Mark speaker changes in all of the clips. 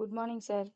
Speaker 1: Good morning sir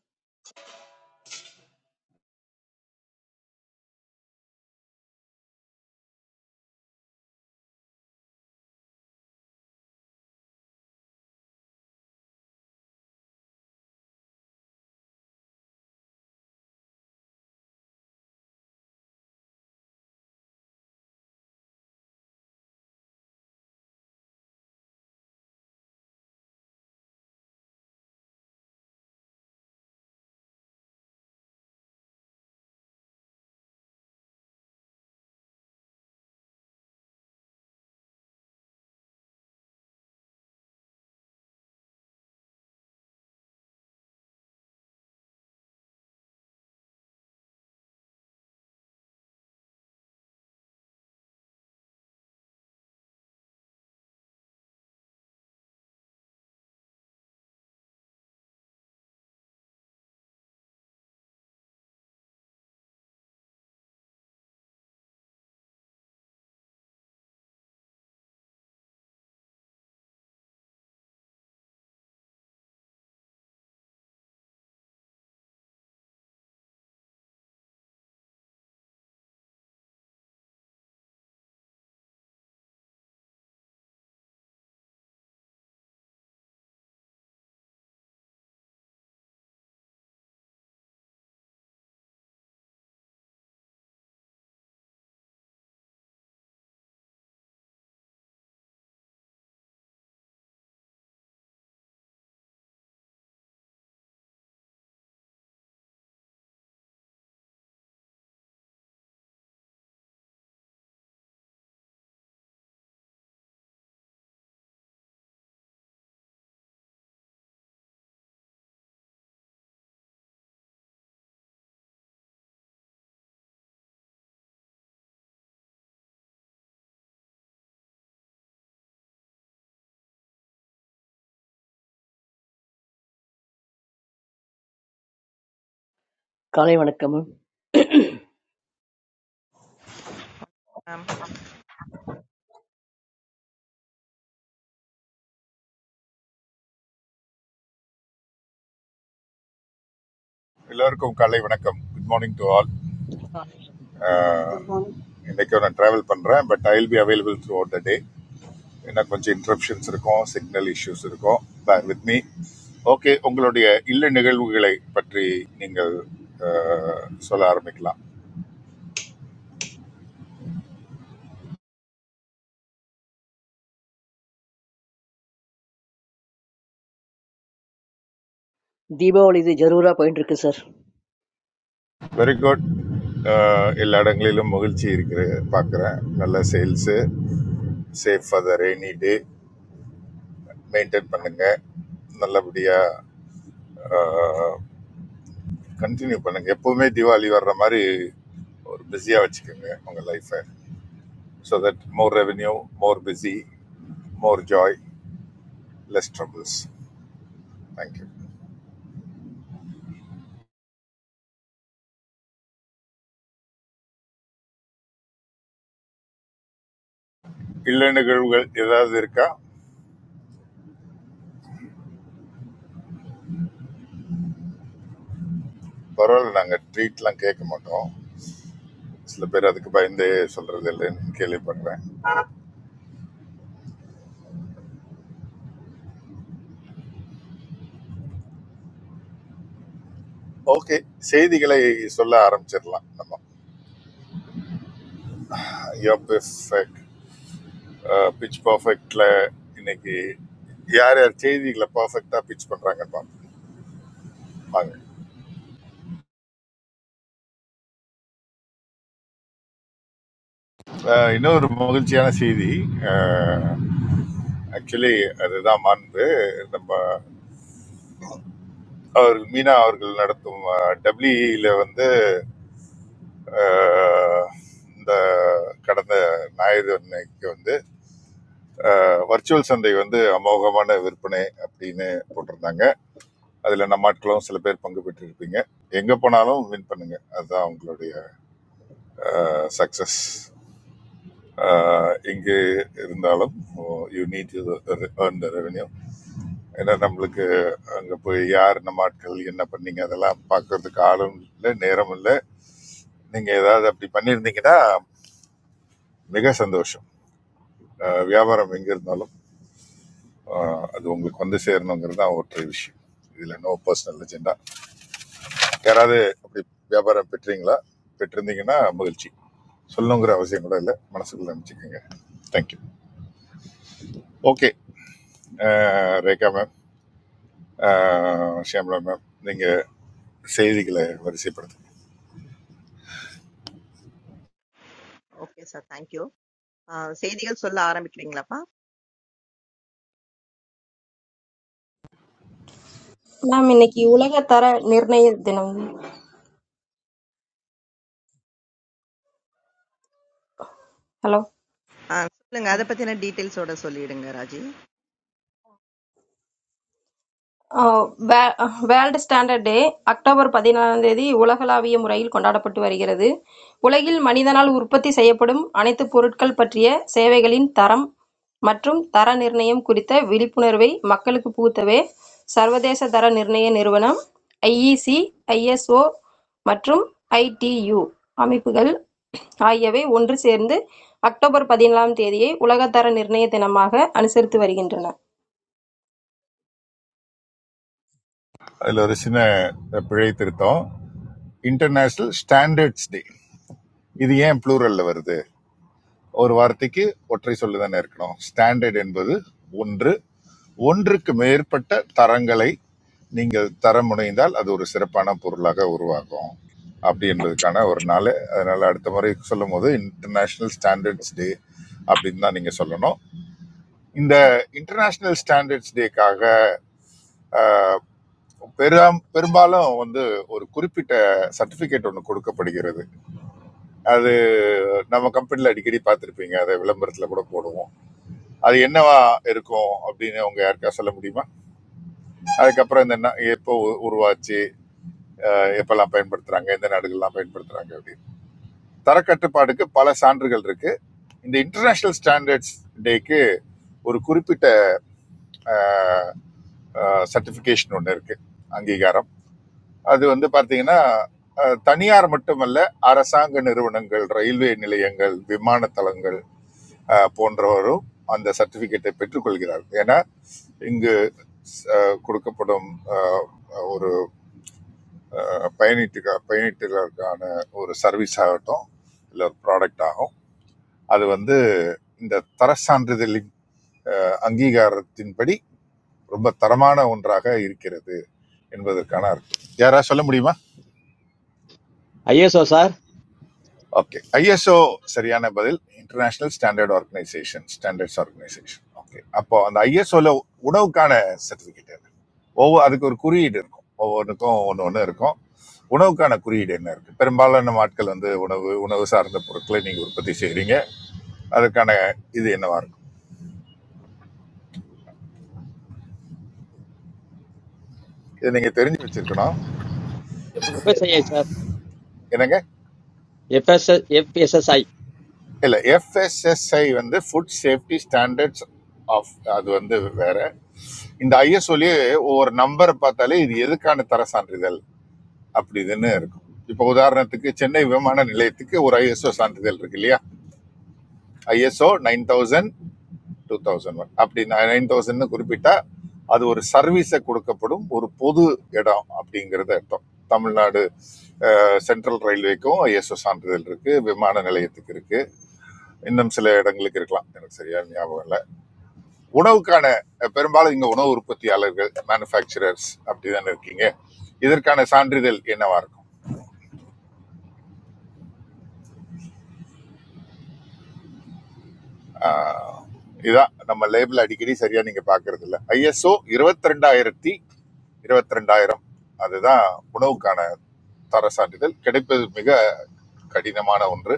Speaker 2: Kanai manakkamun.
Speaker 3: Ma'am.
Speaker 4: எல்லோருக்கும் காலை வணக்கம் good morning to all
Speaker 5: Good morning.
Speaker 4: இன்னைக்கு நான் ட்ராவல் பண்ணுறேன் but I will be available throughout the day ஏன்னா கொஞ்சம் இன்டரப்ஷன்ஸ் இருக்கும் சிக்னல் இஷ்யூஸ் இருக்கும் பேர் வித் மீ ஓகே உங்களுடைய இல்ல நிகழ்வுகளை பற்றி நீங்கள் அஹ், சொல்ல ஆரம்பிக்கலாம்
Speaker 2: Diba or is a jarura pointer ke sir.
Speaker 4: Very good எல்லா இடங்களிலும் மகிழ்ச்சி இருக்கிற பார்க்குறேன் நல்ல sales safe for the rainy day maintain பண்ணுங்கள் நல்லபடியாக கண்டினியூ பண்ணுங்க எப்பவுமே தீபாவளி வர்ற மாதிரி ஒரு பிஸியாக வச்சுக்கோங்க உங்கள் லைஃப்பை so that more revenue more busy more joy less troubles thank you இல்ல நிகழ்வுகள் ஏதாவது இருக்கா பரவாயில்ல நாங்கள் ட்ரீட்லாம் கேட்க மாட்டோம் சில பேர் அதுக்கு பயந்தே சொல்றது இல்லைன்னு கேள்விப்படுறேன் ஓகே செய்திகளை சொல்ல ஆரம்பிச்சிடலாம் நம்ம யோ பெர்ஃபெக்ட் பிச் பர்ஃபெக்டில் இன்னைக்கு யார் யார் செய்திகளை பர்ஃபெக்டாக பிச் பண்ணுறாங்கன்னு பார்ப்போம் வாங்க அஹ் இன்னொரு மகிழ்ச்சியான செய்தி ஆக்சுவலி அதுதான் மாண்பு நம்ம அவர் மீனா அவர்கள் நடத்தும் டபிள்யூல வந்து அஹ், இந்த கடந்த ஞாயிறு அன்னைக்கு வந்து வர்ச்சுவல் சந்தை வந்து அமோகமான விற்பனை அப்படின்னு போட்டிருந்தாங்க அதுல நம்ம ஆட்களும் சில பேர் பங்கு பெற்றிருப்பீங்க எங்க போனாலும் வின் பண்ணுங்க அதுதான் உங்களுடைய சக்சஸ் இங்கு இருந்தாலும் you need to earn the revenue ஏன்னா நம்மளுக்கு அங்கே போய் யார் நம்ம ஆட்கள் என்ன பண்ணீங்க அதெல்லாம் பார்க்கறதுக்கு ஆளும் இல்லை நேரம் இல்லை நீங்கள் ஏதாவது அப்படி பண்ணியிருந்தீங்கன்னா மிக சந்தோஷம் அஹ் வியாபாரம் எங்கே இருந்தாலும் அஹ் அது உங்களுக்கு வந்து சேரணுங்கிறது தான் ஒற்றை விஷயம் இதில் நோ பர்சனல் அஜெண்டா யாராவது அப்படி வியாபாரம் பெற்றீங்களா பெற்றிருந்தீங்கன்னா மகிழ்ச்சி சொல்லணுங்கிற அவசியம் கூட இல்லை மனசுக்குள்ள நினச்சிக்கோங்க thank you okay Rekha ma'am Shyamala ma'am நீங்கள் செய்திகளை வரிசைப்படுத்துங்க
Speaker 3: ஓகே சார். Thank you. ஆ, செய்திகள் சொல்ல ஆரம்பிக்கிறீங்களாப்பா?
Speaker 6: மேம் இன்னைக்கு உலக தர நிர்ணய தினம் ஹலோ
Speaker 3: ஆ, சொல்லுங்க. அத பத்தின டீட்டெயில்ஸோட சொல்லிடுங்க Raji.
Speaker 6: World standard day October பதினாலாம் தேதி உலகளாவிய முறையில் கொண்டாடப்பட்டு வருகிறது. உலகில் மனிதனால் உற்பத்தி செய்யப்படும் அனைத்து பொருட்கள் பற்றிய சேவைகளின் தரம் மற்றும் தர நிர்ணயம் குறித்த விழிப்புணர்வை மக்களுக்கு புகுத்தவே சர்வதேச தர நிர்ணய நிறுவனம் ஐஇசி, ஐஎஸ்ஓ மற்றும் ஐடியு அமைப்புகள் ஆகியவை ஒன்று சேர்ந்து அக்டோபர் பதினாலாம் தேதியை உலக தர நிர்ணய தினமாக அனுசரித்து வருகின்றன.
Speaker 4: அதில் ஒரு சின்ன பிழை திருத்தம் இன்டர்நேஷனல் ஸ்டாண்டர்ட்ஸ் டே இது ஏன் ப்ளூரலில் வருது ஒரு வார்த்தைக்கு ஒற்றை சொல்லு தானே இருக்கணும் ஸ்டாண்டர்ட் என்பது ஒன்று ஒன்றுக்கு மேற்பட்ட தரங்களை நீங்கள் தரம் முனைந்தால் அது ஒரு சிறப்பான பொருளாக உருவாகும் அப்படி என்பதுக்கான ஒரு நாள் அதனால் அடுத்த முறை சொல்லும் போது இன்டர்நேஷ்னல் ஸ்டாண்டர்ட்ஸ் டே அப்படின்னு தான் நீங்கள் சொல்லணும் இந்த இன்டர்நேஷ்னல் ஸ்டாண்டர்ட்ஸ் டேக்காக பெரும் பெரும்பாலும் வந்து ஒரு குறிப்பிட்ட சர்டிஃபிகேட் ஒன்று கொடுக்கப்படுகிறது அது நம்ம கம்பெனியில் அடிக்கடி பார்த்துருப்பீங்க அதை விளம்பரத்தில் கூட போடுவோம் அது என்னவா இருக்கும் அப்படின்னு அவங்க யாருக்கா சொல்ல முடியுமா அதுக்கப்புறம் இந்த ந- எப்போ உ- உருவாச்சு எப்பெல்லாம் பயன்படுத்துறாங்க எந்த நாடுகள்லாம் பயன்படுத்துறாங்க அப்படின்னு தரக்கட்டுப்பாடுக்கு பல சான்றுகள் இருக்கு இந்த இன்டர்நேஷனல் ஸ்டாண்டர்ட்ஸ் டேக்கு ஒரு குறிப்பிட்ட சர்டிஃபிகேஷன் ஒன்று இருக்கு அங்கீகாரம் அது வந்து பார்த்தீங்கன்னா அஹ், தனியார் மட்டுமல்ல அரசாங்க நிறுவனங்கள் ரயில்வே நிலையங்கள் விமான தளங்கள் அஹ், போன்றவரும் அந்த சர்டிபிகேட்டை பெற்றுக்கொள்கிறார் ஏன்னா இங்கு அஹ், கொடுக்கப்படும் அஹ், ஒரு பயணிட்டு பயணிட்டுகளுக்கான ஒரு சர்வீஸ் ஆகட்டும் இல்லை ஒரு ப்ராடக்ட் ஆகும் அது வந்து இந்த தர சான்றிதழின் அங்கீகாரத்தின்படி ரொம்ப தரமான ஒன்றாக இருக்கிறது என்பதற்கான அர்த்தம் யாரா சொல்ல முடியுமா
Speaker 7: ஐஎஸ்ஓ சார்
Speaker 4: ஓகே ஐஎஸ்ஓ சரியான பதில் international standard organisation standards organisation okay அப்போ அந்த ஐஎஸ்ஓல உணவுக்கான சர்டிஃபிகேட் என்ன ஒவ்வொரு அதுக்கு ஒரு குறியீடு இருக்கும் ஒவ்வொன்றுக்கும் ஒன்று ஒன்று இருக்கும் உணவுக்கான குறியீடு என்ன இருக்கு பெரும்பாலான ஆட்கள் வந்து உணவு உணவு சார்ந்த பொருட்களை நீங்க உற்பத்தி செய்றீங்க அதற்கான இது என்னவா இருக்கும் இதை நீங்க தெரிஞ்சு வச்சிருக்கணும்
Speaker 8: எப்ப sir?
Speaker 7: எஃப்எஸ்ஐ சார்
Speaker 4: என்னங்க
Speaker 7: எஃப்எஸ்எஸ் எஃப்எஸ்எஸ்ஐ
Speaker 4: இல்ல எஃப்எஸ்எஸ்ஐ வந்து ஃபுட் சேஃப்டி ஸ்டாண்டர்ட்ஸ் ஆஃப் அது வந்து வேற இந்த ஐஎஸ்ஓலயே ஒவ்வொரு நம்பரை பார்த்தாலே இது எதுக்கான தர சான்றிதழ் அப்படி இதுன்னு இருக்கும் இப்போ உதாரணத்துக்கு சென்னை விமான நிலையத்துக்கு ஒரு ஐஎஸ்ஓ சான்றிதழ் இருக்கு இல்லையா ISO nine thousand two thousand one அப்படி நைன் தௌசண்ட்னு குறிப்பிட்டா அது ஒரு சர்வீஸை கொடுக்கப்படும் ஒரு பொது இடம் அப்படிங்கிறது அர்த்தம் தமிழ்நாடு சென்ட்ரல் ரயில்வேக்கும் ஐஎஸ்ஓ சான்றிதழ் இருக்கு விமான நிலையத்துக்கு இருக்கு இன்னும் சில இடங்களுக்கு இருக்கலாம் எனக்கு சரியா ஞாபகம் இல்லை உணவுக்கான அஹ், பெரும்பாலும் இங்க உணவு உற்பத்தியாளர்கள் மேனுஃபேக்சரர்ஸ் அப்படிதானே இருக்கீங்க இதற்கான சான்றிதழ் என்னவா இருக்கும் ஆஹ் இதான் நம்ம லேபிள் அடிக்கடி சரியா நீங்க பாக்குறது இல்ல ஐஎஸ்ஓ இருபத்தி ரெண்டாயிரத்தி இருபத்தி ரெண்டாயிரம் அதுதான் உணவுக்கான தர சான்றிதழ் கிடைப்பது மிக கடினமான ஒன்று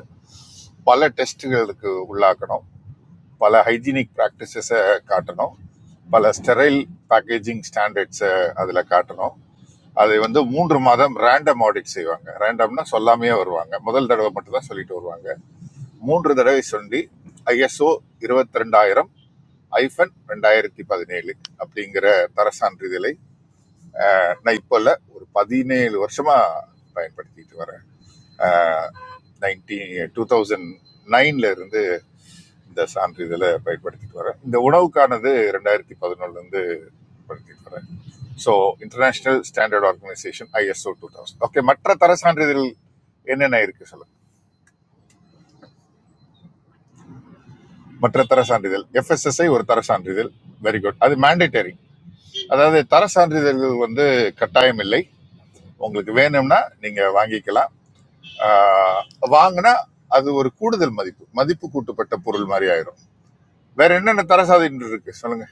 Speaker 4: பல டெஸ்ட்டுகளுக்கு உள்ளாக்கணும் பல ஹைஜீனிக் ப்ராக்டிசஸை காட்டணும் பல ஸ்டெரைல் பேக்கேஜிங் ஸ்டாண்டர்ட்ஸை அதில் காட்டணும் அதை வந்து மூன்று மாதம் ரேண்டம் ஆடிட் செய்வாங்க ரேண்டம்னா சொல்லாமையே வருவாங்க முதல் தடவை மட்டும் தான் சொல்லிட்டு வருவாங்க மூன்று தடவை சொல்லி ஐஎஸ்ஓ 22000 ஐஃபன் ரெண்டாயிரத்தி பதினேழு அப்படிங்கிற தர சான்றிதழை நான் இப்போ இல்லை ஒரு பதினேழு வருஷமா பயன்படுத்திட்டு வரேன் நைன்டீன் டூ தௌசண்ட் நைன்ல இருந்து இந்த சான்றிதழை பயன்படுத்திட்டு வரேன் இந்த உணவுக்கானது ரெண்டாயிரத்தி பதினொன்றுலேருந்து பயன்படுத்திட்டு வரேன் so international standard organisation ISO two thousand okay மற்ற தர சான்றிதழ் என்னென்ன இருக்கு சொல்லுங்க மற்ற தர சான்றிதழ் எஃப்எஸ்எஸ்ஐ ஒரு தர சான்றிதழ் வெரி குட் அது மேண்டேட்டரி அதாவது தர சான்றிதழ்கள் வந்து கட்டாயம் இல்லை உங்களுக்கு வேணும்னா நீங்க வாங்கிக்கலாம் ஆஹ் வாங்கினா அது ஒரு கூடுதல் மதிப்பு மதிப்பு கூட்டப்பட்ட பொருள் மாதிரி ஆயிரும் வேற என்னென்ன தரசாதின்னு இருக்கு சொல்லுங்க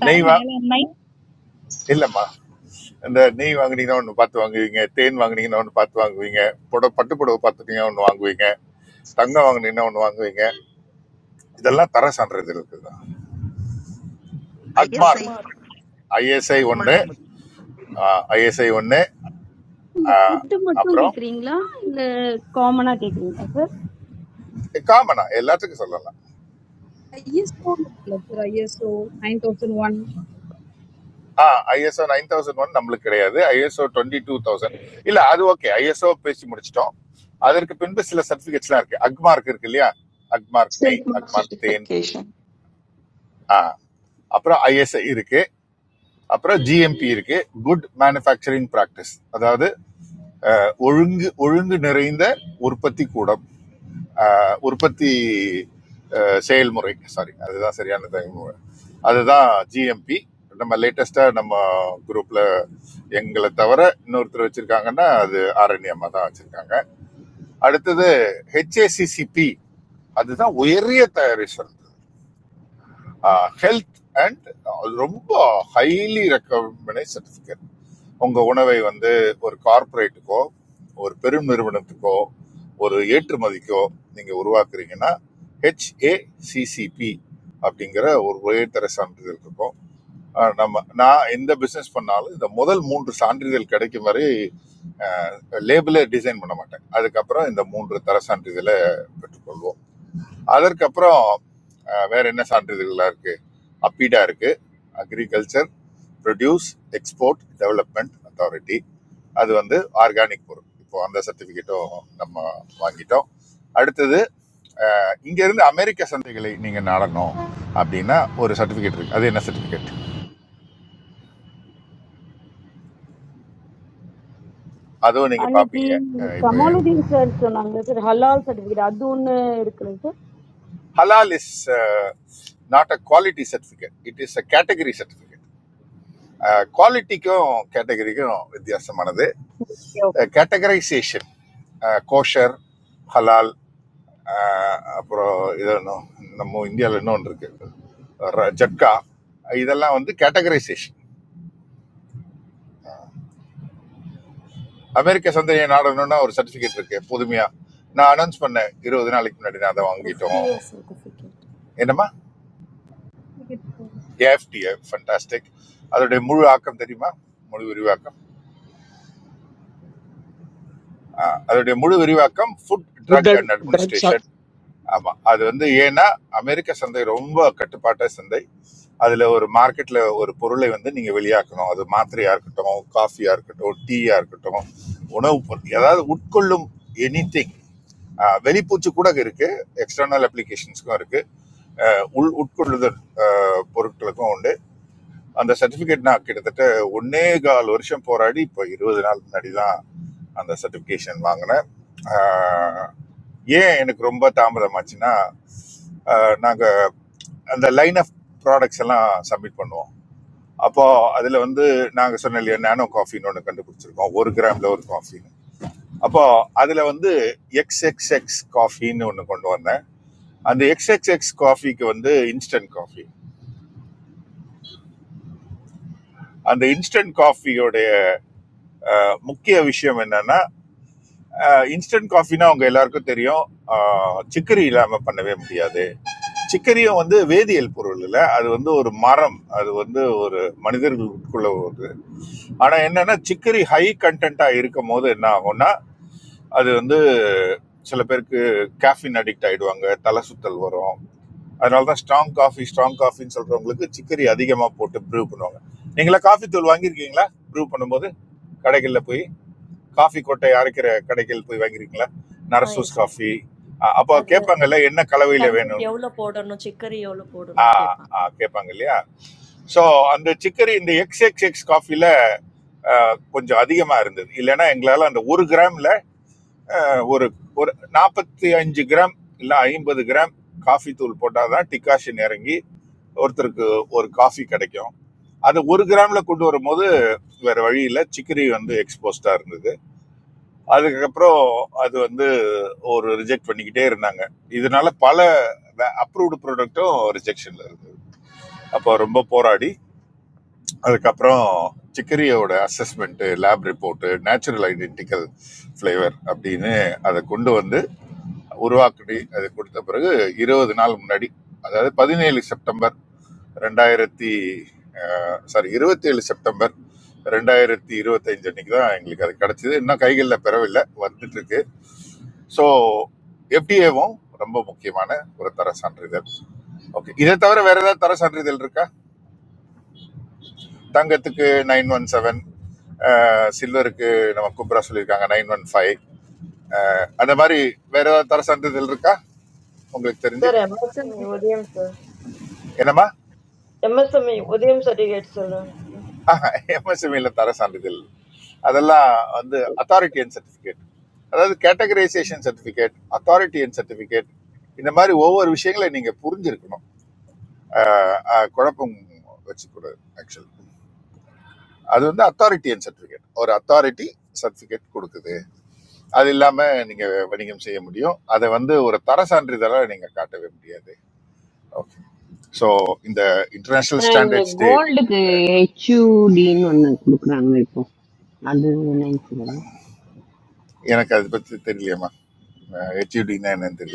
Speaker 9: Tara,
Speaker 4: நெய் வா
Speaker 9: Mahela, nine
Speaker 4: இல்லம்மா இந்த நெய் வாங்குனீங்கன்னா ஒன்று பார்த்து வாங்குவீங்க தேன் வாங்குனீங்கன்னா ஒன்று பார்த்து வாங்குவீங்க புடவை பட்டு புடவை பார்த்துட்டீங்கன்னா ஒன்று வாங்குவீங்க தங்கம் வாங்குனீங்கன்னா ஒன்று வாங்குவீங்க இதெல்லாம் தர சான்றிதழ் இருக்குதான்
Speaker 3: ISI
Speaker 4: அக்மார்க்
Speaker 10: அக்மார்
Speaker 4: ஐஎஸ்ஐ ஒன்று
Speaker 3: அட்மாஸ் முத்து.
Speaker 4: ஐஎஸ்ஐ ஒன்று
Speaker 11: Puttu, mattoo
Speaker 4: அப்புறம்
Speaker 11: kekeringla, commona kekeringla sir.
Speaker 4: காமனா எல்லாத்துக்கும் சொல்லலாம்
Speaker 11: Yes, so sir. Yes, so nine thousand one.
Speaker 4: ஆ ஐஎஸ்ஓ நைன் தௌசண்ட் ஒன் நம்மளுக்கு கிடையாது ஐஎஸ்ஓ டுவெண்ட்டி டூ தௌசண்ட் இல்ல அது ஓகே ஐஎஸ்ஓ பேசி முடிச்சிட்டோம் அதற்கு பின்பு சில சர்டிபிகேட்ஸ்லாம் இருக்கு அக்மார்க் இருக்கு இல்லையா அக்மார்க்
Speaker 12: Silk
Speaker 4: நெய்
Speaker 12: Road
Speaker 4: அக்மார்க் தேன்
Speaker 12: certification.
Speaker 4: ஆ அப்புறம் ஐஎஸ்ஐ இருக்கு அப்புறம் ஜிஎம்பி இருக்கு குட் மேனுஃபேக்சரிங் பிராக்டிஸ் அதாவது ஒழுங்கு ஒழுங்கு நிறைந்த உற்பத்தி கூடம் ஆ, உற்பத்தி அ, செயல்முறை சாரி அதுதான் சரியான தகவல். அதுதான் ஜிஎம்பி நம்ம லேட்டஸ்டா நம்ம குரூப்ல எங்களை தவிர இன்னொருத்தர் வச்சிருக்காங்கன்னா அது ஆரணி அம்மா தான் வச்சிருக்காங்க அடுத்தது ஹெச்ஏசிசிபி அதுதான் உயரிய தயாரிசல் ஹெல்த் அண்ட் ரொம்ப ஹைலி ரெக்கமெண்டட் சர்டிஃபிகேட் உங்க உணவை வந்து ஒரு கார்ப்பரேட்டுக்கோ ஒரு பெரும் நிறுவனத்துக்கோ ஒரு ஏற்றுமதிக்கோ நீங்க உருவாக்குறீங்கன்னா ஹெச்ஏசிசிபி அப்படிங்கிற ஒரு உயர்தர சான்றிதழ் இருக்கும் அஹ் நம்ம நான் எந்த பிஸ்னஸ் பண்ணாலும் இந்த முதல் மூன்று சான்றிதழ் கிடைக்கும் வரை லேபிளை டிசைன் பண்ண மாட்டேன் அதுக்கப்புறம் இந்த மூன்று தர சான்றிதழை பெற்றுக்கொள்வோம் அதற்கப்புறம் அஹ், வேற என்ன சான்றிதழ்களாக இருக்கு அப்பீடா இருக்கு agriculture produce export development authority அது வந்து ஆர்கானிக் பொருள் இப்போ அந்த சர்டிஃபிகேட்டும் நம்ம வாங்கிட்டோம் அடுத்தது அஹ், இங்கிருந்து அமெரிக்க சந்தைகளை நீங்கள் நாடணும் அப்படின்னா ஒரு சர்டிஃபிகேட் இருக்கு அது என்ன சர்டிஃபிகேட் அதுவும்
Speaker 11: I
Speaker 4: நீங்கள் பார்ப்பீங்க
Speaker 11: mean,
Speaker 4: இப்போ
Speaker 11: smallu din sir. So naanga sir halal sadvira donne erikela sir.
Speaker 4: ஹலால் is not a quality certificate it is a category certificate குவாலிட்டிக்கும் கேட்டகரிக்கும் வித்தியாசமானது
Speaker 11: Okay,
Speaker 4: கேட்டகரைசேஷன் கோஷர் ஹலால் அஹ், அப்புறம் இது இன்னும் நம்ம இந்தியாவில் இன்னொன்று இருக்குது ஜட்கா இதெல்லாம் வந்து கேட்டகரைசேஷன் அமெரிக்க சந்தையை நாடணும்னா ஒரு சர்டிஃபிகேட் இருக்குது புதுமையாக நான் அனௌன்ஸ் பண்ணேன் இருபது நாளைக்கு முன்னாடி நான் அதை வாங்கிட்டோம்
Speaker 10: எஃப்டிஏ சர்டிஃபிகேட்
Speaker 4: என்னம்மா
Speaker 13: Sige
Speaker 4: ஏஎஃப்டிஏ ஃபண்டாஸ்டிக் அதோடைய முழு ஆக்கம் தெரியுமா முழு விரிவாக்கம் ஆ, அதோடைய முழு விரிவாக்கம் food
Speaker 7: food
Speaker 4: drug
Speaker 7: and
Speaker 4: and
Speaker 7: drugs
Speaker 4: administration ஆமாம் அது வந்து ஏன்னா அமெரிக்க சந்தை ரொம்ப கட்டுப்பாட்ட சந்தை அதில் ஒரு மார்க்கெட்டில் ஒரு பொருளை வந்து நீங்கள் வெளியாக்கணும் அது மாத்திரையாக இருக்கட்டும் காஃபியாக இருக்கட்டும் டீயாக இருக்கட்டும் உணவு பொருள் ஏதாவது உட்கொள்ளும் எனி திங் வெளிப்பூச்சு கூட இருக்குது எக்ஸ்டர்னல் அப்ளிகேஷன்ஸ்க்கும் இருக்குது உள் உட்கொள்ளுதல் ஆ, பொருட்களுக்கும் உண்டு அந்த சர்டிஃபிகேட் நான் கிட்டத்தட்ட ஒன்னே கால் வருஷம் போராடி இப்போ இருபது நாள் முன்னாடி தான் அந்த சர்டிஃபிகேஷன் வாங்கினேன் ஆஹ் ஏன் எனக்கு ரொம்ப தாமதமாச்சுன்னா ஆஹ் நாங்க அந்த லைன் ஆஃப் ப்ராடக்ட்ஸ் எல்லாம் சப்மிட் பண்ணுவோம் அப்போ அதுல வந்து நாங்க சொன்ன இல்லையா நானோ காஃபின்னு ஒன்று கண்டுபிடிச்சிருக்கோம் ஒரு கிராம்ல ஒரு காஃபின்னு அப்போ அதுல வந்து எக்ஸ் எக்ஸ் எக்ஸ் காஃபின்னு ஒன்று கொண்டு வந்தேன் அந்த எக்ஸ் எக்ஸ் எக்ஸ் காஃபிக்கு வந்து இன்ஸ்டன்ட் காஃபி அந்த இன்ஸ்டன்ட் காஃபியோடைய முக்கிய விஷயம் என்னன்னா இன்ஸ்டன்ட் காஃபினா அவங்க எல்லாருக்கும் தெரியும் ஆஹ், சிக்கரி இல்லாம பண்ணவே முடியாது சிக்கரியும் வந்து வேதியியல் பொருள் இல்லை அது வந்து ஒரு மரம் அது வந்து ஒரு மனிதர்களுக்குள்ள ஒரு ஆனா என்னன்னா சிக்கரி ஹை கண்டென்ட்டா இருக்கும் போது என்ன ஆகும்னா அது வந்து சில பேருக்கு கேஃபின் அடிக்ட் ஆயிடுவாங்க தலை சுத்தல் வரும் அதனால தான் ஸ்ட்ராங் காஃபி ஸ்ட்ராங் காஃபின்னு சொல்றவங்களுக்கு சிக்கரி அதிகமாக போட்டு ப்ரூவ் பண்ணுவாங்க நீங்களா காஃபி தூள் வாங்கியிருக்கீங்களா ப்ரூவ் பண்ணும்போது கடைகளில் போய் காஃபி கொட்டை அரைக்கிற கடைகள் போய் வாங்கிருக்கீங்களா
Speaker 10: ஆ எஸ்
Speaker 4: நரசூஸ்
Speaker 10: சார்
Speaker 4: காஃபி அஹ் அப்போ
Speaker 10: அதில்
Speaker 4: கேட்பாங்கல்ல என்ன கலவையில்
Speaker 10: கண்டென்ட்
Speaker 4: வேணும்னு
Speaker 10: எவ்வளோ போடணும் சிக்கரி எவ்வளோ
Speaker 4: ஆ
Speaker 10: போடணும்னு கேட்பாங்க
Speaker 4: ஆ கேட்பாங்க இல்லையா ஸோ அந்த சிக்கரி இந்த எக்ஸ் எக்ஸ் எக்ஸ் காஃபியில் கொஞ்சம் அதிகமாக இருந்தது இல்லைன்னா எங்களால் அந்த ஒரு கிராமில் ஒரு ஒரு நாற்பத்தி அஞ்சு கிராம் இல்லை ஐம்பது கிராம் காஃபி தூள் போட்டால் தான் டிகாஷன் இறங்கி ஒருத்தருக்கு ஒரு காஃபி கிடைக்கும் அது ஒரு கிராமில் கொண்டு வரும்போது வேற வழியில் சிக்கரி வந்து எக்ஸ்போஸ்டாக இருந்தது அதுக்கப்புறம் அது வந்து ஒரு ரிஜெக்ட் பண்ணிக்கிட்டே இருந்தாங்க இதனால பல அப்ரூவ்டு ப்ராடக்ட்டும் ரிஜெக்ஷன்ல இருக்கு அப்போ ரொம்ப போராடி அதுக்கப்புறம் சிக்கரியோட assessment lab report natural identical flavour அப்படின்னு அதை கொண்டு வந்து உருவாக்கி அதை கொடுத்த பிறகு இருபது நாள் முன்னாடி அதாவது பதினேழு செப்டம்பர் ரெண்டாயிரத்தி சாரி இருபத்தி ஏழு செப்டம்பர் ரெண்டாயிரத்தி இருபத்தஞ்சு அன்னைக்கு தான் எங்களுக்கு அது கிடச்சிது இன்னும் கைகளில் பெறவில்லை வந்துட்டு இருக்கு ஸோ எஃப்டிஏவும் ரொம்ப முக்கியமான ஒரு தர சான்றிதழ் ஓகே இதை தவிர வேற ஏதாவது தர சான்றிதழ் இருக்கா தங்கத்துக்கு நைன் ஒன் செவன் சில்வருக்கு நம்ம குப்ரா சொல்லியிருக்காங்க நைன் ஒன் ஃபைவ் அந்த மாதிரி வேற ஏதாவது தர சான்றிதழ் இருக்கா உங்களுக்கு தெரிஞ்சு
Speaker 14: Sir
Speaker 1: சார்
Speaker 14: Emerson Williams
Speaker 4: என்னம்மா
Speaker 14: Emerson Williams dedicates the film to Williams.
Speaker 4: எம்எஸ்எம்இல தர சான்றிதழ் அதெல்லாம் வந்து அத்தாரிட்டி அண்ட் சர்டிஃபிகேட் அதாவது categorization certificate authority and certificate இந்த மாதிரி ஒவ்வொரு விஷயங்களை நீங்கள் புரிஞ்சிருக்கணும் அஹ், அஹ், குழப்பம் வச்சுக்கூடாது ஆக்சுவலி அது வந்து அத்தாரிட்டி அண்ட் சர்டிஃபிகேட் ஒரு அத்தாரிட்டி சர்டிஃபிகேட் கொடுக்குது அது இல்லாமல் நீங்கள் வணிகம் செய்ய முடியும் அதை வந்து ஒரு தர சான்றிதழாக நீங்கள் காட்டவே முடியாது ஓகே ஸோ இந்த இன்டர்நேஷ்னல்
Speaker 15: Then
Speaker 4: ஸ்டாண்டர்ட்ஸ் டே
Speaker 15: gold, H, D, no, no, look, wrong, right, po, another one, nine, one,
Speaker 4: எனக்கு அதை பற்றி தெரியலையம்மா ஹெச்யூடின்னா என்னன்னு தெரியல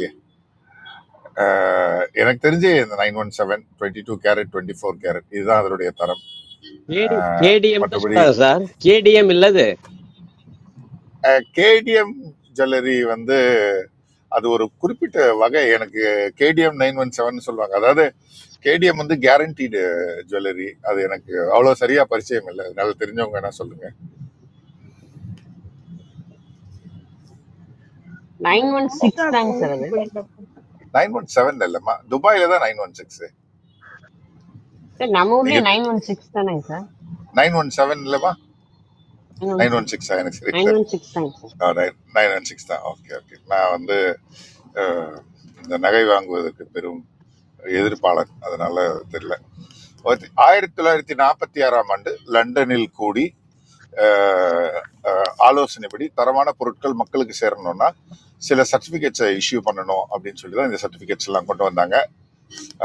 Speaker 4: அஹ் எனக்கு தெரிஞ்சு இந்த nine one seven twenty two carat twenty four carat இதுதான் அதனுடைய தரம்
Speaker 7: கேடி
Speaker 4: அஹ்
Speaker 7: கேடிஎம் தான்
Speaker 4: மற்றபடி
Speaker 7: சொல்றாங்க சார் கேடிஎம் இல்லது
Speaker 4: கேடிஎம் ஜுவல்லரி வந்து அது ஒரு குறிப்பிட்ட வகை எனக்கு கேடிஎம் நைன் ஒன் செவன் சொல்லுவாங்க அதாவது கேடிஎம் வந்து கேரண்டீடு ஜுவல்லரி அது எனக்கு அவ்வளோ சரியா பரிச்சயம் இல்லை அதனால தெரிஞ்சவங்க என்ன சொல்லுங்க
Speaker 1: இந்த
Speaker 15: nine, one, six,
Speaker 1: hashtag
Speaker 15: times,
Speaker 1: வழக்கு
Speaker 15: rather.
Speaker 1: போயிருந்தப்ப
Speaker 4: நைன் ஒன் செவன் இல்லைம்மா துபாயில தான் nine one six
Speaker 15: Then, normally,
Speaker 4: நீங்க
Speaker 15: nine, one, six, than, right, sir,
Speaker 4: nine one seven இல்லைம்மா
Speaker 15: nine, one,
Speaker 4: nine one
Speaker 15: six,
Speaker 4: six எனக்கு சரி
Speaker 15: nine, one, six, times.
Speaker 4: தெரியல நைன் ஒன் சிக்ஸ் தான் ஓகே ஓகே நான் வந்து அஹ், இந்த நகை வாங்குவதற்கு பெரும் எதிர்ப்பாளர் அதனால தெரியல ஆயிரத்தி ஆயிரத்தி தொள்ளாயிரத்தி நாற்பத்தி ஆறாம் ஆண்டு லண்டனில் கூடி அஹ், அஹ், ஆலோசனைப்படி தரமான பொருட்கள் மக்களுக்கு சேரணும்னா சில சர்டிபிகேட்ஸை இஷ்யூ பண்ணணும் அப்படின்னு சொல்லி தான் இந்த சர்டிபிகேட்ஸ் எல்லாம் கொண்டு வந்தாங்க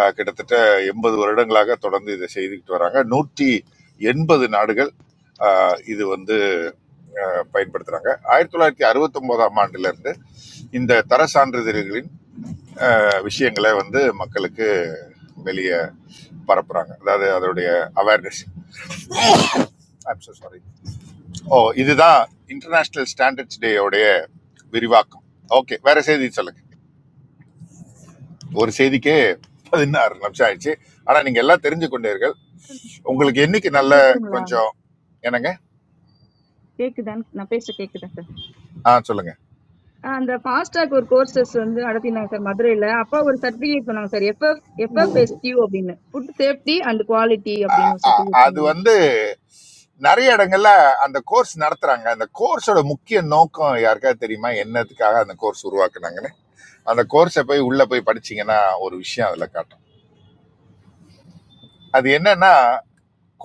Speaker 4: அஹ், கிட்டத்தட்ட எண்பது வருடங்களாக தொடர்ந்து இதை செய்துக்கிட்டு வராங்க நூற்றி எண்பது நாடுகள் அஹ், இது வந்து பயன்படுத்துறாங்க ஆயிரத்தி தொள்ளாயிரத்தி அறுபத்தி ஒன்பதாம் ஆண்டுல இருந்து இந்த தர சான்றிதழ்களின் அஹ், விஷயங்களை வந்து மக்களுக்கு வெளியே பரப்புறாங்க அதாவது அதோடைய அவேர்னஸ் ஐம் so சாரி ஓ இதுதான் இன்டர்நேஷனல் ஸ்டாண்டர்ட்ஸ் டேயோடைய விரிவாக்கம் ஓகே வேற செய்தி சொல்லுங்க ஒரு செய்திக்கே பதினாறு நிமிஷம் ஆயிடுச்சு ஆனா நீங்க எல்லாம் தெரிஞ்சு கொண்டீர்கள்
Speaker 1: சார்
Speaker 4: உங்களுக்கு என்னைக்கு நல்ல
Speaker 1: கேக்குதுங்களா
Speaker 4: கொஞ்சம் என்னங்க
Speaker 1: கேக்குதான்னு நான் பேச கேக்குதா சார்
Speaker 4: ஆ சொல்லுங்க
Speaker 1: ஆ, அந்த ஃபாஸ்டாக் ஒரு கோர்சஸ் வந்து நடத்தினாங்க சார் மதுரையில அப்பா ஒரு சர்டிஃபிகேட் பண்ணாங்க சார் எஃப்எஃப் எஃப்எஃப் எஸ்டியூ அப்படின்னு ஃபுட் சேஃப்டி அண்ட் குவாலிட்டி
Speaker 4: ஆ,
Speaker 1: அப்படின்னு ஒரு
Speaker 4: ஆ,
Speaker 1: சர்டிஃபிகேட்
Speaker 4: அது
Speaker 1: பண்ணாங்க
Speaker 4: வந்து நிறைய இடங்கள்ல அந்த கோர்ஸ் நடத்துறாங்க அந்த கோர்ஸோட முக்கிய நோக்கம் யாருக்காவது தெரியுமா என்னத்துக்காக அந்த கோர்ஸ் உருவாக்குனாங்கன்னு அந்த கோர்ஸை போய் உள்ள போய் படிச்சீங்கன்னா ஒரு விஷயம் அதுல காட்டும் அது என்னன்னா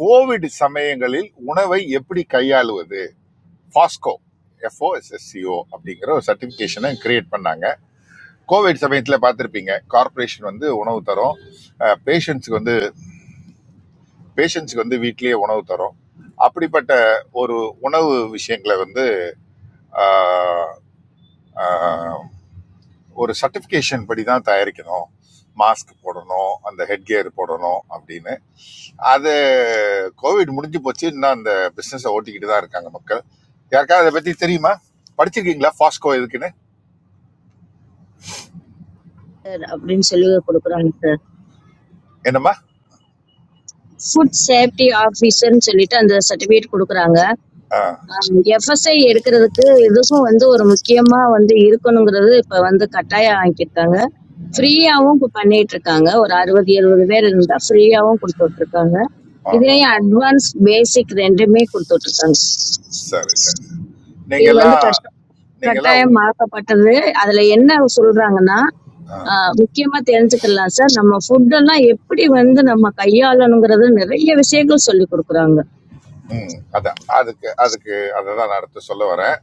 Speaker 4: கோவிட் சமயங்களில் உணவை எப்படி கையாளுவது பாஸ்கோ எஃப்ஓஎஸ்எஸ்சிஓ அப்படிங்கிற ஒரு சர்டிஃபிகேஷனை கிரியேட் பண்ணாங்க கோவிட் சமயத்தில் பார்த்துருப்பீங்க கார்ப்பரேஷன் வந்து உணவு தரும் பேஷண்ட்ஸுக்கு வந்து பேஷண்ட்ஸுக்கு வந்து வீட்டிலேயே உணவு தரும் அப்படிப்பட்ட ஒரு உணவு விஷயங்களை வந்து அஹ், அஹ், ஒரு சர்டிஃபிகேஷன் படி தான் தயாரிக்கணும் மாஸ்க் போடணும் அந்த ஹெட் கியர் போடணும் அப்படின்னு அது கோவிட் முடிஞ்சு போச்சு இன்னும் அந்த பிசினஸை ஓட்டிக்கிட்டு தான் இருக்காங்க மக்கள் யாருக்காவது அதை பத்தி தெரியுமா படிச்சிருக்கீங்களா ஃபாஸ்கோ எதுக்குன்னு
Speaker 16: அப்படின்னு சொல்லி கொடுக்குறாங்க சார்
Speaker 4: என்னம்மா
Speaker 16: ஃபுட் சேஃப்டி ஆஃபீஸர்னு சொல்லிட்டு அந்த சர்டிபிகேட் கொடுக்குறாங்க எஃப்எஸ்ஐ எடுக்கிறதுக்கு இதுக்கும் வந்து ஒரு முக்கியமா வந்து இருக்கணுங்கிறது இப்ப வந்து கட்டாயம் ஆக்கியிருக்காங்க ஃப்ரீயாவும் இப்ப பண்ணிட்டு இருக்காங்க ஒரு அறுபது எழுபது பேர் இருந்தா ஃப்ரீயாவும் கொடுத்துட்டு இருக்காங்க
Speaker 4: ஆஹா
Speaker 16: இதுலயும் அட்வான்ஸ் பேசிக் ரெண்டுமே கொடுத்துட்டு இருக்காங்க
Speaker 4: சரி சரி சரி. நீங்க
Speaker 16: இது வந்து
Speaker 4: எல்லாம்
Speaker 16: கட்ட-
Speaker 4: நீங்க எல்லாம் உ-
Speaker 16: கட்டாயமாக்கப்பட்டது அதுல என்ன சொல்றாங்கன்னா ஆஹ் முக்கியமா தெரிஞ்சுக்கலாம் சார் நம்ம ஃபுட் எல்லாம் எப்படி வந்து நம்ம கையாளணுங்கிறது நிறைய விஷயங்கள் சொல்லி கொடுக்குறாங்க
Speaker 4: ம் அதான் அதுக்கு அதுக்கு அதை தான் நான் அடுத்து சொல்ல வரேன்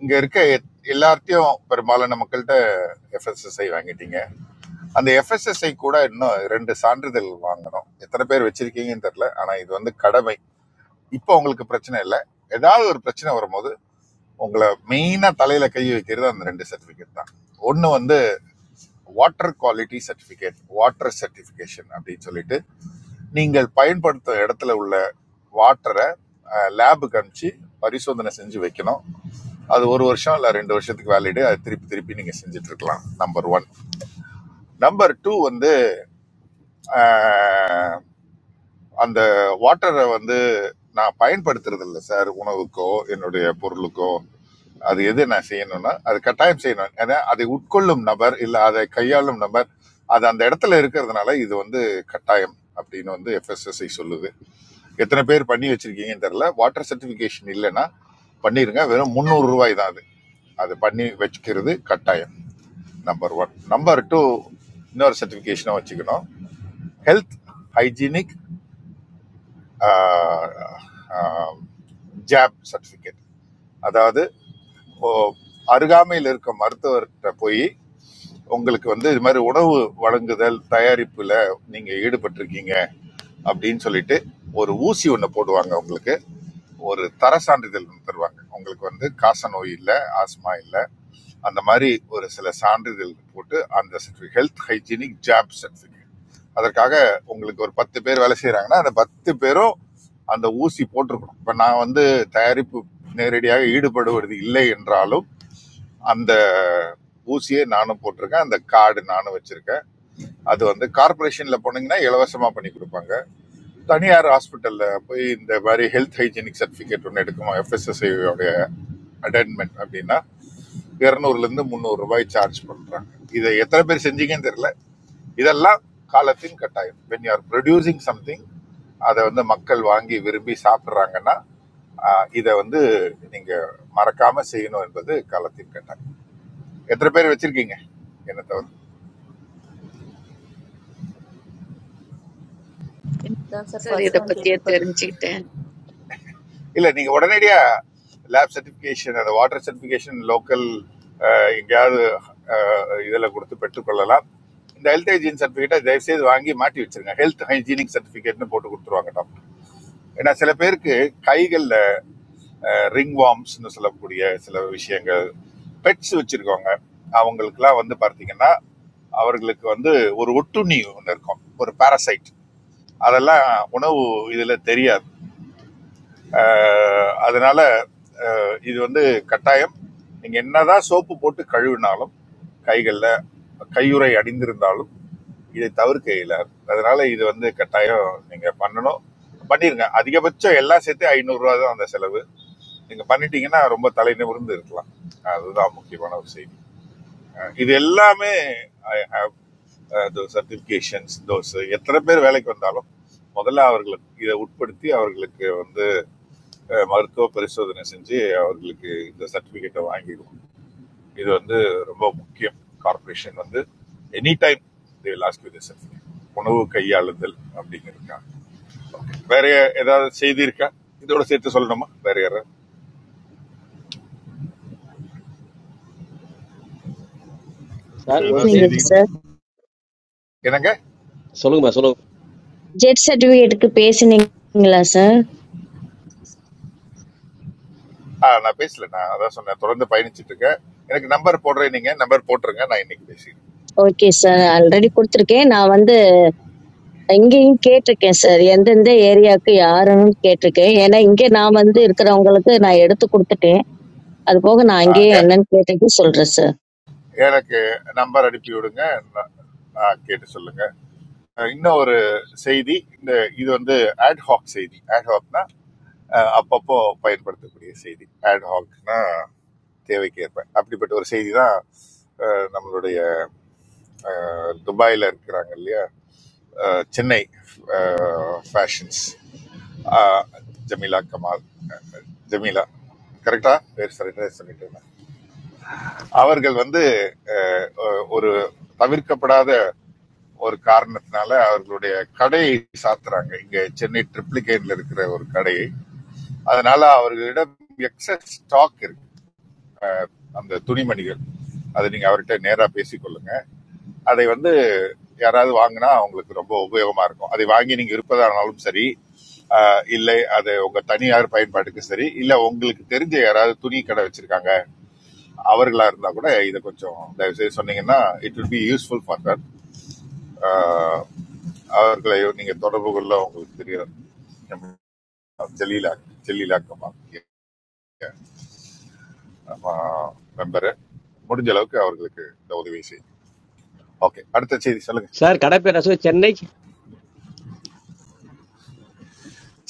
Speaker 4: இங்க இருக்க எ- எல்லார்ட்டையும் பெரும்பாலான மக்கள்கிட்ட எஃப்எஸ்எஸ்ஐ வாங்கிட்டீங்க அந்த எஃப்எஸ்எஸ்ஐ கூட இன்னும் ரெண்டு சான்றிதழ் வாங்கணும் எத்தனை பேர் வச்சிருக்கீங்கன்னு தெரியல ஆனா இது வந்து கடமை இப்போ உங்களுக்கு பிரச்சனை இல்லை ஏதாவது ஒரு பிரச்சனை வரும்போது உங்களை மெயினாக தலையில் கை வைக்கிறது அந்த ரெண்டு சர்டிஃபிகேட் தான் ஒன்று வந்து water quality certificate water certification அப்படின்னு சொல்லிட்டு நீங்கள் பயன்படுத்தும் இடத்துல உள்ள வாட்டரை லேபுக்கு அனுப்பிச்சு பரிசோதனை செஞ்சு வைக்கணும் அது ஒரு வருஷம் இல்லை ரெண்டு வருஷத்துக்கு வேலிடு அது திருப்பி திருப்பி நீங்கள் செஞ்சுட்டு இருக்கலாம் நம்பர் ஒன் நம்பர் டூ வந்து அந்த வாட்டரை வந்து நான் பயன்படுத்துறது இல்லை சார் உணவுக்கோ என்னுடைய பொருளுக்கோ அது எது நான் செய்யணும்னா அது கட்டாயம் செய்யணும் ஏன்னா அதை உட்கொள்ளும் நபர் இல்லை அதை கையாளும் நபர் அது அந்த இடத்துல இருக்கிறதுனால இது வந்து கட்டாயம் அப்படின்னு வந்து எஃப்எஸ்எஸ்ஐ சொல்லுது எத்தனை பேர் பண்ணி வச்சிருக்கீங்கன்னு தெரியல வாட்டர் சர்டிஃபிகேஷன் இல்லைன்னா பண்ணிருங்க வெறும் முந்நூறு ரூபாய் தான் அது அது பண்ணி வச்சுக்கிறது கட்டாயம் நம்பர் ஒன் நம்பர் டூ இன்னொரு சர்டிஃபிகேஷனும் வச்சுக்கணும் ஹெல்த் ஹைஜீனிக் ஜாப் சர்டிஃபிகேட் அதாவது ஓ, அருகாமையில் இருக்க மருத்துவர்கிட்ட போய் உங்களுக்கு வந்து இது மாதிரி உணவு வழங்குதல் தயாரிப்புல நீங்க ஈடுபட்டிருக்கீங்க அப்படின்னு சொல்லிட்டு ஒரு ஊசி ஒன்று போடுவாங்க உங்களுக்கு ஒரு தர சான்றிதழ் ஒன்று தருவாங்க உங்களுக்கு வந்து காச நோய் இல்லை ஆஸ்மா இல்லை அந்த மாதிரி ஒரு சில சான்றிதழ் போட்டு அந்த certificate health hygienic job certificate அதற்காக உங்களுக்கு ஒரு பத்து பேர் வேலை செய்கிறாங்கன்னா அந்த பத்து பேரும் அந்த ஊசி போட்டிருக்கணும் இப்போ நான் வந்து தயாரிப்பு நேரடியாக ஈடுபடுவது இல்லை என்றாலும் அந்த ஊசியை நானும் போட்டிருக்கேன் அந்த கார்டு நானும் வச்சிருக்கேன் அது வந்து கார்பரேஷன்ல போனீங்கன்னா இலவசமா பண்ணி கொடுப்பாங்க தனியார் ஹாஸ்பிட்டல்ல போய் இந்த மாதிரி ஹெல்த் ஹைஜீனிக் சர்டிஃபிகேட் ஒன்று எடுக்கணும் FSSAI உடைய அட்டென்மெண்ட் அப்படின்னா இரநூறுலேருந்து முந்நூறு ரூபாய் சார்ஜ் பண்ணுறாங்க இதை எத்தனை பேர் செஞ்சீங்கன்னு தெரியல இதெல்லாம் காலத்தின் கட்டாயம் when you are producing something அதை வந்து மக்கள் வாங்கி விரும்பி சாப்பிட்றாங்கன்னா இதை வந்து நீங்கள் மறக்காமல் செய்யணும் என்பது காலத்தின் கட்டாயம் எத்தனை பேர் வச்சுருக்கீங்க என்ன தவிர
Speaker 10: அதான் sir
Speaker 17: Sorry,
Speaker 10: first
Speaker 17: the
Speaker 10: time
Speaker 17: petiyat
Speaker 10: கேள்விப்பட்டிருக்கேன்
Speaker 17: eranchitta.
Speaker 4: இல்லை நீங்கள் உடனடியாக லேப் சர்டிஃபிகேஷன் அந்த வாட்டர் சர்டிஃபிகேஷன் லோக்கல் எங்கேயாவது இதில் கொடுத்து பெற்றுக்கொள்ளலாம் இந்த ஹெல்த் ஹைஜீன் சர்டிஃபிகேட்டை தயவுசெய்து வாங்கி மாட்டி வச்சிருங்க ஹெல்த் ஹைஜீனிக் சர்டிஃபிகேட்னு போட்டு கொடுத்துருவாங்க ஏன்னா சில பேருக்கு கைகளில் ரிங் வார்ம்ஸ்னு சொல்லக்கூடிய சில விஷயங்கள் பெட்ஸ் வச்சிருக்கவங்க அவங்களுக்குலாம் வந்து பார்த்தீங்கன்னா அவர்களுக்கு வந்து ஒரு ஒட்டுண்ணி ஒன்று இருக்கும் ஒரு பாராசைட் அதெல்லாம் உணவு இதில் தெரியாது அஹ் அதனால இது வந்து கட்டாயம் நீங்கள் என்னதான் சோப்பு போட்டு கழுவினாலும் கைகளில் கையுறை அடிந்திருந்தாலும் இதை தவிர்க்க இயலாது அதனால இது வந்து கட்டாயம் நீங்கள் பண்ணணும் பண்ணிருங்க அதிகபட்சம் எல்லாம் சேர்த்து ஐநூறுரூவா தான் அந்த செலவு நீங்க பண்ணிட்டீங்கன்னா ரொம்ப தலை நிமிர்ந்து இருக்கலாம் அதுதான் முக்கியமான ஒரு செய்தி அஹ் இது எல்லாமே சர்டிபிகேஷன்ஸ் தோஸ் எத்தனை பேர் வேலைக்கு வந்தாலும் முதல்ல அவர்களுக்கு இதை உட்படுத்தி அவர்களுக்கு வந்து அஹ், மருத்துவ பரிசோதனை செஞ்சு அவர்களுக்கு இந்த சர்டிபிகேட்டை வாங்கிடுவோம் இது வந்து ரொம்ப முக்கியம் கார்ப்பரேஷன் வந்து any time they will ask you the certificate. உணவு கையாளுதல் அப்படிங்கிறதுக்காக வேற ஏதாவது செய்தி இருக்கா இதோட சேர்த்து சொல்லணுமா வேற யாராவது வேற
Speaker 7: சார் ஒரு
Speaker 4: ஏதாவது
Speaker 7: செய்தி
Speaker 16: பேசுனீங்களா
Speaker 4: செய்தி
Speaker 7: சொல்லுங்க
Speaker 16: சார்
Speaker 4: என்னங்க
Speaker 7: சொல்லுங்கம்மா சொல்லுங்க
Speaker 16: ஜெட் சர்டிபிகேட்டுக்கு பேசுனீங்களா சார்
Speaker 4: ஆ நான் பேசல நான் அதான் சொன்னேன் தொடர்ந்து பயணிச்சிட்டு இருக்கேன் எனக்கு நம்பர் போடுறேன் நீங்க நம்பர் போட்டுருங்க நான் இன்னைக்கு பேசிடுறேன்
Speaker 16: ஓகே சார் ஆல்ரெடி கொடுத்துருக்கேன் நான் வந்து எங்கேயும் கேட்டிருக்கேன் சார் எந்தெந்த ஏரியாவுக்கு யாருன்னு கேட்டிருக்கேன் ஏன்னா இங்கே நான் வந்து இருக்கிறவங்களுக்கு நான் எடுத்து கொடுத்துட்டேன் அது போக நான்
Speaker 4: ஆ,
Speaker 16: அங்கேயே
Speaker 4: எ-
Speaker 16: என்னன்னு கேட்டுட்டு சொல்றேன் சார்
Speaker 4: எனக்கு நம்பர் அனுப்பி விடுங்க நான் நான் கேட்டு சொல்லுங்க ஆ, இன்னும் ஒரு செய்தி இந்த இது வந்து ஆட்ஹாக் செய்தி ஆட்ஹாக்னா அப்பப்போ பயன்படுத்தக்கூடிய செய்தி ஆட்ஹாக்னா தேவைக்கு ஏற்ப அப்படிப்பட்ட ஒரு செய்தி தான் ஆ, நம்மளுடைய ஆ, துபாயில இருக்கிறாங்க இல்லையா ஆ, சென்னை ஃபேஷன்ஸ் ஜமீலா கமால் ஜமீலா கரெக்டா பேர் சரியா சொல்லிட்டு இருந்தேன். அவர்கள் வந்து அஹ், ஒரு தவிர்க்கப்படாத ஒரு காரணத்தினால அவர்களுடைய கடையை சாத்துறாங்க இங்க சென்னை ட்ரிப்ளிகேட்ல இருக்கிற ஒரு கடையை அதனால அவர்களிடம் எக்ஸஸ் ஸ்டாக் இருக்கு அந்த துணிமணிகள் அதை நீங்க அவர்கிட்ட நேரா பேசிக்கொள்ளுங்க அதை வந்து யாராவது வாங்கினா அவங்களுக்கு ரொம்ப உபயோகமா இருக்கும் அதை வாங்கி நீங்க இருப்பதானாலும் சரி அஹ், இல்லை அது உங்க தனியார் பயன்பாட்டுக்கு சரி இல்ல உங்களுக்கு தெரிஞ்ச யாராவது துணி கடை வச்சிருக்காங்க அவர்களா இருந்தா கூட இதை கொஞ்சம் தயவு செய்து சொன்னீங்கன்னா it will be useful for that அவர்களை நீங்க தொடர்பு கொள்ள உங்களுக்கு தெரியும் ஜலீலா ஜலீலா மெம்பரு முடிஞ்ச அளவுக்கு அவர்களுக்கு இந்த உதவி செய்யும் ஓகே அடுத்த செய்தி சொல்லுங்க
Speaker 7: சார் கடை பேர் ரசம் சென்னை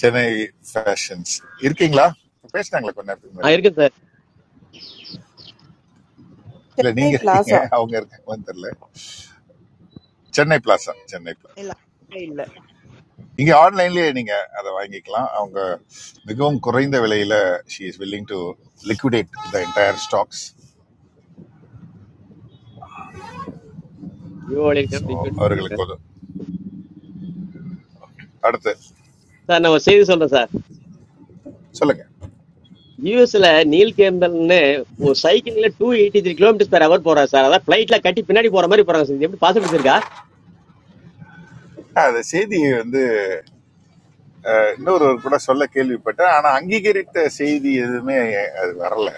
Speaker 4: சென்னை ஃபேஷன்ஸ் இருக்கீங்களா பேசினாங்களா கொஞ்ச நேரத்துக்கு
Speaker 7: ஆ
Speaker 4: முன்னாடி
Speaker 7: இருக்கு சார்
Speaker 4: இல்ல
Speaker 18: Chennai
Speaker 4: நீங்க இருக்கீங்க
Speaker 18: Plaza
Speaker 4: அவங்க இருக்காங்களான்னு தெரியல சென்னை பிளாசா சென்னை பிளாசா
Speaker 3: இல்ல இல்ல.
Speaker 4: இங்கே ஆன்லைன்லேயே நீங்கள் அதை வாங்கிக்கலாம் அவங்க மிகவும் குறைந்த விலையில் she is willing to liquidate the entire stocks
Speaker 7: யூஓலிக்கம்
Speaker 4: ஸோ
Speaker 7: டிக்யூட் சொல்றாங்க
Speaker 4: அவர்களுக்கு உதவும் அடுத்து
Speaker 7: சார் நான் ஒரு செய்தி சொல்றேன் சார்
Speaker 4: சொல்லுங்க
Speaker 7: யூஎஸ்ல நீல் கேம்பல்னு ஒரு சைக்கிள்ல two eighty three kilometres per hour போறாரு சார் அதான் ஃபிளைட்ல கட்டி பின்னாடி போற மாதிரி போறாங்க சார் இது எப்படி பாசிபிலிட்டி இருக்கா
Speaker 4: ஆ, அந்த செய்தியை வந்து இன்னொருவர் கூட சொல்ல கேள்விப்பட்டேன் ஆனால் அங்கீகரித்த செய்தி எதுவுமே அது வரல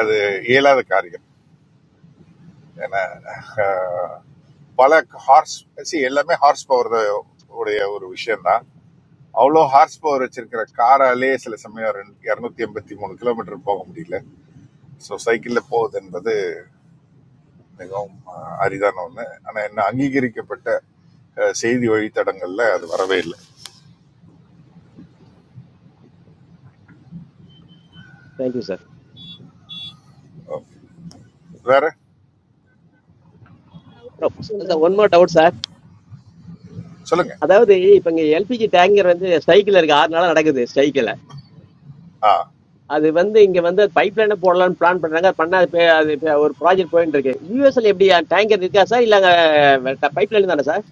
Speaker 4: அது இயலாத காரியம் ஏன்னா பல ஹார்ஸ் சி எல்லாமே ஹார்ஸ் பவர் உடைய ஒரு விஷயம்தான் அவ்வளோ ஹார்ஸ் பவர் வச்சிருக்கிற காராலே சில சமயம் இரநூத்தி எண்பத்தி மூணு கிலோமீட்டர் போக முடியல ஸோ சைக்கிளில் போகுது என்பது மிகவும் அஹ், அரிதான ஒன்று ஆனால் என்ன அங்கீகரிக்கப்பட்ட அஹ், செய்தி வழித்தடங்கள்ல அது வரவே இல்லை
Speaker 7: தேங்க்யூ சார்
Speaker 4: வேற
Speaker 1: நான் சொல்றேன்
Speaker 7: sir one
Speaker 1: sir
Speaker 7: more doubt sir
Speaker 4: சொல்லுங்க
Speaker 7: அதாவது இப்ப இங்க எல்பிஜி டேங்கர் வந்து சைக்கிள் இருக்கு ஆறு நாளா நடக்குது சைக்கிள்
Speaker 4: ஆ
Speaker 7: அது வந்து இங்க வந்து பைப் லைனை போடலாம்னு பிளான் பண்றாங்க அது பண்ணா அது பே- அது பே- ஒரு ப்ராஜெக்ட் போயிட்டு இருக்கு யூஎஸ்எல் எப்படி டேங்கர் இருக்கா சார் இல்ல பைப் லைன் தானே சார்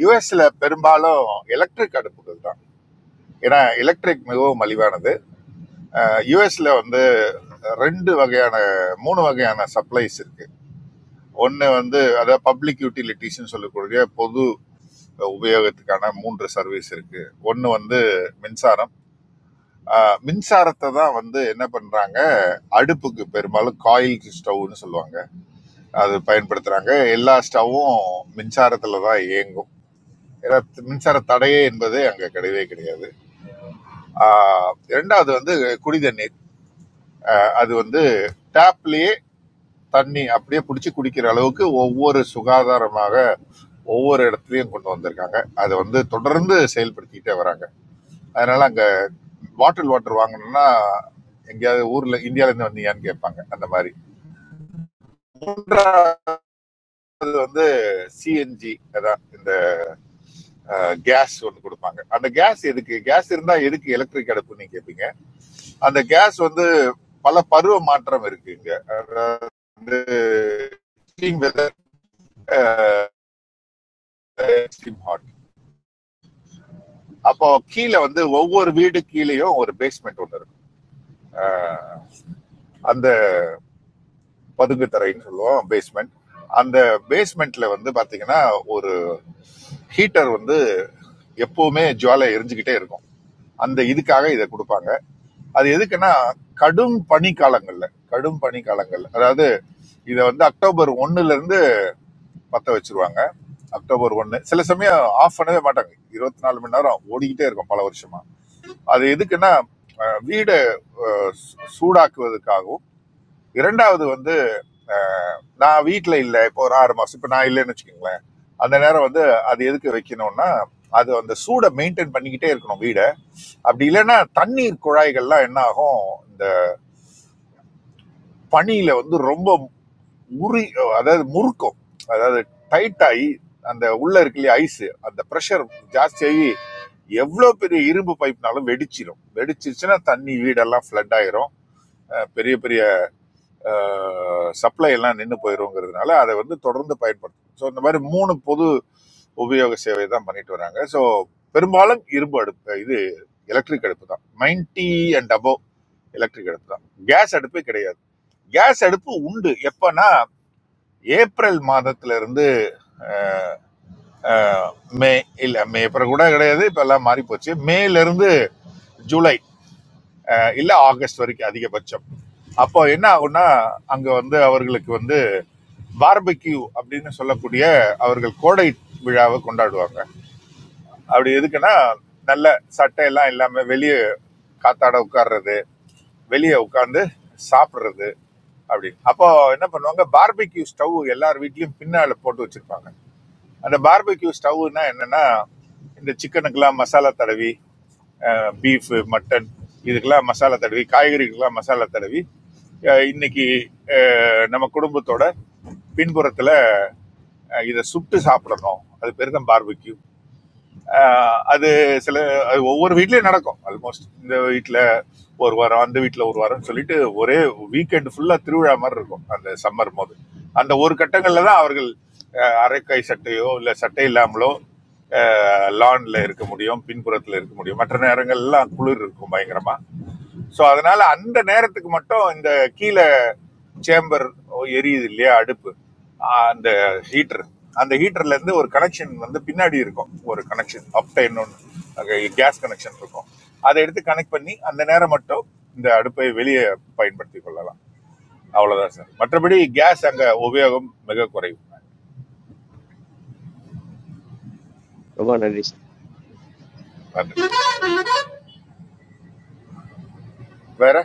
Speaker 4: யூஎஸ்ல பெரும்பாலும் எலக்ட்ரிக் அடுப்புகள் தான் ஏன்னா எலக்ட்ரிக் மிகவும் மலிவானது யூஎஸ்ல வந்து ரெண்டு வகையான மூணு வகையான சப்ளைஸ் இருக்கு ஒன்று வந்து அதாவது பப்ளிக் யூட்டிலிட்டிஸ்னு சொல்லக்கூடிய பொது உபயோகத்துக்கான மூன்று சர்வீஸ் இருக்கு ஒன்று வந்து மின்சாரம் ஆஹ் மின்சாரத்தை தான் வந்து என்ன பண்றாங்க அடுப்புக்கு பெரும்பாலும் காயில் ஸ்டவ்னு சொல்லுவாங்க அது பயன்படுத்துகிறாங்க எல்லா ஸ்டவ்வும் மின்சாரத்தில் தான் இயங்கும் ஏன்னா மின்சார தடையே என்பது அங்கே கிடையவே கிடையாது ஆஹ் இரண்டாவது வந்து குடி தண்ணீர் அது வந்து டேப்லயே தண்ணி அப்படியே பிடிச்சி குடிக்கிற அளவுக்கு ஒவ்வொரு சுகாதாரமாக ஒவ்வொரு இடத்துலையும் கொண்டு வந்திருக்காங்க அதை வந்து தொடர்ந்து செயல்படுத்திக்கிட்டே வராங்க அதனால அங்கே பாட்டில் வாட்டர் வாங்கணும்னா எங்கேயாவது ஊர்ல இந்தியால இருந்து வந்தீங்கன்னு கேட்பாங்க அந்த மாதிரி மூன்றாவது வந்து சிஎன்ஜி அதான் இந்த கேஸ் ஒன்று கொடுப்பாங்க அந்த கேஸ் எதுக்கு கேஸ் இருந்தா எதுக்கு எலக்ட்ரிக் அடுப்புன்னு நீங்க கேட்பீங்க அந்த கேஸ் வந்து பல பருவ மாற்றம் இருக்கு இங்க அதாவது extreme weather, extreme hot. அப்போ கீழே வந்து ஒவ்வொரு வீடு கீழேயும் ஒரு பேஸ்மெண்ட் ஒன்று இருக்கும் அந்த பதுங்கு தரைன்னு சொல்லுவோம் பேஸ்மெண்ட் அந்த பேஸ்மெண்ட்ல வந்து பாத்தீங்கன்னா ஒரு ஹீட்டர் வந்து எப்பவுமே ஜுவாலை எரிஞ்சுக்கிட்டே இருக்கும் அந்த இதுக்காக இதை கொடுப்பாங்க அது எதுக்குன்னா கடும் பனி காலங்கள்ல கடும் பனி காலங்கள்ல அதாவது இதை வந்து அக்டோபர் ஒன்னுல இருந்து பத்த வச்சிருவாங்க அக்டோபர் ஒன்னு சில சமயம் ஆஃப் பண்ணவே மாட்டாங்க இருபத்தி நாலு மணி நேரம் ஓடிக்கிட்டே இருக்கும் பல வருஷமா அது எதுக்குன்னா அஹ், வீடை அஹ், சூ- சூடாக்குவதற்காகவும் இரண்டாவது வந்து அஹ், நான் வீட்டில் இல்லை இப்போ ஒரு ஆறு மாசம் இப்போ நான் இல்லைன்னு வச்சுக்கோங்களேன் அந்த நேரம் வந்து அது எதுக்கு வைக்கணும்னா அது அந்த சூடை மெயின்டைன் பண்ணிக்கிட்டே இருக்கணும் வீடை அப்படி இல்லைன்னா தண்ணீர் குழாய்கள்லாம் என்ன ஆகும் இந்த பனியில வந்து ரொம்ப முறி அதாவது முறுக்கும் அதாவது டைட் ஆகி அந்த உள்ள இருக்கு இல்லையா ஐஸ் அந்த ப்ரெஷர் ஜாஸ்தியாகி எவ்வளோ பெரிய இரும்பு பைப்னாலும் வெடிச்சிடும் வெடிச்சிருச்சுன்னா தண்ணி வீடெல்லாம் ஃப்ளட் ஆயிரும் அஹ் பெரிய பெரிய சப்ளை எல்லாம் நின்று போயிருங்கிறதுனால அதை வந்து தொடர்ந்து பயன்படுத்தணும் ஸோ இந்த மாதிரி மூணு பொது உபயோக சேவை தான் பண்ணிட்டு வராங்க ஸோ பெரும்பாலும் இரும்பு அடுப்பு இது எலக்ட்ரிக் அடுப்பு தான் நைன்டி அண்ட் above எலக்ட்ரிக் அடுப்பு தான் கேஸ் அடுப்பே கிடையாது கேஸ் அடுப்பு உண்டு எப்பன்னா ஏப்ரல் மாதத்துல இருந்து அஹ், மே இல்ல மே அப்புறம் கூட கிடையாது இப்ப எல்லாம் மாறி போச்சு மேல இருந்து ஜூலை அஹ், இல்ல ஆகஸ்ட் வரைக்கும் அதிகபட்சம் அப்போ என்ன ஆகும்னா அங்க வந்து அவர்களுக்கு வந்து பார்பக்யூ அப்படின்னு சொல்லக்கூடிய அவர்கள் கோடை விழாவை கொண்டாடுவாங்க அப்படி எதுக்குன்னா நல்ல சட்டை எல்லாம் இல்லாம வெளியே காத்தாட உட்கார்றது வெளியே உட்கார்ந்து சாப்பிடுறது அப்படின்னு அப்போ என்ன பண்ணுவாங்க பார்பக்யூ ஸ்டவ் எல்லார் வீட்லயும் பின்னால போட்டு வச்சிருப்பாங்க அந்த பார்பக்யூ ஸ்டவ்னா என்னன்னா இந்த சிக்கனுக்கெல்லாம் மசாலா தடவி பீஃபு மட்டன் இதுக்கெல்லாம் மசாலா தடவி காய்கறிகளுக்கெல்லாம் மசாலா தடவி அஹ், இன்னைக்கு அஹ், நம்ம குடும்பத்தோட பின்புறத்தில் இதை சுட்டு சாப்பிடணும் அது பேர் தான் பார்பிக்யூ அது சில அது ஒவ்வொரு வீட்லேயும் நடக்கும் ஆல்மோஸ்ட் இந்த வீட்டில் ஒரு வாரம் அந்த வீட்டில் ஒரு வாரம்னு சொல்லிட்டு ஒரே வீக்கெண்ட் ஃபுல்லாக திருவிழா மாதிரி இருக்கும் அந்த சம்மர் போது அந்த ஒரு கட்டங்களில் தான் அவர்கள் அஹ், அரைக்கை சட்டையோ இல்லை சட்டை இல்லாமலோ லான்ல இருக்க முடியும் பின்புறத்தில் இருக்க முடியும் மற்ற நேரங்கள்லாம் குளிர் இருக்கும் பயங்கரமா ஸோ அதனால அந்த நேரத்துக்கு மட்டும் இந்த கீழே சேம்பர் எரியுது இல்லையா அடுப்பு ஆஹ் அந்த ஹீட்டர் அந்த ஹீட்டர்ல இருந்து ஒரு கனெக்ஷன் வந்து பின்னாடி இருக்கும் ஒரு கனெக்ஷன் அப்டைன் ஒன்று கேஸ் கனெக்ஷன் இருக்கும் அதை எடுத்து கனெக்ட் பண்ணி அந்த நேரம் மட்டும் இந்த அடுப்பை வெளியே பயன்படுத்தி கொள்ளலாம் அவ்வளவுதான் சார் மற்றபடி கேஸ் அங்க உபயோகம் மிக குறைவு
Speaker 7: ரொம்ப நன்றி சார்
Speaker 4: அது. வேற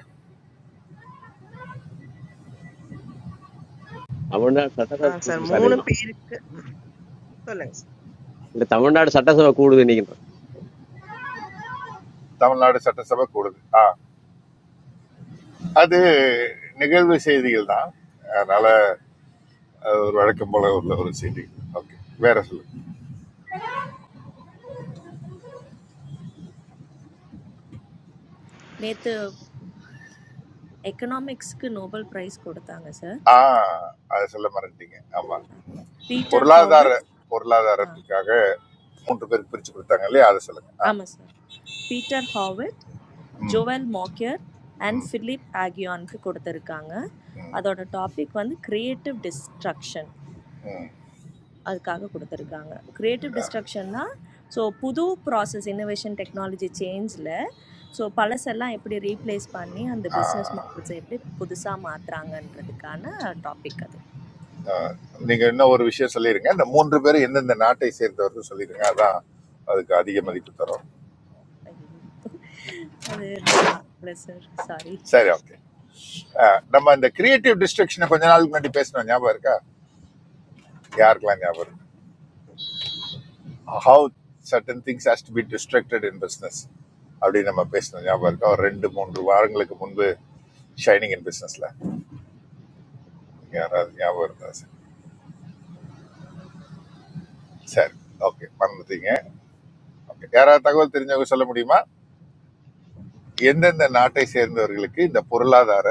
Speaker 7: தமிழ்நாடு
Speaker 3: ஆ
Speaker 7: சட்டசபை
Speaker 3: சார்
Speaker 7: கூடுது சார்
Speaker 3: 3
Speaker 7: நீங்க
Speaker 3: பேருக்கு சொல்லுங்க. சார்.
Speaker 7: இல்ல தமிழ்நாடு சட்டசபை கூடுது நீங்க
Speaker 4: தமிழ்நாடு சட்டசபை கூடுது ஆ அது நிகழ்வு செய்திகள் தான் அதனால அது ஒரு வழக்கம் போல உள்ள ஒரு செய்தி ஓகே வேற சொல்லுங்க
Speaker 10: நேற்று எக்கனாமிக்ஸ்க்கு நோபல் ப்ரைஸ் கொடுத்தாங்க சார்
Speaker 4: ஆ அதை சொல்ல மறந்துட்டீங்க ஆமா
Speaker 10: பீட்டர்
Speaker 4: பொருளாதார
Speaker 10: ஹாவிட் ஆ
Speaker 4: பொருளாதாரத்துக்காக மூன்று பேருக்கு பிரிச்சு கொடுத்தாங்க இல்லையா அதை சொல்லுங்க ஆ
Speaker 10: ஆமாம் சார் பீட்டர் ஹாவிட்
Speaker 4: ம்
Speaker 10: ஜோவல் மோக்கியர் அண்ட்
Speaker 4: ம்
Speaker 10: ஃபிலிப் ஆகியானுக்கு கொடுத்துருக்காங்க
Speaker 4: ம்
Speaker 10: அதோட டாபிக் வந்து கிரியேட்டிவ் டிஸ்ட்ரக்ஷன்
Speaker 4: ம்
Speaker 10: அதுக்காக கொடுத்துருக்காங்க கிரியேட்டிவ் டிஸ்ட்ரக்ஷன்னா ஸோ புது ப்ராசஸ் இன்னோவேஷன் டெக்னாலஜி சேஞ்சில் ஸோ பழசெல்லாம் எப்படி ரீப்ளேஸ் பண்ணி அந்த
Speaker 4: ஆ,
Speaker 10: பிஸ்னஸ் மாடல்ஸை எப்படி புதுசாக மாற்றுறாங்கன்றதுக்கான டாபிக் அது
Speaker 4: ஆ. நீங்க இன்னும் ஒரு விஷயம் சொல்லிடுங்க இந்த மூன்று பேரும் எந்தெந்த நாட்டை சேர்ந்தவர்கள் சொல்லிடுங்க அதான் அதுக்கு அதிக மதிப்பு தரும்
Speaker 10: ஐயோ. அது நான் பார்க்கல சார் சாரி
Speaker 4: சரி ஓகே நம்ம இந்த கிரியேட்டிவ் டிஸ்ட்ரக்ஷனை கொஞ்ச நாளுக்கு முன்னாடி பேசினோம் ஞாபகம் இருக்கா யாருக்கெல்லாம் ஞாபகம் இருக்கு? how certain things has to be restricted in business அப்படி நம்ம பேசினோம் ஞாபகம் இருக்கா ஒரு ரெண்டு மூன்று வாரங்களுக்கு முன்பு ஷைனிங் இன் பிஸ்னஸில் யாராவது ஞாபகம் இருந்தா சரி சரி ஓகே மறந்துட்டீங்க ஓகே யாராவது தகவல் தெரிஞ்சவங்க சொல்ல முடியுமா எந்தெந்த நாட்டை சேர்ந்தவர்களுக்கு இந்த பொருளாதார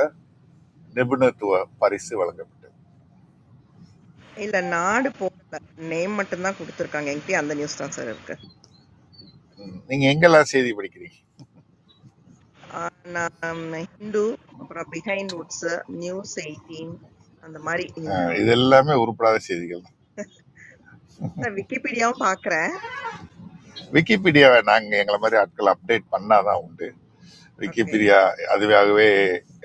Speaker 4: நிபுணத்துவ பரிசு வழங்கப்பட்டது
Speaker 3: இல்ல நாடு போடல. நேம் மட்டும் தான் கொடுத்திருக்காங்க. என்கிட்ட அந்த நியூஸ் தான் சார் இருக்கு.
Speaker 4: ம், நீங்க எங்கெல்லாம் செய்தி படிக்கிறீங்க
Speaker 3: ஆ, நான் ஹிந்து அப்புறம் பிஹைண்ட் வுட்ஸ் நியூஸ் 18 அந்த மாதிரி இந்த-
Speaker 4: அஹ், இது எல்லாமே உருப்படாத செய்திகள் தான்
Speaker 3: சார் விக்கிபீடியாவும் பாக்குறேன்.
Speaker 4: விக்கிபீடியாவை நாங்கள் எங்களை மாதிரி ஆட்கள் அப்டேட் பண்ணாதான் உண்டு
Speaker 3: ஓகே.
Speaker 4: விக்கிபீடியா அதுவாகவே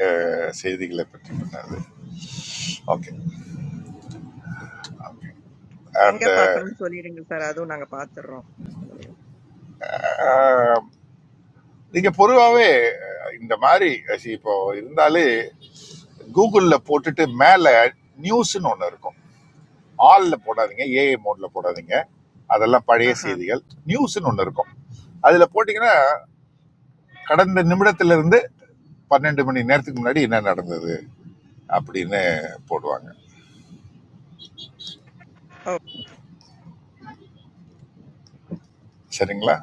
Speaker 4: அஹ், செய்திகளை பற்றி பண்ணது ஓகே
Speaker 3: எங்க
Speaker 4: அந்த
Speaker 3: பார்க்கணும்னு சொல்லிடுங்க சார். அதுவும் நாங்க பாத்துறோம்.
Speaker 4: அஹ், நீங்க பொதுவாகவே இந்த மாதிரி see, இப்போ இருந்தாலே கூகுளில் போட்டுட்டு மேலே நியூஸ்னு ஒன்று இருக்கும் ஆல்ல போடாதீங்க ஏஐ மோட்ல போடாதீங்க அதெல்லாம் பழைய
Speaker 3: ஆஹா.
Speaker 4: செய்திகள் நியூஸ்னு ஒன்று இருக்கும் அதில் போட்டிங்கன்னா கடந்த நிமிடத்திலிருந்து பன்னெண்டு மணி நேரத்துக்கு முன்னாடி என்ன நடந்தது அப்படின்னு போடுவாங்க சரிங்களா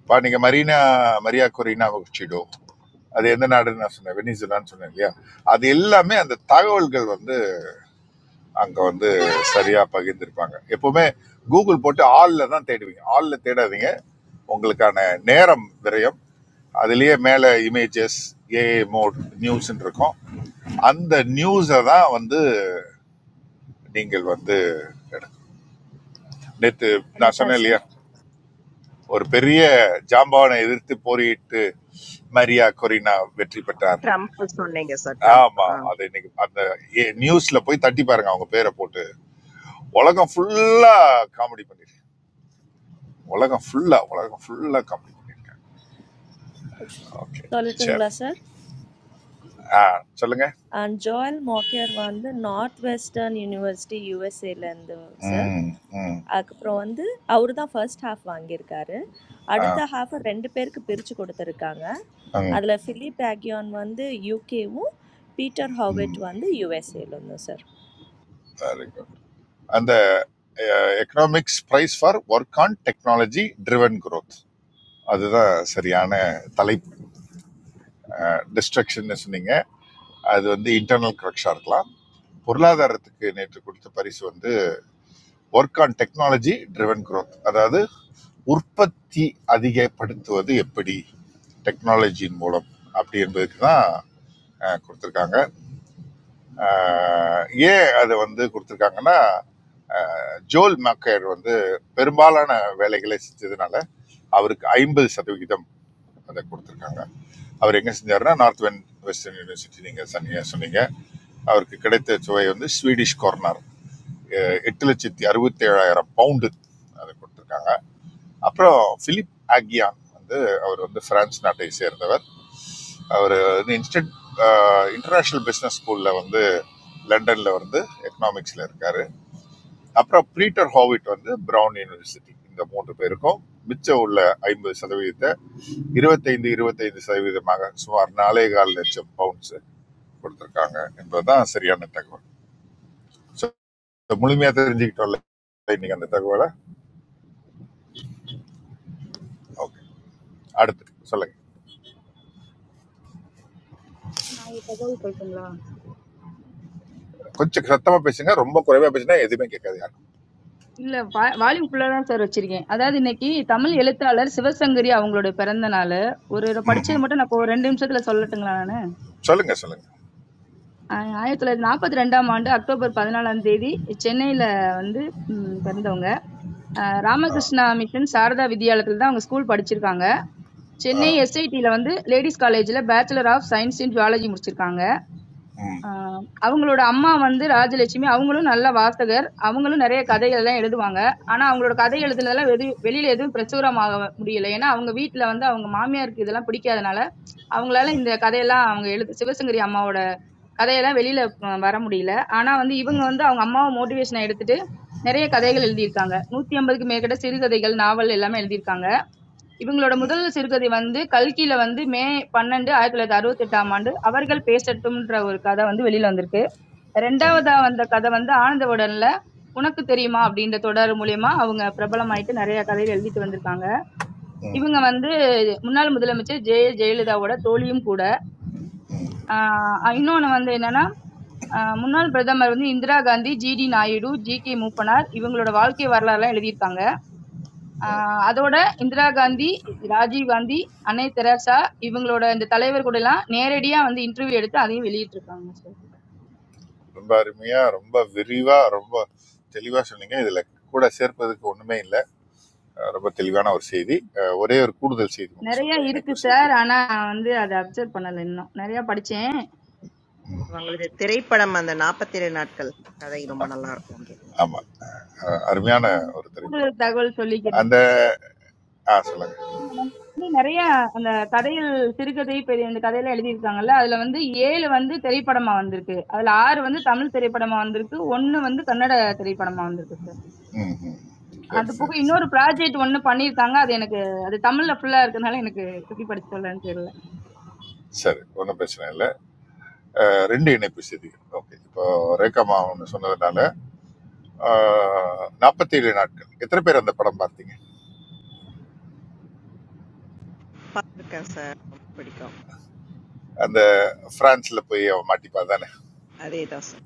Speaker 4: இப்போ நீங்கள் மரீனா மரியா கொரினா வச்சிடோ அது எந்த நாடுன்னு நான் சொன்னேன் வெனிசுலான்னு சொன்னேன் இல்லையா அது எல்லாமே அந்த தகவல்கள் வந்து அங்க வந்து சரியா பகிர்ந்திருப்பாங்க எப்பவுமே கூகுள் போட்டு ஆல்ல தான் தேடுவீங்க ஆல்ல தேடாதீங்க உங்களுக்கான நேரம் விரயம் அதுலயே மேல இமேஜஸ் ஏஏ மோட் நியூஸ் இருக்கும் அந்த நியூஸை தான் வந்து நீங்கள் வந்து எடுக்கணும். நேத்து நான்
Speaker 10: சொல்லட்டா
Speaker 4: சொன்னேன் இல்லையா
Speaker 10: சார்
Speaker 4: ஒரு பெரிய ஜாம்பவானை எதிர்த்து போரிட்டு மரியா கொரினா வெற்றி பெற்றார்
Speaker 3: ட்ரம்ப் சொன்னீங்க சார் ட்ரம்ப்
Speaker 4: ஆமா
Speaker 3: ஆ
Speaker 4: அது இன்னைக்கு அந்த நியூஸ்ல போய் தட்டி பாருங்க அவங்க பேரை போட்டு உலகம் ஃபுல்லா காமெடி பண்ணிருக்கேன் உலகம் ஃபுல்லா உலகம் ஃபுல்லா காமெடி பண்ணிருக்கேன் ஓகே
Speaker 10: சொல்லட்டுங்களா
Speaker 4: சரி
Speaker 10: சார்
Speaker 4: ஆ சொல்லுங்க
Speaker 10: அண்ட் ஜோயல் மோக்கியர் வந்து நார்த் வெஸ்டர்ன் யூனிவர்சிட்டி யூஎஸ்ஏலேருந்து சார்
Speaker 4: ம் ம்
Speaker 10: அதுக்கப்புறம் வந்து அவரு தான் ஃபர்ஸ்ட் ஹாஃப் வாங்கியிருக்காரு
Speaker 4: ஆ
Speaker 10: அடுத்த ஹாஃப் ரெண்டு பேருக்கு பிரிச்சு கொடுத்துருக்காங்க
Speaker 4: ம்
Speaker 10: அதுல ஃபிலிப் ஆகியோன் வந்து யூகேவும் பீட்டர் ஹாவெட்
Speaker 4: ம்
Speaker 10: வந்து யூஎஸ்ஏல இருந்தோம் சார்
Speaker 4: வெரி குட் அந்த economics prize for work on technology driven growth அதுதான் சரியான தலைப்பு டிஸ்ட்ரக்ஷன் சொன்னீங்க அது வந்து இன்டர்னல் கரெக்ஷா இருக்கலாம் பொருளாதாரத்துக்கு நேற்று கொடுத்த பரிசு வந்து work on technology driven growth அதாவது உற்பத்தி அதிகப்படுத்துவது எப்படி டெக்னாலஜியின் மூலம் அப்படி என்பதுக்கு தான் அஹ், கொடுத்திருக்காங்க அஹ், ஏன் அதை வந்து கொடுத்திருக்காங்கன்னா அஹ், ஜோல் மக்கர் வந்து பெரும்பாலான வேலைகளை செஞ்சதுனால அவருக்கு ஐம்பது சதவிகிதம் அதை கொடுத்திருக்காங்க அவர் எங்க செஞ்சாருன்னா நார்த் வெஸ்டர்ன் யூனிவர்சிட்டி நீங்க சொன்னீங்க சொன்னீங்க அவருக்கு கிடைத்த சுவை வந்து ஸ்வீடிஷ் கார்னர் அஹ் எட்டு லட்சத்தி அறுபத்தேழாயிரம் பவுண்டு அதை கொடுத்துருக்காங்க அப்புறம் பிலிப் ஆகியான் வந்து அவர் வந்து பிரான்ஸ் நாட்டை சேர்ந்தவர் அவர் வந்து இன்ஸ்டன்ட் இன்டர்நேஷனல் பிஸ்னஸ் ஸ்கூலில் வந்து லண்டன்ல வந்து எக்கனாமிக்ஸ்ல இருக்காரு அப்புறம் பீட்டர் ஹாவிட் வந்து பிரவுன் யூனிவர்சிட்டி இந்த மூன்று பேருக்கும் மிச்சம் உள்ள ஐம்பது சதவீதத்தை இருபத்தைந்து இருபத்தைந்து சதவீதமாக சுமார் நாலே கால் லட்சம் பவுண்ட்ஸ் கொடுத்துருக்காங்க என்பதுதான் சரியான தகவல் So, முழுமையா தெரிஞ்சுக்கிட்டோம்ல இன்னைக்கு அந்த தகவலை ஓகே அடுத்து சொல்லுங்க
Speaker 1: நான் ஒரு தகவல் சொல்லட்டுங்களா
Speaker 4: கொஞ்சம் சத்தமா பேசுங்க ரொம்ப குறைவா பேசினா எதுவுமே கேட்காது யாரும்
Speaker 1: இல்ல வால்யூம் ஃபுல்லா தான் சார் வச்சிருக்கேன் அதாவது இன்னைக்கு தமிழ் எழுத்தாளர் சிவசங்கரி அவங்களோட பிறந்த நாள் ஒரு படிச்சது மட்டும் நான் இப்போ ஒரு ரெண்டு நிமிஷத்துல சொல்லட்டுங்களா நான்
Speaker 4: சொல்லுங்க சொல்லுங்க
Speaker 1: ஆஹ் ஆயிரத்தி தொள்ளாயிரத்தி நாற்பத்தி ரெண்டாம் ஆண்டு அக்டோபர் பதினாலாம் தேதி சென்னையில வந்து ம், பிறந்தவங்க ஆஹ் ராமகிருஷ்ணா மிஷன் சாரதா வித்யாலயத்துல தான் அவங்க ஸ்கூல் படிச்சிருக்காங்க சென்னை எஸ்ஐடில வந்து லேடிஸ் காலேஜ்ல bachelor of science in zoology முடிச்சிருக்காங்க
Speaker 4: ம்
Speaker 1: ஆஹ் அவங்களோட அம்மா வந்து ராஜலட்சுமி அவங்களும் நல்ல வாசகர் அவங்களும் நிறைய கதைகள் எல்லாம் எழுதுவாங்க ஆனா அவங்களோட கதை எழுதுனதெல்லாம் வெது வெளியில எதுவும் பிரசுரமாக முடியல ஏன்னா அவங்க வீட்ல வந்து அவங்க மாமியாருக்கு இதெல்லாம் பிடிக்காதனால அவங்களால இந்த கதையெல்லாம் அவங்க எழுது சிவசங்கரி அம்மாவோட கதையெல்லாம் வெளியில அஹ், வர முடியல. ஆனா வந்து இவங்க வந்து அவங்க அம்மாவை மோட்டிவேஷனா எடுத்துட்டு நிறைய கதைகள் எழுதியிருக்காங்க. 150க்கு மேற்பட்ட சிறுகதைகள், நாவல் எல்லாமே எழுதியிருக்காங்க. இவங்களோட முதல் சிறுகதை வந்து கல்கில வந்து மே 12, 1968ஆம் ஆண்டு அவர்கள் பேசட்டும்ன்ற ஒரு கதை வந்து வெளியில வந்திருக்கு. ரெண்டாவதா வந்த கதை வந்து ஆனந்தவுடன்ல உனக்கு தெரியுமா அப்படின்ற தொடர் மூலியமா அவங்க பிரபலமாயிட்டு நிறைய கதைகள் எழுதிட்டு வந்திருக்காங்க. இவங்க வந்து முன்னாள் முதலமைச்சர் ஜெ. ஜெயலலிதாவோட தோழியும் கூட. ஆஹ் இன்னொன்னு வந்து என்னன்னா அஹ் முன்னாள் பிரதமர் வந்து இந்திரா காந்தி ஜிடி நாயுடு ஜி கே மூப்பனார் இவங்களோட வாழ்க்கை வரலாறுலாம் எழுதியிருக்காங்க அஹ் அதோட இந்திரா காந்தி ராஜீவ் காந்தி அன்னை தெரசா இவங்களோட இந்த தலைவர் கூட எல்லாம் நேரடியா வந்து இன்டர்வியூ எடுத்து அதையும் வெளியிட்டிருக்காங்க சார்
Speaker 4: ரொம்ப அருமையா ரொம்ப விரிவா ரொம்ப தெளிவா சொன்னீங்க இதுல கூட சேர்ப்பதுக்கு ஒண்ணுமே இல்லை ரொம்ப தெளிவான ஒரு செய்தி அஹ் ஒரே ஒரு கூடுதல் செய்தி மட்டும்
Speaker 1: நிறைய
Speaker 4: சொல்றேன்
Speaker 1: இருக்கு
Speaker 4: இணைப்பு செய்தி
Speaker 1: சார் ஆனா நான் வந்து அதை அப்சர்வ் பண்ணல இன்னும் நிறைய படிச்சேன்
Speaker 3: அவங்களது திரைப்படம் அந்த 47 நாட்கள் கதை ரொம்ப நல்லா இருக்கும் அது
Speaker 4: ஆமா அஹ் அருமையான ஒரு திரைப்படம்
Speaker 1: கூடுதல் தகவல் சொல்லிக்கிறேன்
Speaker 4: அந்த ஆ சொல்லுங்க
Speaker 1: இன்னும் நிறைய அந்த கதையில் சிறுகதை பெரிய இந்த கதையில எழுதியிருக்காங்கல்ல அதுல வந்து ஏழு வந்து திரைப்படமா வந்திருக்கு அதுல ஆறு வந்து தமிழ் திரைப்படமா வந்திருக்கு ஒன்னு வந்து கன்னட திரைப்படமா வந்திருக்கு சார்.
Speaker 4: ம் ம். சரி
Speaker 1: அது போக
Speaker 4: சரி சரி
Speaker 1: இன்னொரு ப்ராஜெக்ட் ஒண்ணு பண்ணியிருக்காங்க. அது எனக்கு அது தமிழ்ல ஃபுல்லா இருக்கனால எனக்கு எப்படி படிச்சு சொல்லலான்னு தெரியல.
Speaker 4: சரி ஒன்றும் பிரச்சனை இல்லை ரெண்டு இணைப்பு செய்திகள் ஓகே இப்போ ரேகா மாவன் சொன்னதுனால நாற்பத்தி ஏழு நாட்கள் எத்தனை பேர் அந்த படம் பார்த்தீங்க
Speaker 3: பார்த்துருக்கேன் சார் ரொம்ப பிடிக்கும்
Speaker 4: அந்த பிரான்ஸ்ல போய் அவன் மாட்டிப்பா தானே
Speaker 3: அதே தான் சார்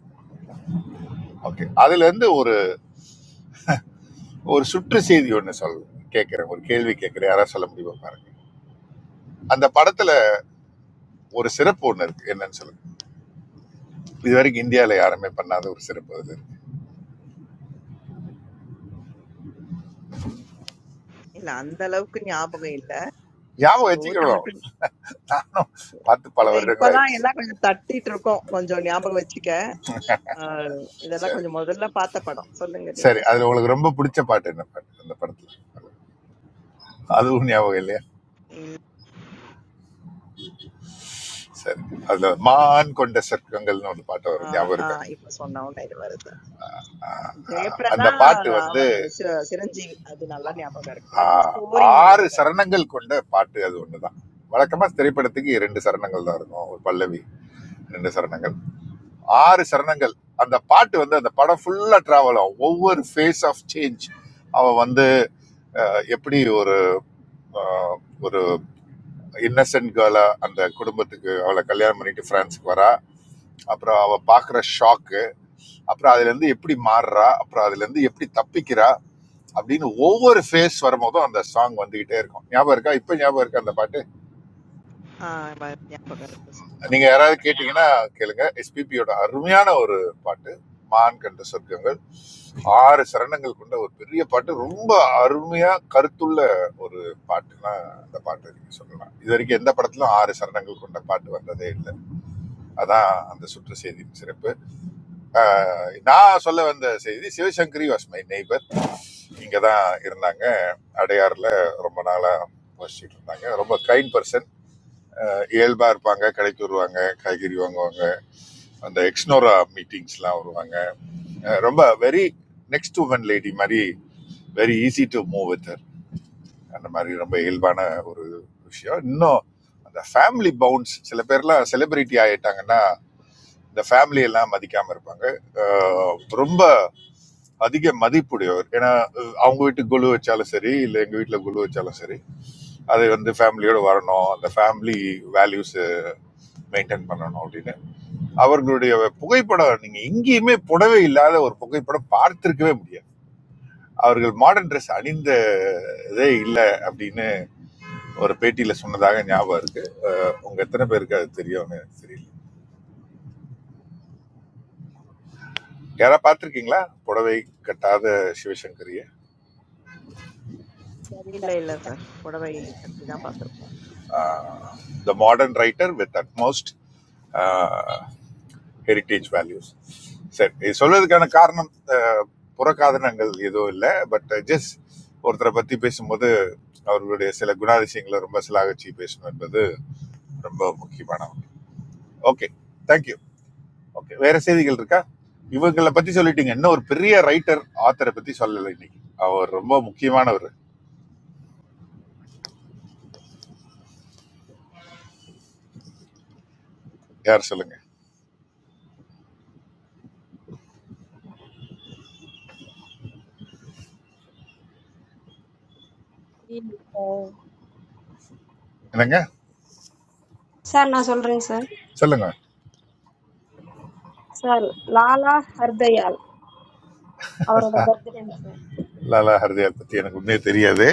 Speaker 4: ஓகே அதுல இருந்து ஒரு ஒரு சுற்று செய்தி ஒண்ணு சொல் கேட்கிறேன் ஒரு கேள்வி கேட்கிறேன் யாராவது சொல்ல முடியுமா பாருங்க அந்த படத்துல ஒரு சிறப்பு ஒண்ணு இருக்கு என்னன்னு சொல்லுங்க இது வரைக்கும் இந்தியால யாருமே பண்ணாத ஒரு சிறப்பு அது இருக்கு.
Speaker 3: இல்ல அந்த அளவுக்கு ஞாபகம் இல்ல
Speaker 4: ஞாபகம்
Speaker 3: ஸ்டோரி
Speaker 4: வச்சுக்கணும்
Speaker 3: மட்டும்
Speaker 4: நானும் பார்த்து பல
Speaker 3: இல்ல
Speaker 4: வருடங்கள்
Speaker 3: இப்பதான்
Speaker 4: ஆயிடுச்சு
Speaker 3: எல்லாம் கொஞ்சம் தட்டிட்டு இருக்கோம் கொஞ்சம் ஞாபகம் வச்சுக்க ஆஹ் இதெல்லாம்
Speaker 4: சரி
Speaker 3: கொஞ்சம் முதல்ல பார்த்த படம் சொல்லுங்க
Speaker 4: சரி
Speaker 3: நீங்களே
Speaker 4: அதுல
Speaker 3: சார்
Speaker 4: உங்களுக்கு ரொம்ப பிடிச்ச பாட்டு என்ன பாட்டு அந்த படத்துல அதுவும் ஞாபகம் இல்லையா
Speaker 3: இல்ல
Speaker 4: சரி அதுல மான் கொண்ட சர்க்கங்கள்னு ஒரு பாட்டு வரும்
Speaker 3: ஆஹ்
Speaker 4: ஞாபகம் இருக்கா
Speaker 3: ஆஹ் இப்ப சொன்ன உடனே இது வருது
Speaker 4: ஆ, ஆ.
Speaker 3: ஜெயபிரதா
Speaker 4: அந்த பாட்டு வந்து
Speaker 3: அவங்க சி- சிரஞ்சீவி அது நல்லா ஞாபகம் இருக்கு அந்த
Speaker 4: ஆ-
Speaker 3: ஸ்டோரி
Speaker 4: ஆறு
Speaker 3: ஞாபகம்
Speaker 4: சரணங்கள் கொண்ட பாட்டு அது ஒண்ணுதான் வழக்கமா திரைப்படத்துக்கு இரண்டு சரணங்கள் தான் இருக்கும் ஒரு பல்லவி ரெண்டு சரணங்கள் ஆறு சரணங்கள் அந்த பாட்டு வந்து அந்த படம் ஃபுல்லா டிராவல் ஆகும் ஒவ்வொரு ஃபேஸ் ஆஃப் சேஞ்ச் அவ வந்து அஹ், எப்படி ஒரு அஹ், ஒரு இன்னசென்ட் கேர்ளா அந்த குடும்பத்துக்கு அவளை கல்யாணம் பண்ணிட்டு பிரான்ஸுக்கு வரா அப்புறம் அவ பாக்குற ஷாக்கு அப்புறம் அதுல இருந்து எப்படி மாறுறா அப்புறம் அதுல இருந்து எப்படி தப்பிக்கிறா அப்படின்னு ஒவ்வொரு ஃபேஸ் வரும்போதும் அந்த சாங் வந்துகிட்டே இருக்கும் ஞாபகம் இருக்கா இப்ப ஞாபகம் இருக்கா அந்த பாட்டு
Speaker 3: ஆ வ ஞாபகம் இருக்கு சார்.
Speaker 4: நீங்க
Speaker 3: ஞாபகம் இருக்கு.
Speaker 4: யாராவது கேட்டீங்கன்னா கேளுங்க எஸ்பிபியோட அருமையான ஒரு பாட்டு மான் கண்ட சொர்க்கங்கள் ஆறு சரணங்கள் கொண்ட ஒரு பெரிய பாட்டு ரொம்ப அருமையா கருத்துள்ள ஒரு பாட்டுன்னா அந்த பாட்டு நீங்க சொல்லலாம் இது வரைக்கும் எந்த படத்திலும் ஆறு சரணங்கள் கொண்ட பாட்டு வந்ததே இல்லை அதான் அந்த சுற்று செய்தியின் சிறப்பு ஆஹ் நான் சொல்ல வந்த செய்தி சிவசங்கரி வாஸ் மை நெய்பர் இங்க தான் இருந்தாங்க அடையாறுல ரொம்ப நாளா வசிச்சுட்டு இருந்தாங்க ரொம்ப கைண்ட் பர்சன் இயல்பாக இருப்பாங்க கடைக்கு வருவாங்க காய்கறி வாங்குவாங்க அந்த எக்ஸ்னோரா மீட்டிங்ஸ்லாம் வருவாங்க அஹ் ரொம்ப வெரி நெக்ஸ்ட் உமன் லேடி மாதிரி very easy to move with her. அந்த மாதிரி ரொம்ப இயல்பான ஒரு விஷயம் இன்னும் அந்த ஃபேமிலி பவுண்ட்ஸ் சில பேர்லாம் செலிபிரிட்டி ஆயிட்டாங்கன்னா இந்த ஃபேமிலி எல்லாம் மதிக்காம இருப்பாங்க அஹ் ரொம்ப அதிக மதிப்புடையவர் ஏன்னா அஹ் அவங்க வீட்டுக்கு குழு வச்சாலும் சரி இல்லை எங்கள் வீட்டில் குழு வச்சாலும் சரி அது வந்து ஃபேமிலியோட வரணும் அந்த ஃபேமிலி வேல்யூஸ் மெயின்டைன் பண்ணணும் அப்படின்னு அவர்களுடைய புகைப்படம் நீங்க எங்கேயுமே புடவை இல்லாத ஒரு புகைப்படம் பார்த்திருக்கவே முடியாது அவர்கள் மாடர்ன் ட்ரெஸ் அணிந்த இதே இல்லை அப்படின்னு ஒரு பேட்டியில சொன்னதாக ஞாபகம் இருக்கு உங்க எத்தனை பேருக்கு அது தெரியும்னு எனக்கு தெரியல யாரா பார்த்திருக்கீங்களா புடவை கட்டாத சிவசங்கரிய
Speaker 1: தெரியல.
Speaker 3: இல்ல, இல்ல சார். புடவை கட்டி தான் பார்த்திருக்கோம்.
Speaker 4: The modern writer with utmost heritage values சரி இது சொல்வதற்கான காரணம் அஹ், புறக்காதனங்கள் எதுவும் இல்லை பட் ஜஸ்ட் ஒருத்தரை பற்றி பேசும்போது அவர்களுடைய சில குணாதிசயங்களை ரொம்ப சிலாகச்சி பேசணும் என்பது ரொம்ப முக்கியமான ஓகே தேங்க்யூ ஓகே வேற செய்திகள் இருக்கா இவங்களை பத்தி சொல்லிட்டீங்க என்ன ஒரு பெரிய ரைட்டர் ஆத்தரை பத்தி சொல்லலை இன்னைக்கு அவர் ரொம்ப முக்கியமானவர் யார் சொல்லுங்க என்னங்க
Speaker 6: சார் நான் சொல்றேங்க சார்.
Speaker 4: சொல்லுங்க
Speaker 6: சார் லாலா ஹர்தயால் அவரோட பர்த்டேங்க சார்
Speaker 4: லாலா ஹர்தயார் பற்றி எனக்கு உண்மையே தெரியாது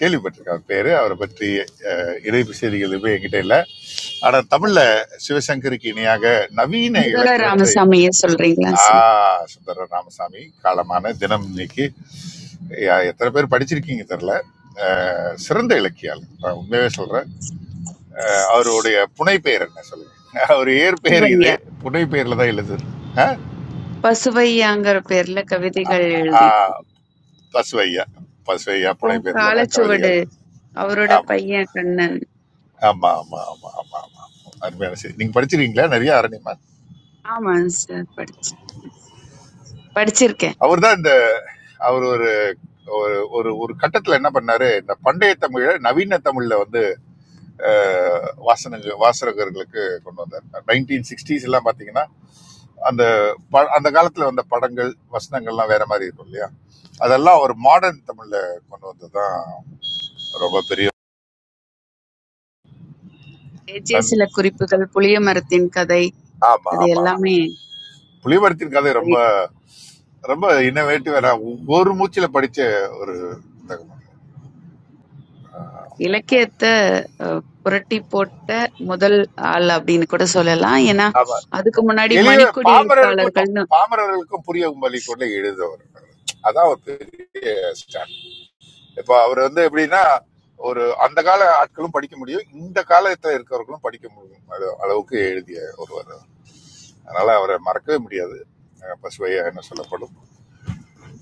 Speaker 4: கேள்விப்பட்டிருக்கேன் பேர் அவரை பற்றி அஹ், இறை செய்திகள் எதுவுமே என்கிட்ட இல்லை ஆனால் தமிழில் சிவசங்கருக்கு இணையாக நவீன
Speaker 17: Undera
Speaker 4: இலக்கணத்தை
Speaker 17: Ramasamy is saying
Speaker 4: ah
Speaker 17: that.
Speaker 4: சுந்தர ராமசாமி காலமான தினம் இன்னைக்கு யா- எத்தனை பேர் படிச்சிருக்கீங்க தெரில சிறந்த இலக்கியாளர் நான் உண்மையாவே சொல்கிறேன் அவருடைய புனைப்பெயர் என்ன சொல்லுங்க அவர் ஏற்பெயர்
Speaker 17: Very
Speaker 4: இது
Speaker 17: well.
Speaker 4: புனைப்பெயரில் தான் எழுது
Speaker 17: Pass very well. Anger perlla kavithigal
Speaker 4: ஆ,
Speaker 17: eldi.
Speaker 4: Basavaiah Basavaiah
Speaker 17: So,
Speaker 4: புனைப்பெயரில்
Speaker 17: kala
Speaker 4: தான் கவிதைகள்
Speaker 17: chowda's, auroda
Speaker 4: ஆமாம்
Speaker 17: payyan kannan.
Speaker 4: ஆமா ஆமா ஆமா ஆமா ஆமா அருமையான சரி நீங்க படிச்சிருக்கீங்களா நிறைய அரணிமா
Speaker 17: Aman sir, pad, padchirke.
Speaker 4: அவர் தான் இந்த அவர் ஒரு ஒரு ஒரு ஒரு கட்டத்துல என்ன பண்ணாரு இந்த பண்டைய தமிழ நவீன தமிழ்ல வந்து அஹ், வாசனங்க வாசகர்களுக்கு கொண்டு வந்தார் நைன்டீன் சிக்ஸ்டீஸ் எல்லாம் பாத்தீங்கன்னா அந்த ப- அந்த காலத்துல வந்த படங்கள் வசனங்கள்லாம் வேற மாதிரி இருக்கும் இல்லையா அதெல்லாம் ஒரு மாடர்ன் தமிழ்ல கொண்டு வந்ததுதான் ரொம்ப பெரிய நன்-
Speaker 17: Jeevila kuriyugal poliyam arthin kadai.
Speaker 4: ஆமா
Speaker 17: Adi
Speaker 4: ஆமா
Speaker 17: allam.
Speaker 4: புலிபரத்தின் கதை ரொம்ப ரொம்ப இன்னவேட்டிவ் ஒரு மூச்சில படிச்ச ஒரு புத்தகம்
Speaker 17: Ellakkiyada property potta. Madal alla din kudu solala. Iena.
Speaker 4: ஆமா
Speaker 17: Adu kumanaadi
Speaker 4: எளிய
Speaker 17: manikudiyalutta allar
Speaker 4: பாமரர்களுக்கும்
Speaker 17: kallu.
Speaker 4: பாமரர்களுக்கும் புரியகும்படி கொண்டு எழுதவர் அதான் ஒரு பெரிய ஸ்டாண்ட் இப்ப அவர் வந்து எப்படின்னா ஒரு அந்த கால ஆட்களும் படிக்க முடியும் இந்த காலத்துல இருக்கிறவர்களும் படிக்க முடியும் அது அளவுக்கு எழுதிய ஒருவர் அதனால அவரை மறக்கவே முடியாது அஹ் பசுவையா என்ன சொல்லப்படும்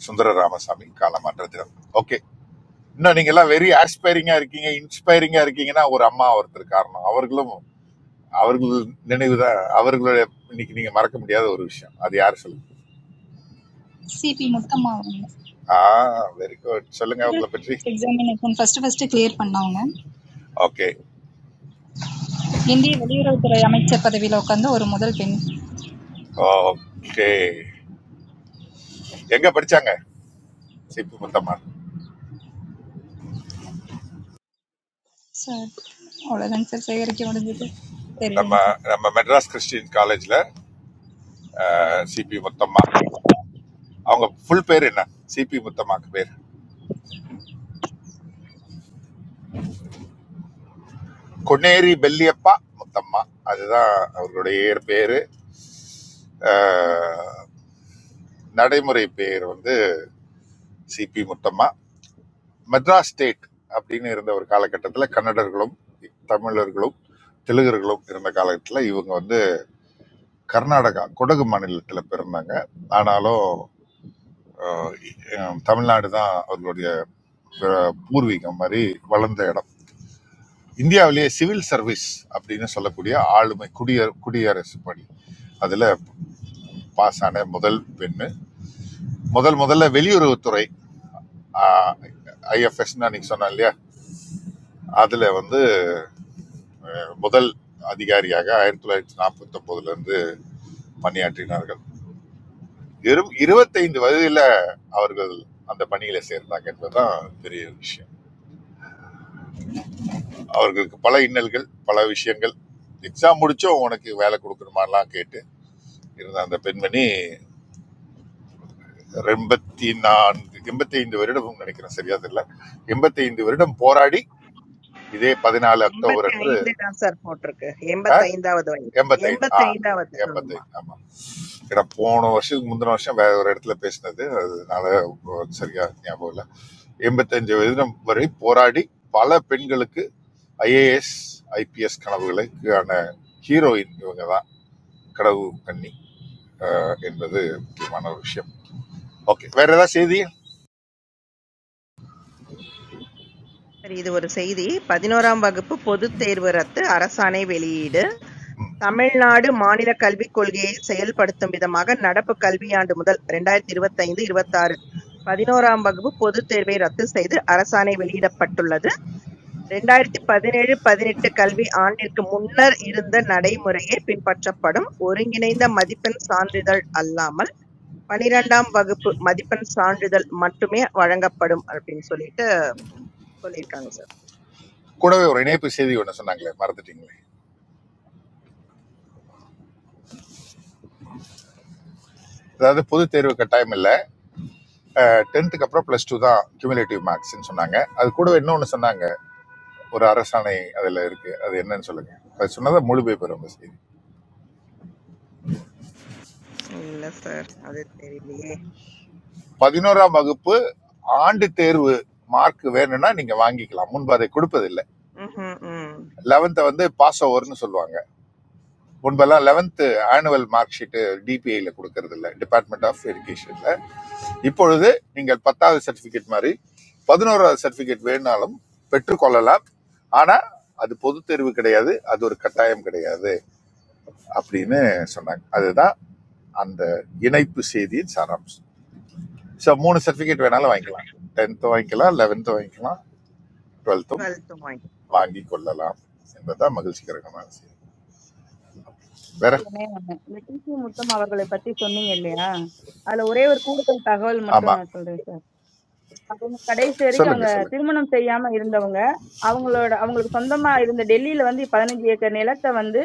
Speaker 4: சுந்தர ராமசாமி காலமாற்ற தினம் ஓகே இன்னும் நீங்க எல்லாம் வெரி ஆஸ்பைரிங்கா இருக்கீங்க இன்ஸ்பைரிங்கா இருக்கீங்கன்னா ஒரு அம்மா ஒருத்தர் காரணம் அவர்களும் அவர்கள் நினைவுதான் அவர்களுடைய இன்னைக்கு நீங்க மறக்க முடியாத ஒரு விஷயம் அது யார் சொல்லுங்க
Speaker 9: CP, multiple.
Speaker 4: ஆ வெரி குட் சொல்லுங்க
Speaker 9: Single
Speaker 4: உங்களை பற்றி
Speaker 9: exam in a con, first first clear pannaunga.
Speaker 4: ஓகே
Speaker 9: Hindi valiyurathira yamichcha padavilakandu oru model pinni.
Speaker 4: Okay எங்க படிச்சாங்க CB Muthamma
Speaker 9: Sir, oran sir sirirukkumadan jeevete
Speaker 4: நம்ம
Speaker 9: teriyanche.
Speaker 4: நம்ம மெட்ராஸ் கிறிஸ்டியன் காலேஜ்ல சிபி முத்தம்மா அவங்க ஃபுல் பேர் என்ன சிபி முத்தம்மாக்கு பேர் கொன்னேரி பெல்லியப்பா முத்தம்மா அதுதான் அவர்களுடைய இயற் பேரு அஹ், நடைமுறை பேர் வந்து சிபி முத்தம்மா மெட்ராஸ் ஸ்டேட் அப்படின்னு இருந்த ஒரு காலகட்டத்தில் கன்னடர்களும் தமிழர்களும் தெலுங்கர்களும் இருந்த காலகட்டத்தில் இவங்க வந்து கர்நாடகா குடகு மாநிலத்தில் பிறந்தாங்க ஆனாலும் அஹ், அஹ், தமிழ்நாடு தான் அவர்களுடைய பிற- பூர்வீகம் மாதிரி வளர்ந்த இடம் இந்தியாவிலேயே சிவில் சர்வீஸ் அப்படின்னு சொல்லக்கூடிய ஆளுமை குடிய குடியரசு பணி அதில் பாஸ் ஆன முதல் பெண்ணு முதல் முதல்ல வெளியுறவுத்துறை ஐஎஃப்எஸ்ன்னு அன்னைக்கு சொன்னேன் இல்லையா அதில் வந்து முதல் அதிகாரியாக ஆயிரத்தி தொள்ளாயிரத்தி நாற்பத்தி ஒன்பதுல இருந்து பணியாற்றினார்கள் இரு இருபத்தைந்து வயதில் அவர்கள் அந்த பணியில சேர்ந்தாங்க என்பதுதான் பெரிய விஷயம் அவர்களுக்கு பல இன்னல்கள் பல விஷயங்கள் எக்ஸாம் முடிச்சோம் உனக்கு வேலை கொடுக்கணுமாலாம் கேட்டு இருந்த அந்த பெண்மணி எண்பத்தி நான்கு எண்பத்தி ஐந்து வருடம் நினைக்கிறேன் சரியா தெரியல எண்பத்தி ஐந்து வருடம் போராடி இதே பதினாலு அக்டோபர் அன்று
Speaker 3: 85 தான் சார் போட்டிருக்கு. 85வது வயது.
Speaker 4: எண்பத்தைந்து ஆ
Speaker 3: 85வது. ஆமா.
Speaker 4: எண்பத்தைந்து ஆமா ஏன்னா போன வருஷத்துக்கு முந்தின வருஷம் வேற ஒரு இடத்துல பேசினது அதனால சரியா ஞாபகம் இல்லை எண்பத்தஞ்சு வருடம் வரை போராடி பல பெண்களுக்கு ஐஏஎஸ் ஐபிஎஸ் கனவுகளுக்கான ஹீரோயின் இவங்க தான் கடவு கண்ணி அஹ், என்பது முக்கியமான ஒரு விஷயம் ஓகே வேற ஏதாவது செய்தி
Speaker 3: சரி, இது ஒரு செய்தி. 11ஆம் வகுப்பு பொதுத் தேர்வு ரத்து. அரசாணை வெளியீடு. தமிழ்நாடு மாநில கல்விக் கொள்கையை செயல்படுத்தும் விதமாக நடப்பு கல்வியாண்டு முதல் 2025-26 11ஆம் வகுப்பு பொதுத் தேர்வை ரத்து செய்து அரசாணை வெளியிடப்பட்டுள்ளது. இரண்டாயிரத்து பதினேழு பதினெட்டு கல்வி ஆண்டிற்கு முன்னர் இருந்த நடைமுறையே பின்பற்றப்படும் ஒருங்கிணைந்த மதிப்பெண் சான்றிதழ் அல்லாமல், பன்னிரண்டாம் வகுப்பு மதிப்பெண் சான்றிதழ் மட்டுமே வழங்கப்படும் அப்படின்னு சொல்லிட்டு சொல்லியிருக்காங்க சார்.
Speaker 4: கூடவே ஒரு இணைப்பு செய்தி ஒன்று சொன்னாங்களே மறந்துட்டீங்களே அதாவது பொது தேர்வு கட்டாயம் இல்லை டென்த்துக்கு அப்புறம் ப்ளஸ் டூ தான் கியூமுலேட்டிவ் மார்க்ஸ்ன்னு சொன்னாங்க அது கூடவே இன்னொன்று சொன்னாங்க ஒரு அரசாணை அதில் இருக்கு அது என்னன்னு சொல்லுங்க அது சொன்னதை முழுமை பெறும் அந்த செய்தி
Speaker 3: இல்ல சார். அது தெரியலையே.
Speaker 4: பதினோராம் வகுப்பு ஆண்டு தேர்வு மார்க் வேணும்னா நீங்க வாங்கிக்கலாம் முன்பு அதை கொடுப்பதில்லை
Speaker 3: ம்ஹ்ம். ம்.
Speaker 4: லெவன்த்தை வந்து பாஸ் ஓவர்னு சொல்லுவாங்க முன்பெல்லாம் லெவன்த்து ஆனுவல் மார்க் ஷீட்டு டிபிஐல கொடுக்கறது இல்லை டிபார்ட்மெண்ட் ஆஃப் எஜுகேஷன்ல இப்பொழுது நீங்கள் பத்தாவது சர்டிஃபிகேட் மாதிரி பதினோராவது சர்டிஃபிகேட் வேணும்னாலும் பெற்றுக்கொள்ளலாம் ஆனால் அது பொது தேர்வு கிடையாது அது ஒரு கட்டாயம் கிடையாது அப்படின்னு சொன்னாங்க அதுதான் அந்த இணைப்பு செய்தியின் சாராம்சம் ஸோ மூணு சர்டிஃபிகேட்
Speaker 3: ஓகே.
Speaker 4: வேணாலும் வாங்கிக்கலாம் டென்த்தும் வாங்கிக்கலாம் லெவன்த்தும் வாங்கிக்கலாம் டுவெல்த்தும்
Speaker 3: 12த் ஒன். ஓகே.
Speaker 4: வாங்கி கொள்ளலாம் என்பதுதான் மகிழ்ச்சிகரமான செய்தி வேற
Speaker 1: சார் ஒண்ணே ஒண்ணு. இந்த டிசி முத்தம் அவர்களை பற்றி சொன்னீங்க இல்லையா? அதுல ஒரே ஒரு கூடுதல் தகவல் மட்டும்
Speaker 4: ஆமாம்
Speaker 1: நான் சொல்றேன் சார். அவங்க கடைசி வரைக்கும்
Speaker 4: சொல்லுங்க
Speaker 1: அவங்க
Speaker 4: சொல்லுங்க
Speaker 1: திருமணம் செய்யாம இருந்தவங்க. அவங்களோட அவங்களுக்கு சொந்தமா இருந்த டெல்லியில வந்து 15 ஏக்கர் நிலத்தை வந்து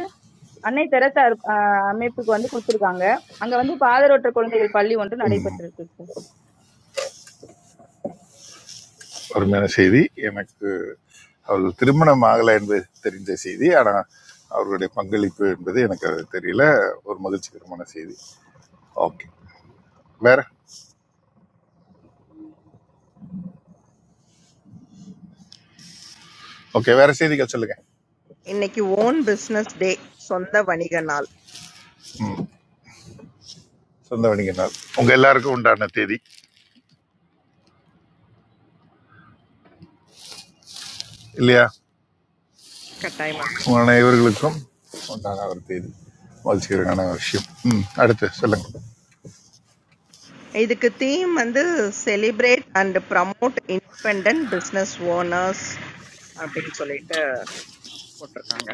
Speaker 1: அன்னை தெரசா அ அமைப்புக்கு வந்து குடுத்திருக்காங்க. அங்க வந்து பாதரொற்ற குழந்தைகள் பள்ளி ஒன்று நடைபெற்றிருக்கு சார்.
Speaker 4: அருமையான செய்தி எனக்கு அவள் திருமணம் ஆகலை என்பது தெரிந்த செய்தி ஆனால் அவர்களுடைய பங்களிப்பு என்பது எனக்கு அது தெரியல ஒரு மகிழ்ச்சிகரமான செய்தி ஓகே வேற ஓகே வேற செய்திகள் சொல்லுங்க
Speaker 3: இன்னைக்கு ஓன் பிசினஸ் டே. சொந்த வணிக நாள்.
Speaker 4: சொந்த வணிக நாள் உங்க எல்லாருக்கும் உண்டான தேதி இல்லையா
Speaker 3: கட்டாயமா சார்.
Speaker 4: உங்க அனைவர்களுக்கும் உண்டான ஒரு தேதி மகிழ்ச்சிகரமான ஒரு விஷயம் ம் அடுத்து சொல்லுங்க
Speaker 3: இதுக்கு தீம் வந்து celebrate and promote independent business owners அப்படின்னு சொல்லிட்டு போட்டிருக்காங்க.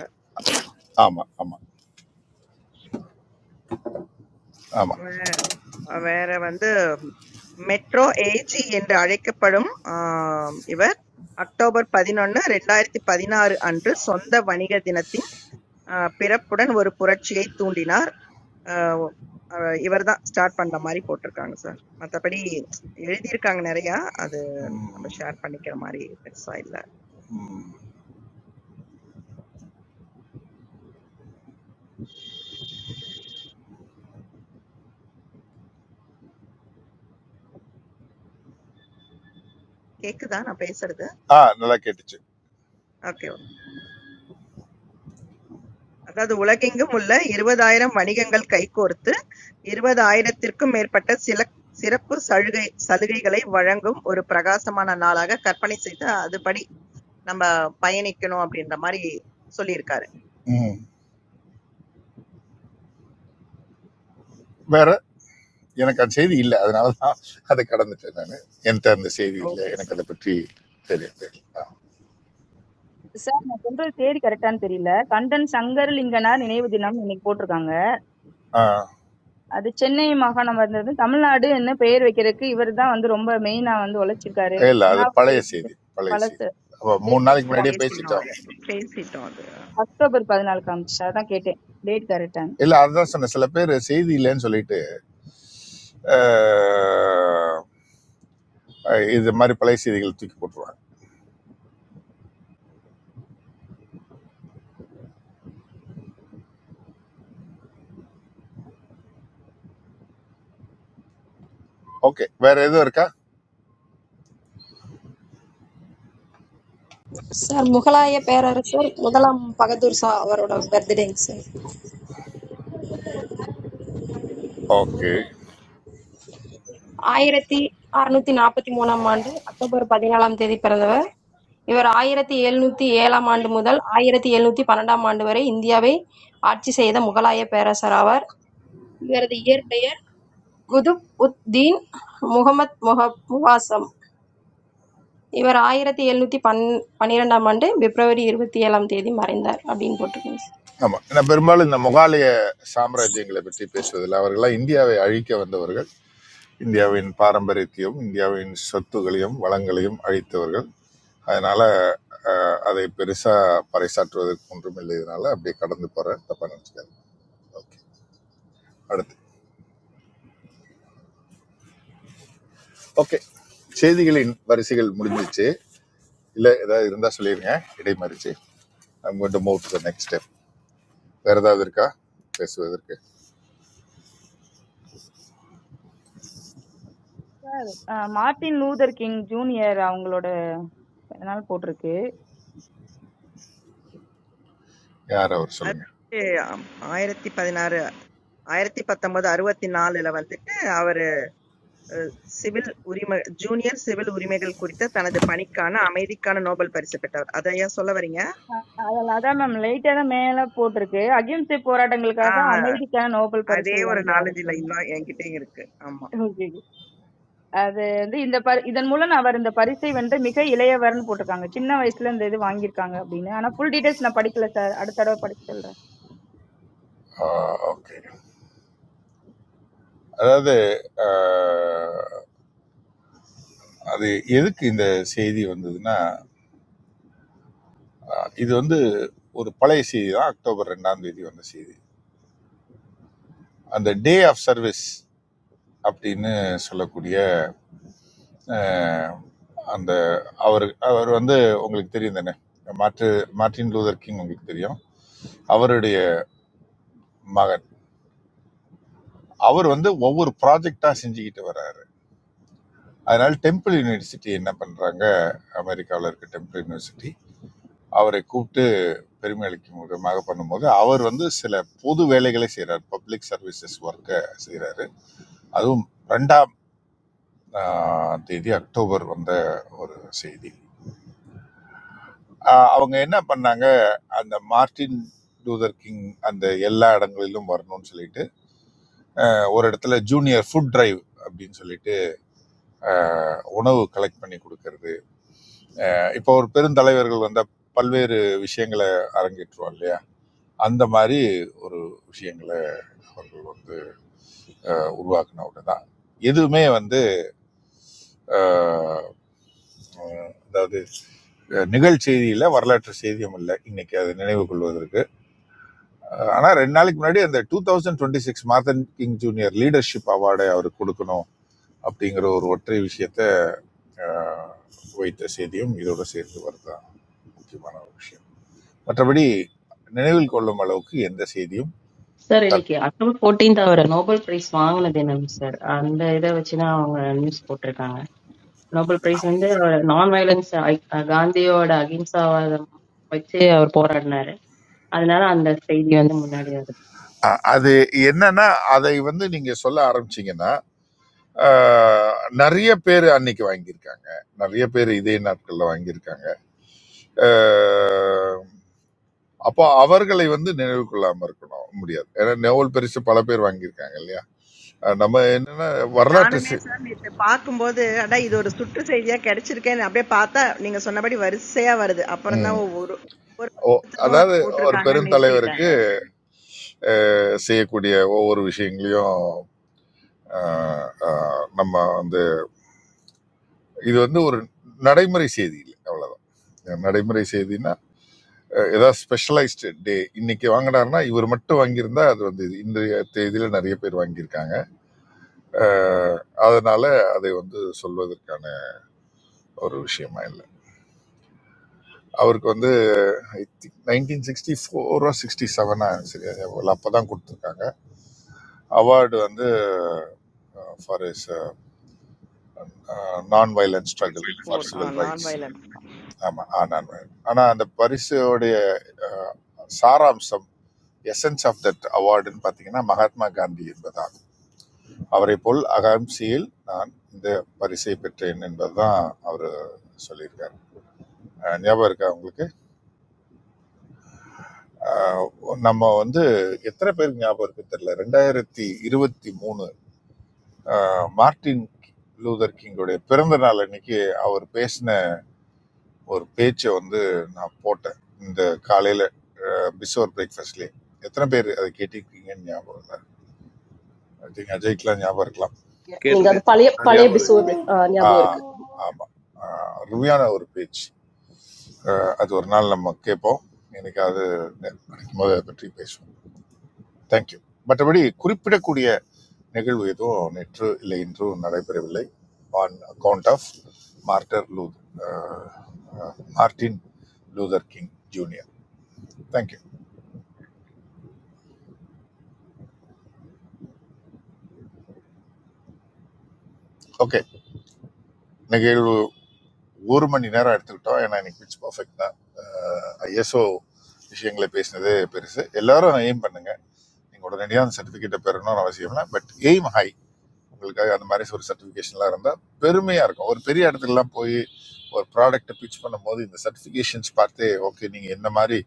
Speaker 4: ஆமா ஆமா ஆமா
Speaker 3: வே- வேற வந்து மெட்ரோ ஏஜி என்று அழைக்கப்படும் ஆம், இவர் அக்டோபர் பதினொன்னு ரெண்டாயிரத்தி பதினாறு அன்று சொந்த வணிக தினத்தின் ஆ, பிறப்புடன் ஒரு புரட்சியை தூண்டினார். ஆ, ஆ, இவர்தான் ஸ்டார்ட் பண்ற மாதிரி போட்டிருக்காங்க சார். மத்தபடி எழுதியிருக்காங்க நிறையா. அது நம்ம ஷேர் பண்ணிக்கிற மாதிரி பெருசா இல்ல. கேக்குதா நான் பேசுறது?
Speaker 4: ஆ நல்லா கேட்டுச்சு
Speaker 3: ஓகே. அதாவது உலகெங்கும் உள்ள இருபதாயிரம் வணிகங்கள் கைகோர்த்து இருபதாயிரத்திற்கும் மேற்பட்ட சில சிறப்பு சலுகை சலுகைகளை வழங்கும் ஒரு பிரகாசமான நாளாக கற்பனை செய்து அதுபடி நம்ம பயணிக்கணும் அப்படின்ற மாதிரி சொல்லியிருக்காரு
Speaker 4: ம் வேற எனக்கு அந்த செய்தி இல்லை அதனால தான் அதை கடந்துட்டேன் நான் என்கிட்ட அந்த செய்தி இல்லை
Speaker 3: ஓகே
Speaker 4: எனக்கு
Speaker 3: சார்
Speaker 4: அதை பற்றி தெரியாது
Speaker 1: சார் நான் சொல்றது தேதி கரெக்ட்டான்னு தெரியல. கண்டன் சங்கரலிங்கனார் நினைவு தினம் இன்னைக்கு போட்டிருக்காங்க. அது சென்னை மாகாணம் வந்தது தமிழ்நாடுன்னு பெயர் வைக்கிறதுக்கு இவர்தான் வந்து ரொம்ப மெயினா வந்து உழைச்சிருக்காரு
Speaker 4: இல்லை அது
Speaker 1: உண்ணாவிரதம்
Speaker 4: பழைய
Speaker 1: இருந்து
Speaker 4: செய்தி பழைய செய்தி
Speaker 1: பழசு
Speaker 4: அப்போ மூணு
Speaker 1: டேட்
Speaker 4: நாளைக்கு
Speaker 3: நேத்து
Speaker 4: முன்னாடியே
Speaker 3: பேசினோம்
Speaker 4: பேசிட்டோம்
Speaker 3: அது பேசிட்டோம் அது
Speaker 1: அக்டோபர் பதினாலு காமிச்சு அதான் கேட்டேன் டேட் கரெக்டான
Speaker 4: இல்லை அதுதான் சொன்னேன் சில பேர் செய்தி இல்லைன்னு சொல்லிட்டு ஆஹ், இது மாதிரி பழைய செய்திகள் தூக்கி போட்டுருவாங்க ஓகே வேற எதுவும் இருக்கா
Speaker 6: சார் முகலாய பேரரசர் முதலாம் பகதூர் ஷா அவரோட பர்த்டேங்க சார்
Speaker 4: ஓகே
Speaker 6: ஆயிரத்தி அறுநூத்தி நாற்பத்தி மூணாம் ஆண்டு அக்டோபர் பதினாலாம் தேதி பிறந்தவர் இவர் ஆயிரத்தி எழுநூத்தி ஏழாம் ஆண்டு முதல் ஆயிரத்தி எழுநூத்தி பன்னெண்டாம் ஆண்டு வரை இந்தியாவை ஆட்சி செய்த முகலாய பேரரசர் ஆவார் இவரது இயற்பெயர் குதுப் உத் தீன் முகமது முஹப் முவாசம் இவர் ஆயிரத்தி எழுநூத்தி பன் பன்னிரெண்டாம் ஆண்டு பிப்ரவரி இருபத்தி ஏழாம் தேதி மறைந்தார் அப்படின்னு போட்டிருக்கீங்க
Speaker 4: ஆமாம் நான் பெரும்பாலும் இந்த முகாலய சாம்ராஜ்யங்களை பற்றி பேசுவதில்லை அவர்களாம் இந்தியாவை அழிக்க வந்தவர்கள் இந்தியாவின் பாரம்பரியத்தையும் இந்தியாவின் சொத்துகளையும் வளங்களையும் அழித்தவர்கள் அதனால அஹ், அதை பெருசா பறைசாற்றுவதற்கு ஒன்றும் இல்லைனால அப்படியே கடந்து போறேன் தப்பா நினைச்சுக்காது ஓகே அடுத்து ஓகே செய்திகளின் வரிசைகள் முடிஞ்சிச்சு இல்ல ஏதாவது இருந்தா சொல்லிருங்க இடைமறிச்சு I'm going to move to the next step வேற ஏதாவது இருக்கா பேசுவதற்கு
Speaker 1: மார்ட்டின் லூதர் கிங் ஜூனியர் அவங்களோட பிறந்தநாள் போட்டிருக்கு
Speaker 4: யார் அவர்
Speaker 3: அது
Speaker 4: சொல்லுங்க
Speaker 3: வந்து ஆம், ஆயிரத்தி பதினாறு ஆயிரத்தி பத்தொன்பது அறுபத்தி நாலுல வந்துட்டு அவர் சிவில் உரிமை ஜூனியர் சிவில் உரிமைகள் குறித்த தனது பணிக்கான அமைதிக்கான நோபல் பரிசு பெற்றவர் அதையா சொல்ல வரீங்க
Speaker 1: அதான் மேம் லைட்டா தான் மேல போட்டிருக்கு அகிம்சை போராட்டங்களுக்காக
Speaker 3: ஆஹ்
Speaker 1: அமைதிக்கான நோபல்
Speaker 3: அதே
Speaker 1: பரிசை
Speaker 3: ஒரு
Speaker 1: வென்றார்
Speaker 3: நாலஞ்சு
Speaker 1: அப்படின்னு
Speaker 3: லைன் தான் என்கிட்டயும் இருக்கு ஆமா
Speaker 1: Okay. அது வந்து இந்த பரி- இதன் மூலம் அவர் இந்த பரிசை வென்று மிக இளையவர்னு போட்டிருக்காங்க சின்ன வயசுல இந்த இது வாங்கியிருக்காங்க அப்படின்னு ஆனா ஃபுல் டீடைல்ஸ் நான் படிக்கல சார் அடுத்த தடவை படிச்சு சொல்றேன்
Speaker 4: ஓகே அதாவது ஆஹ், அது எதுக்கு இந்த செய்தி வந்ததுன்னா இது வந்து ஒரு பழைய செய்தி தான் அக்டோபர் ரெண்டாம் தேதி வந்த செய்தி அந்த டே ஆஃப் சர்வீஸ் அப்படின்னு சொல்லக்கூடிய அஹ், அந்த அவர் அவர் வந்து உங்களுக்கு தெரியும் தானே மார்ட்டு மார்ட்டின் லூதர் கிங் உங்களுக்கு தெரியும் அவருடைய மகன் அவர் வந்து ஒவ்வொரு ப்ராஜெக்டா செஞ்சுக்கிட்டு வர்றாரு அதனால டெம்பிள் யூனிவர்சிட்டி என்ன பண்றாங்க அமெரிக்காவில் இருக்க டெம்பிள் யூனிவர்சிட்டி அவரை கூப்பிட்டு பெருமை அளிக்கும் விதமாக பண்ணும்போது அவர் வந்து சில பொது வேலைகளை செய்கிறார் பப்ளிக் சர்வீசஸ் ஒர்க்கை செய்கிறார் அதுவும் ரெண்டாம் ஆஹ், தேதி அக்டோபர் வந்த ஒரு செய்தி ஆஹ், அவங்க என்ன பண்ணாங்க அந்த மார்ட்டின் லூதர் கிங் அந்த எல்லா இடங்களிலும் வரணும்னு சொல்லிட்டு ஆஹ், ஒரு இடத்துல ஜூனியர் ஃபுட் டிரைவ் அப்படின்னு சொல்லிட்டு ஆஹ், உணவு கலெக்ட் பண்ணி கொடுக்கறது ஆஹ், இப்போ ஒரு பெருந்தலைவர்கள் வந்த பல்வேறு விஷயங்களை அரங்கேற்றுவோம் இல்லையா அந்த மாதிரி ஒரு விஷயங்களை அவர்கள் வந்து உருவாக்குன தான் எதுவுமே வந்து அதாவது அஹ், நிகழ்ச்செய்தியில வரலாற்று செய்தியும் இல்லை இன்னைக்கு அதை நினைவு கொள்வதற்கு அஹ், ஆனா ரெண்டு நாளைக்கு முன்னாடி அந்த two thousand twenty six Martin King junior leadership அவார்டை அவருக்கு கொடுக்கணும் அப்படிங்கிற ஒரு ஒற்றை விஷயத்தை அஹ், வைத்த செய்தியும் இதோட சேர்த்து வரதான் முக்கியமான ஒரு விஷயம் மற்றபடி நினைவில் கொள்ளும் அளவுக்கு எந்த செய்தியும்
Speaker 19: சார்
Speaker 4: தட்-
Speaker 19: இன்னைக்கு அக்டோபர் 14th அவர் நோபல் பிரைஸ் வாங்கினது என்னங்க சார் அந்த இதை வச்சுதான் அவங்க நியூஸ் போட்டிருக்காங்க நோபல் பிரைஸ் வந்து அவர் நான் வயலன்ஸ் காந்தியோட அகிம்சாவாதம் வச்சு அவர் போராடினாரு அதனால அந்த செய்தி வந்து முன்னாடி வருது
Speaker 4: அ- அது என்னன்னா அதை வந்து நீங்க சொல்ல ஆரம்பிச்சீங்கன்னா அஹ், நிறைய பேர் அன்னைக்கு வாங்கியிருக்காங்க நிறைய பேர் இதே நாட்கள்ல வாங்கியிருக்காங்க அஹ் அப்போ அவர்களை வந்து நினைவு கொள்ளாம இருக்கணும் முடியாது ஏன்னா நோவல் பரிசு பல பேர் வாங்கியிருக்காங்க இல்லையா அஹ் நம்ம என்னன்னா வரலாற்று
Speaker 3: நானுமே
Speaker 4: சி-
Speaker 3: சார் நேத்து பார்க்கும்போது அடா இது ஒரு சுற்று செய்தியா கிடைச்சிருக்கேன்னு அப்படியே பார்த்தா நீங்க சொன்னபடி வரிசையா வருது அப்புறம் தான்
Speaker 4: ம்.
Speaker 3: ஒரு ஒரு
Speaker 4: ஓ
Speaker 3: வருஷத்துக்கும் அது
Speaker 4: அதாவது ஒரு
Speaker 3: போட்டிருக்காங்க
Speaker 4: பெரும் தலைவருக்கு
Speaker 3: நிறுத்திட்டாங்க
Speaker 4: செய்யக்கூடிய ஒவ்வொரு விஷயங்களையும் அஹ், அஹ், நம்ம வந்து இது வந்து ஒரு நடைமுறை செய்தி இல்லை அவ்வளவுதான் நடைமுறை செய்தின்னா அஹ், ஏதாவது ஸ்பெஷலைஸ்டு டே இன்னைக்கு வாங்கினாருன்னா இவர் மட்டும் வாங்கியிருந்தா அது வந்து இது. இந்த தேதியில நிறைய பேர் வாங்கியிருக்காங்க அஹ், அதனால அதை வந்து சொல்வதற்கான ஒரு விஷயமா இல்லை அவருக்கு வந்து ஐ திங்க் நைன்டீன் சிக்ஸ்டி ஃபோரோ சிக்ஸ்டி செவனா சரி அப்போ தான் கொடுத்துருக்காங்க அவார்டு வந்து for is non violent struggle for
Speaker 3: போர்
Speaker 4: சிவில்
Speaker 3: நான்
Speaker 4: ரைட்ஸ்
Speaker 3: வயலன்ஸ்
Speaker 4: ஆமாம் ஆ நான் வயலன்ட். ஆனால் அந்த பரிசோடைய அஹ், சாராம்சம் எசன்ஸ் ஆஃப் தட் அவார்டுன்னு பார்த்தீங்கன்னா மகாத்மா காந்தி என்பதாகும் அவரை போல் அகாம்சியில் நான் இந்த பரிசை பெற்றேன் என்பதுதான் அவர் சொல்லியிருக்காரு அஹ் ஞாபகம் இருக்கா உங்களுக்கு ஆஹ் நம்ம வந்து எத்தனை பேருக்கு ஞாபகம் இருக்கு தெரியல ரெண்டாயிரத்தி இருபத்தி மூணு ஆஹ் மார்ட்டின் லூதர் கிங்கோடைய பிறந்த நாள் அன்னைக்கு அவர் பேசின ஒரு பேச்சை வந்து நான் போட்டேன் இந்த காலையில பிசோர் பிரேக்ஃபாஸ்ட்லேயே எத்தனை பேர் அதை கேட்டிருக்கீங்கன்னு ஞாபகம் இல்லை ஐ திங்க் அஜய்க்கெலாம் ஞாபகம் இருக்கலாம்
Speaker 20: Ninga do
Speaker 8: கேட்டிருக்கேன் chief.
Speaker 20: palay
Speaker 8: நான்
Speaker 20: palay
Speaker 8: ஞாபகம்
Speaker 20: bisoy
Speaker 8: இருக்கு.
Speaker 20: niya buo'rik.
Speaker 4: ஆஹ் ஆமா ஆஹ் அருமையான ஒரு பேச்சு ஆஹ் அது ஒரு நாள் நம்ம கேட்போம் எனக்கு அது கிடைக்கும்போது அதை பற்றி பேசுவோம் தேங்க்யூ மற்றபடி குறிப்பிடக்கூடிய நிகழ்வு எதுவும் நேற்று இல்லை இன்றும் நடைபெறவில்லை ஆன் அக்கவுண்ட் ஆஃப் மார்டர் லூ Martin Luther King junior thank you okay நிகழ்வு ஒரு மணி நேரம் எடுத்துக்கிட்டோம் ஏன்னா இன்னைக்கு பிச் பர்ஃபெக்ட் தான் ஐஎஸ்ஓ விஷயங்களை பேசினதே பெருசு எல்லாரும் எய்ம் பண்ணுங்க நீங்கள் உடனடியாக அந்த சர்டிஃபிகேட்டை பெறணும்னு அவசியம் இல்லை பட் எய்ம் ஹை உங்களுக்காக அந்த மாதிரி ஒரு சர்டிஃபிகேஷன்லாம் இருந்தால் பெருமையாக இருக்கும் ஒரு பெரிய இடத்துக்குலாம் போய் ஒரு ப்ராடக்ட்டை பிச் பண்ணும்போது இந்த சர்டிஃபிகேஷன்ஸ் பார்த்தே ஓகே நீங்கள் என்ன மாதிரி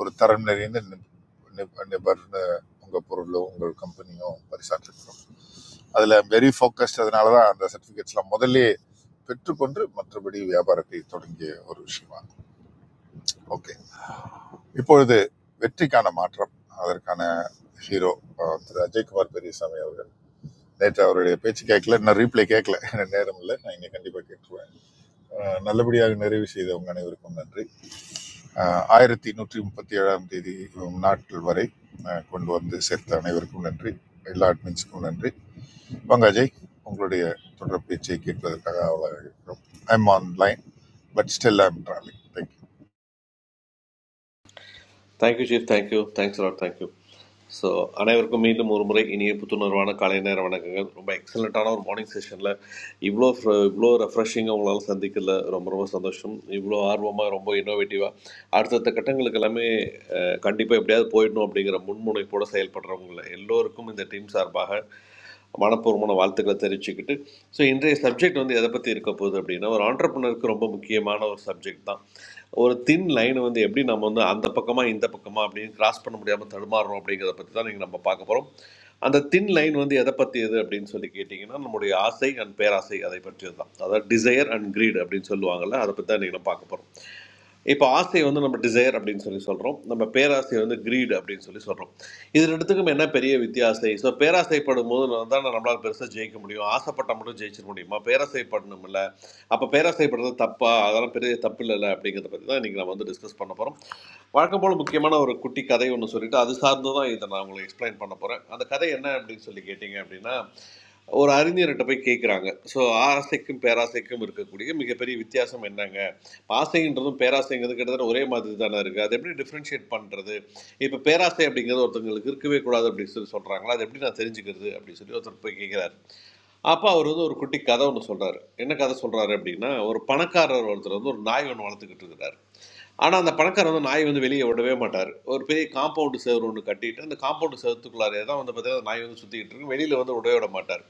Speaker 4: ஒரு தரம் நிறைந்த நிப்- நிப்- நிபர்னு உங்கள் பொருளோ உங்கள் கம்பெனியோ பரிசாற்றிருக்கிறோம் அதில் வெரி ஃபோக்கஸ்ட் அதனால தான் அந்த சர்டிஃபிகேட்ஸ்லாம் முதல்லே பெற்றுக்கொண்டு மற்றபடி வியாபாரத்தை தொடங்கிய ஒரு விஷயமா ஓகே இப்பொழுது வெற்றிக்கான மாற்றம் அதற்கான ஹீரோ திரு அஜய்குமார் பெரியசாமி அவர்கள் நேற்று அவருடைய பேச்சு கேட்கல இன்னும் ரீப்ளே கேட்கல எனக்கு நேரம் இல்லை நான் இங்கே கண்டிப்பாக கேட்டுருவேன் அஹ் நல்லபடியாக நிறைவு செய்த உங்கள் அனைவருக்கும் நன்றி அஹ் ஆயிரத்தி நூற்றி முப்பத்தி ஏழாம் தேதி உம், நாட்கள் வரை அஹ், கொண்டு வந்து சேர்த்த அனைவருக்கும் நன்றி எல்லா அட்மின்ஸுக்கும் நன்றி வாங்க அஜய் உங்களுடைய தொடர் பேச்சை கேட்பதற்காக அவ்வளோ இருக்கிறோம் I'm on line but still I'm travelling thank you
Speaker 8: Thank you chief thank you thanks lot thank you so அனைவருக்கும் மீண்டும் ஒரு முறை இனிய புத்துணர்வான காலை நேர வணக்கங்கள் ரொம்ப எக்ஸலண்ட்டான ஒரு மார்னிங் செஷனில் இவ்வளோ இவ்வளோ ரெஃப்ரெஷிங்காக உங்களால் சந்திக்கல ரொம்ப ரொம்ப சந்தோஷம் இவ்வளோ ஆர்வமாக ரொம்ப இன்னோவேட்டிவாக அடுத்தடுத்த கட்டங்களுக்கு எல்லாமே கண்டிப்பாக எப்படியாவது போயிடணும் அப்படிங்கிற முன்முனைப்போடு செயல்படுறவங்கள எல்லோருக்கும் இந்த டீம் சார்பாக மனப்பூர்வமான வாழ்த்துக்களை தெரிவிச்சுக்கிட்டு ஸோ இன்றைய சப்ஜெக்ட் வந்து எதை பற்றி இருக்க போகுது அப்படின்னா ஒரு ஆண்டர்பனருக்கு ரொம்ப முக்கியமான ஒரு சப்ஜெக்ட் தான் ஒரு தின் லைனை வந்து எப்படி நம்ம வந்து அந்த பக்கமாக இந்த பக்கமாக அப்படின்னு கிராஸ் பண்ண முடியாமல் தடுமாறுறோம் அப்படிங்கிறத பற்றி தான் நீங்கள் நம்ம பார்க்க போகிறோம் அந்த தின் லைன் வந்து எதை பற்றியது அப்படின்னு சொல்லி கேட்டிங்கன்னா நம்முடைய ஆசை அண்ட் பேராசை அதை பற்றியது தான் அதாவது டிசையர் அண்ட் கிரீட் அப்படின்னு சொல்லுவாங்கள்ல அதை பற்றி தான் நீங்கள் பார்க்க போகிறோம் இப்போ ஆசை வந்து நம்ம டிசைர் அப்படின்னு சொல்லி சொல்கிறோம் நம்ம பேராசை வந்து greed அப்படின்னு சொல்லி சொல்கிறோம் இது ரெண்டுத்துக்கும் என்ன பெரிய வித்தியாசம் ஸோ பேராசைப்படும் போது நான் தான் நம்மளால் பெருசாக ஜெயிக்க முடியும் ஆசைப்பட்டால் மட்டும் ஜெயிச்சிட முடியுமா பேராசைப்படணும் இல்லை அப்போ பேராசைப்படுறது தப்பா அதெல்லாம் பெரிய தப்பு இல்லைல்ல அப்படிங்கிறத பற்றி தான் இன்றைக்கி நம்ம வந்து டிஸ்கஸ் பண்ண போகிறோம் வழக்கம் போல் முக்கியமான ஒரு குட்டி கதை ஒன்று சொல்லிட்டு அது சார்ந்து தான் இதை நான் உங்களுக்கு எக்ஸ்பிளைன் பண்ண போகிறேன் அந்த கதை என்ன அப்படின்னு சொல்லி கேட்டிங்க அப்படின்னா ஒரு அறிஞர்கிட்ட போய் கேட்குறாங்க ஸோ ஆசைக்கும் பேராசைக்கும் இருக்கக்கூடிய மிகப்பெரிய வித்தியாசம் என்னங்க ஆசைன்றதும் பேராசைங்கிறது கிட்டத்தட்ட ஒரே மாதிரி தானே இருக்குது அதை எப்படி டிஃப்ரென்ஷியேட் பண்ணுறது இப்போ பேராசை அப்படிங்கிறது ஒருத்தங்களுக்கு இருக்கவே கூடாது அப்படின்னு சொல்லி சொல்கிறாங்களா அது எப்படி நான் தெரிஞ்சுக்கிறது அப்படின்னு சொல்லி ஒருத்தர் போய் கேட்குறாரு அப்போ அவர் வந்து ஒரு குட்டி கதை ஒன்று சொல்கிறாரு என்ன கதை சொல்கிறாரு அப்படின்னா ஒரு பணக்காரர் ஒருத்தர் வந்து ஒரு நாய் ஒன்று வளர்த்துக்கிட்டு இருக்கிறார் ஆனால் அந்த பணக்காரர் வந்து நாய் வந்து வெளியே விடவே மாட்டார் ஒரு பெரிய காம்பவுண்டு சேர் ஒன்று கட்டிட்டு அந்த காம்பவுண்டு சேவத்துக்குள்ளாரே தான் வந்து பார்த்தீங்கன்னா அந்த நாய் வந்து சுற்றிக்கிட்டு இருக்கும் வெளியில் வந்து விடவே விட மாட்டார்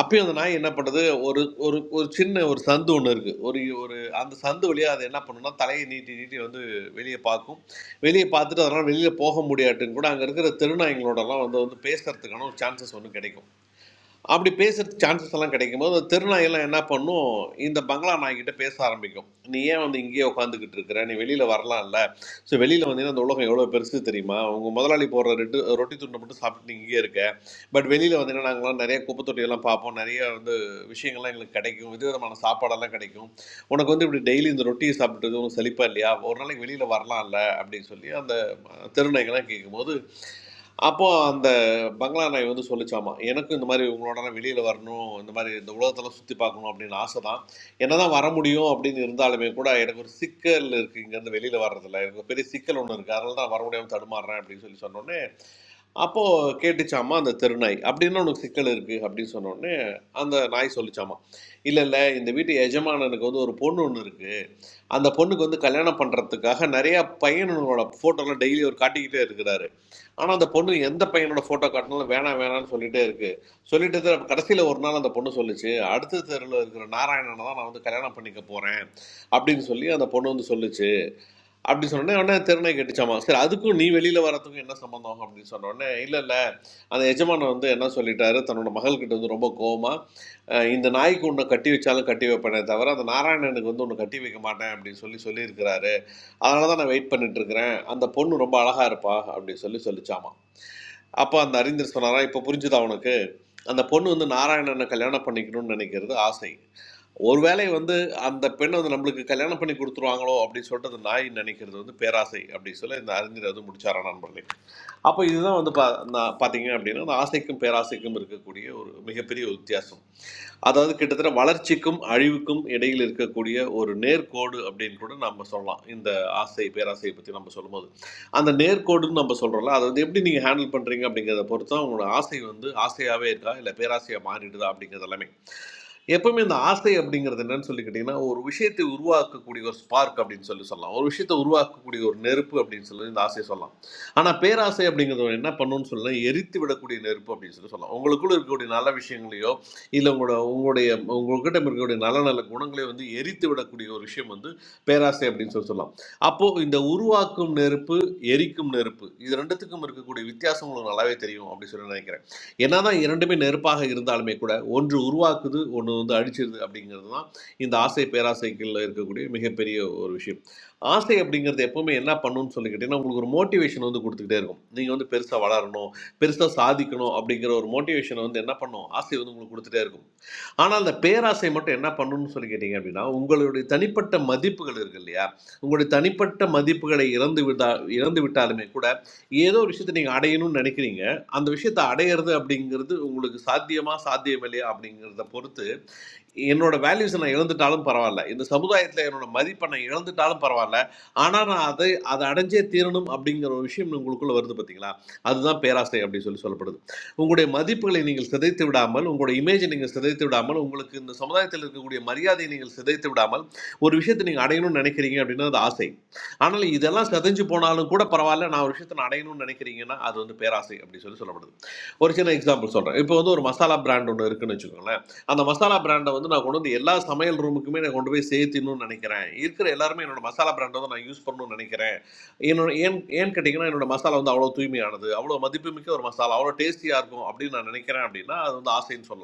Speaker 8: அப்பயும் அந்த நாய் என்ன பண்ணுது ஒரு ஒரு ஒரு சின்ன ஒரு சந்து ஒன்று இருக்குது ஒரு ஒரு அந்த சந்து வழியாக அது என்ன பண்ணுன்னா தலையை நீட்டி நீட்டி வந்து வெளியே பார்க்கும் வெளியே பார்த்துட்டு அதனால் வெளியில் போக முடியாட்டுன்னு கூட அங்கே இருக்கிற தெருநாய்ங்களோடலாம் வந்து வந்து பேசுறதுக்கான ஒரு சான்சஸ் ஒன்று கிடைக்கும் அப்படி பேசுறதுக்கு சான்சஸ் எல்லாம் கிடைக்கும் போது அந்த தெருநாயெல்லாம் என்ன பண்ணும் இந்த பங்களா நாய்கிட்ட பேச ஆரம்பிக்கும் நீ ஏன் வந்து இங்கேயே உட்காந்துக்கிட்டு இருக்கிற நீ வெளியில் வரலாம்ல ஸோ வெளியில் வந்தீங்கன்னா அந்த உலகம் எவ்வளோ பெருசு தெரியுமா உங்கள் முதலாளி போடுற ரெட்டு ரொட்டி துண்டை மட்டும் சாப்பிட்டு நீ இங்கேயே இருக்க பட் வெளியில் வந்தீங்கன்னா நாங்களாம் நிறைய குப்பை தொட்டியெல்லாம் பார்ப்போம் நிறைய வந்து விஷயங்கள்லாம் எங்களுக்கு கிடைக்கும் விதவிதமான சாப்பாடெல்லாம் கிடைக்கும் உனக்கு வந்து இப்படி டெய்லி இந்த ரொட்டியை சாப்பிட்றது உனக்கு செழிப்பா இல்லையா ஒரு நாளைக்கு வெளியில் வரலாம்ல அப்படின்னு சொல்லி அந்த தெருநாய்கள்லாம் கேட்கும்போது அப்போ அந்த பங்களா நாய் வந்து சொல்லிச்சாமா எனக்கும் இந்த மாதிரி உங்களோட வெளியில் வரணும் இந்த மாதிரி இந்த உலகத்தெல்லாம் சுற்றி பார்க்கணும் அப்படின்னு ஆசை தான் என்ன தான் வர முடியும் அப்படின்னு இருந்தாலுமே கூட எனக்கு ஒரு சிக்கல் இருக்குது இங்கேருந்து வெளியில் வர்றதில்ல எனக்கு ஒரு பெரிய சிக்கல் ஒன்று இருக்குது அதனால தான் வர முடியாமல் தடுமாறுறேன் அப்படின்னு சொல்லி சொன்னோடனே அப்போது கேட்டுச்சாமா அந்த தெருநாய் அப்படின்னு உனக்கு சிக்கல் இருக்குது அப்படின்னு சொன்னோடனே அந்த நாய் சொல்லிச்சாமா இல்லை இல்லை இந்த வீட்டு எஜமானனுக்கு வந்து ஒரு பொண்ணு ஒன்று இருக்குது அந்த பொண்ணுக்கு வந்து கல்யாணம் பண்ணுறதுக்காக நிறையா பையனோட ஃபோட்டோலாம் டெய்லி அவர் காட்டிக்கிட்டே இருக்கிறாரு ஆனால் அந்த பொண்ணு எந்த பையனோட ஃபோட்டோ காட்டினாலும் வேணாம் வேணாம்னு சொல்லிட்டே இருக்கு சொல்லிட்டு தான் கடைசியில் ஒரு நாள் அந்த பொண்ணு சொல்லுச்சு அடுத்த தெருவில் இருக்கிற நாராயணனை தான் நான் வந்து கல்யாணம் பண்ணிக்க போகிறேன் அப்படின்னு சொல்லி அந்த பொண்ணு வந்து சொல்லுச்சு அப்படி சொன்ன உடனே திறனை கேட்டுச்சாமா சரி அதுக்கும் நீ வெளியில வரதுக்கும் என்ன சம்பந்தம் அப்படின்னு சொன்ன உடனே இல்ல இல்ல அந்த எஜமானன் வந்து என்ன சொல்லிட்டாரு தன்னோட மகள்கிட்ட வந்து ரொம்ப கோவமா அஹ் இந்த நாய்க்கு உன்னை கட்டி வச்சாலும் கட்டி வைப்பேனே தவிர அந்த நாராயணனுக்கு வந்து உன்னை கட்டி வைக்க மாட்டேன் அப்படின்னு சொல்லி சொல்லியிருக்கிறாரு அதனால தான் நான் வெயிட் பண்ணிட்டு இருக்கிறேன் அந்த பொண்ணு ரொம்ப அழகா இருப்பா அப்படின்னு சொல்லி சொல்லிச்சாமா அப்போ அந்த அறிஞர் சொன்னாரா இப்போ புரிஞ்சுதா அவனுக்கு அந்த பொண்ணு வந்து நாராயணனை கல்யாணம் பண்ணிக்கணும்னு நினைக்கிறது ஆசை ஒருவேளை வந்து அந்த பெண்ணை வந்து நம்மளுக்கு கல்யாணம் பண்ணி கொடுத்துருவாங்களோ அப்படின்னு சொல்லிட்டு அந்த நாய் நினைக்கிறது வந்து பேராசை அப்படின்னு சொல்லி இந்த அறிஞர் வந்து முடிச்சாரா நண்பர்களே அப்போ இதுதான் வந்து பா நான் பார்த்தீங்க அப்படின்னா அந்த ஆசைக்கும் பேராசைக்கும் இருக்கக்கூடிய ஒரு மிகப்பெரிய ஒரு வித்தியாசம் அதாவது கிட்டத்தட்ட வளர்ச்சிக்கும் அழிவுக்கும் இடையில் இருக்கக்கூடிய ஒரு நேர்கோடு அப்படின்னு கூட நம்ம சொல்லலாம் இந்த ஆசை பேராசையை பற்றி நம்ம சொல்லும்போது அந்த நேர்கோடுன்னு நம்ம சொல்கிறோம்ல அதை வந்து எப்படி நீங்கள் ஹேண்டில் பண்ணுறீங்க அப்படிங்கிறத பொறுத்து தான் உங்களோட ஆசை வந்து ஆசையாகவே இருக்கா இல்லை பேராசையாக மாறிடுதா அப்படிங்கிறது எல்லாமே எப்பவுமே இந்த ஆசை அப்படிங்கிறது என்னன்னு சொல்லி கேட்டிங்கன்னா ஒரு விஷயத்தை உருவாக்கக்கூடிய ஒரு ஸ்பார்க் அப்படின்னு சொல்லி சொல்லலாம் ஒரு விஷயத்தை உருவாக்கக்கூடிய ஒரு நெருப்பு அப்படின்னு சொல்லி இந்த ஆசையை சொல்லலாம் ஆனால் பேராசை அப்படிங்கிறது என்ன பண்ணுன்னு சொல்லி எரித்து விடக்கூடிய நெருப்பு அப்படின்னு சொல்லி சொல்லலாம் உங்களுக்குள்ள இருக்கக்கூடிய நல்ல விஷயங்களையோ இல்லை உங்களோட உங்களுடைய உங்கள்கிட்ட இருக்கக்கூடிய நல்ல நல்ல குணங்களை வந்து எரித்து விடக்கூடிய ஒரு விஷயம் வந்து பேராசை அப்படின்னு சொல்லி சொல்லலாம் அப்போது இந்த உருவாக்கும் நெருப்பு எரிக்கும் நெருப்பு இது ரெண்டுத்துக்கும் இருக்கக்கூடிய வித்தியாசம் உங்களுக்கு நல்லாவே தெரியும் அப்படின்னு சொல்லி நினைக்கிறேன் என்னதான் இரண்டுமே நெருப்பாக இருந்தாலுமே கூட ஒன்று உருவாக்குது ஒன்று வந்து அழிச்சிருது அப்படிங்கிறது தான் இந்த ஆசை பேராசைக்குள்ள இருக்கக்கூடிய மிகப்பெரிய ஒரு விஷயம் ஆசை அப்படிங்கிறது எப்பவுமே என்ன பண்ணுன்னு சொல்லி கேட்டிங்கன்னா உங்களுக்கு ஒரு மோட்டிவேஷன் வந்து கொடுத்துக்கிட்டே இருக்கும் நீங்கள் வந்து பெருசாக வளரணும் பெருசாக சாதிக்கணும் அப்படிங்கிற ஒரு மோட்டிவேஷனை வந்து என்ன பண்ணும் ஆசை வந்து உங்களுக்கு கொடுத்துட்டே இருக்கும் ஆனால் அந்த பேராசை மட்டும் என்ன பண்ணணும்னு சொல்லி கேட்டிங்க அப்படின்னா உங்களுடைய தனிப்பட்ட மதிப்புகள் இருக்கு இல்லையா உங்களுடைய தனிப்பட்ட மதிப்புகளை இறந்து விட்டா இறந்து விட்டாலுமே கூட ஏதோ ஒரு விஷயத்தை நீங்கள் அடையணும்னு நினைக்கிறீங்க அந்த விஷயத்தை அடையிறது அப்படிங்கிறது உங்களுக்கு சாத்தியமா சாத்தியம் இல்லையா அப்படிங்கிறத பொறுத்து என்னோட வேல்யூஸை நான் இழந்துட்டாலும் பரவாயில்ல இந்த சமுதாயத்தில் என்னோட மதிப்பை நான் இழந்துட்டாலும் பரவாயில்ல ஆனால் நான் அதை அதை அடைஞ்சே தீரணும் அப்படிங்கிற ஒரு விஷயம் உங்களுக்குள்ள வருது பார்த்தீங்களா அதுதான் பேராசை அப்படின்னு சொல்லி சொல்லப்படுது உங்களுடைய மதிப்புகளை நீங்கள் சிதைத்து விடாமல் உங்களுடைய இமேஜை நீங்கள் சிதைத்து விடாமல் உங்களுக்கு இந்த சமுதாயத்தில் இருக்கக்கூடிய மரியாதையை நீங்கள் சிதைத்து விடாமல் ஒரு விஷயத்தை நீங்கள் அடையணும்னு நினைக்கிறீங்க அப்படின்னா அது ஆசை ஆனால் இதெல்லாம் சிதைஞ்சு போனாலும் கூட பரவாயில்ல நான் ஒரு விஷயத்தை நான் அடையணும்னு நினைக்கிறீங்கன்னா அது வந்து பேராசை அப்படின்னு சொல்லி சொல்லப்படுது ஒரு சின்ன எக்ஸாம்பிள் சொல்கிறேன் இப்போ வந்து ஒரு மசாலா பிராண்ட் ஒன்று இருக்குன்னு வச்சுக்கோங்களேன் அந்த மசாலா பிராண்டை வந்து நான் கொண்டு வந்து எல்லா சமையல் ரூமுக்குமே நான் கொண்டு போய் சேர்த்தின்னு நினைக்கிறேன் இருக்கிற எல்லாருமே என்னோட மசாலா பிராண்டை தான் நான் யூஸ் பண்ணணும்னு நினைக்கிறேன் என்னோட ஏன் ஏன் கேட்டிங்கன்னா என்னோட மசாலா வந்து அவ்வளோ தூய்மையானது அவ்வளோ மதிப்புமிக்க ஒரு மசாலா அவ்வளோ டேஸ்டியாக இருக்கும் அப்படின்னு நான் நினைக்கிறேன் அப்படின்னா அது வந்து ஆசைன்னு சொல்லலாம்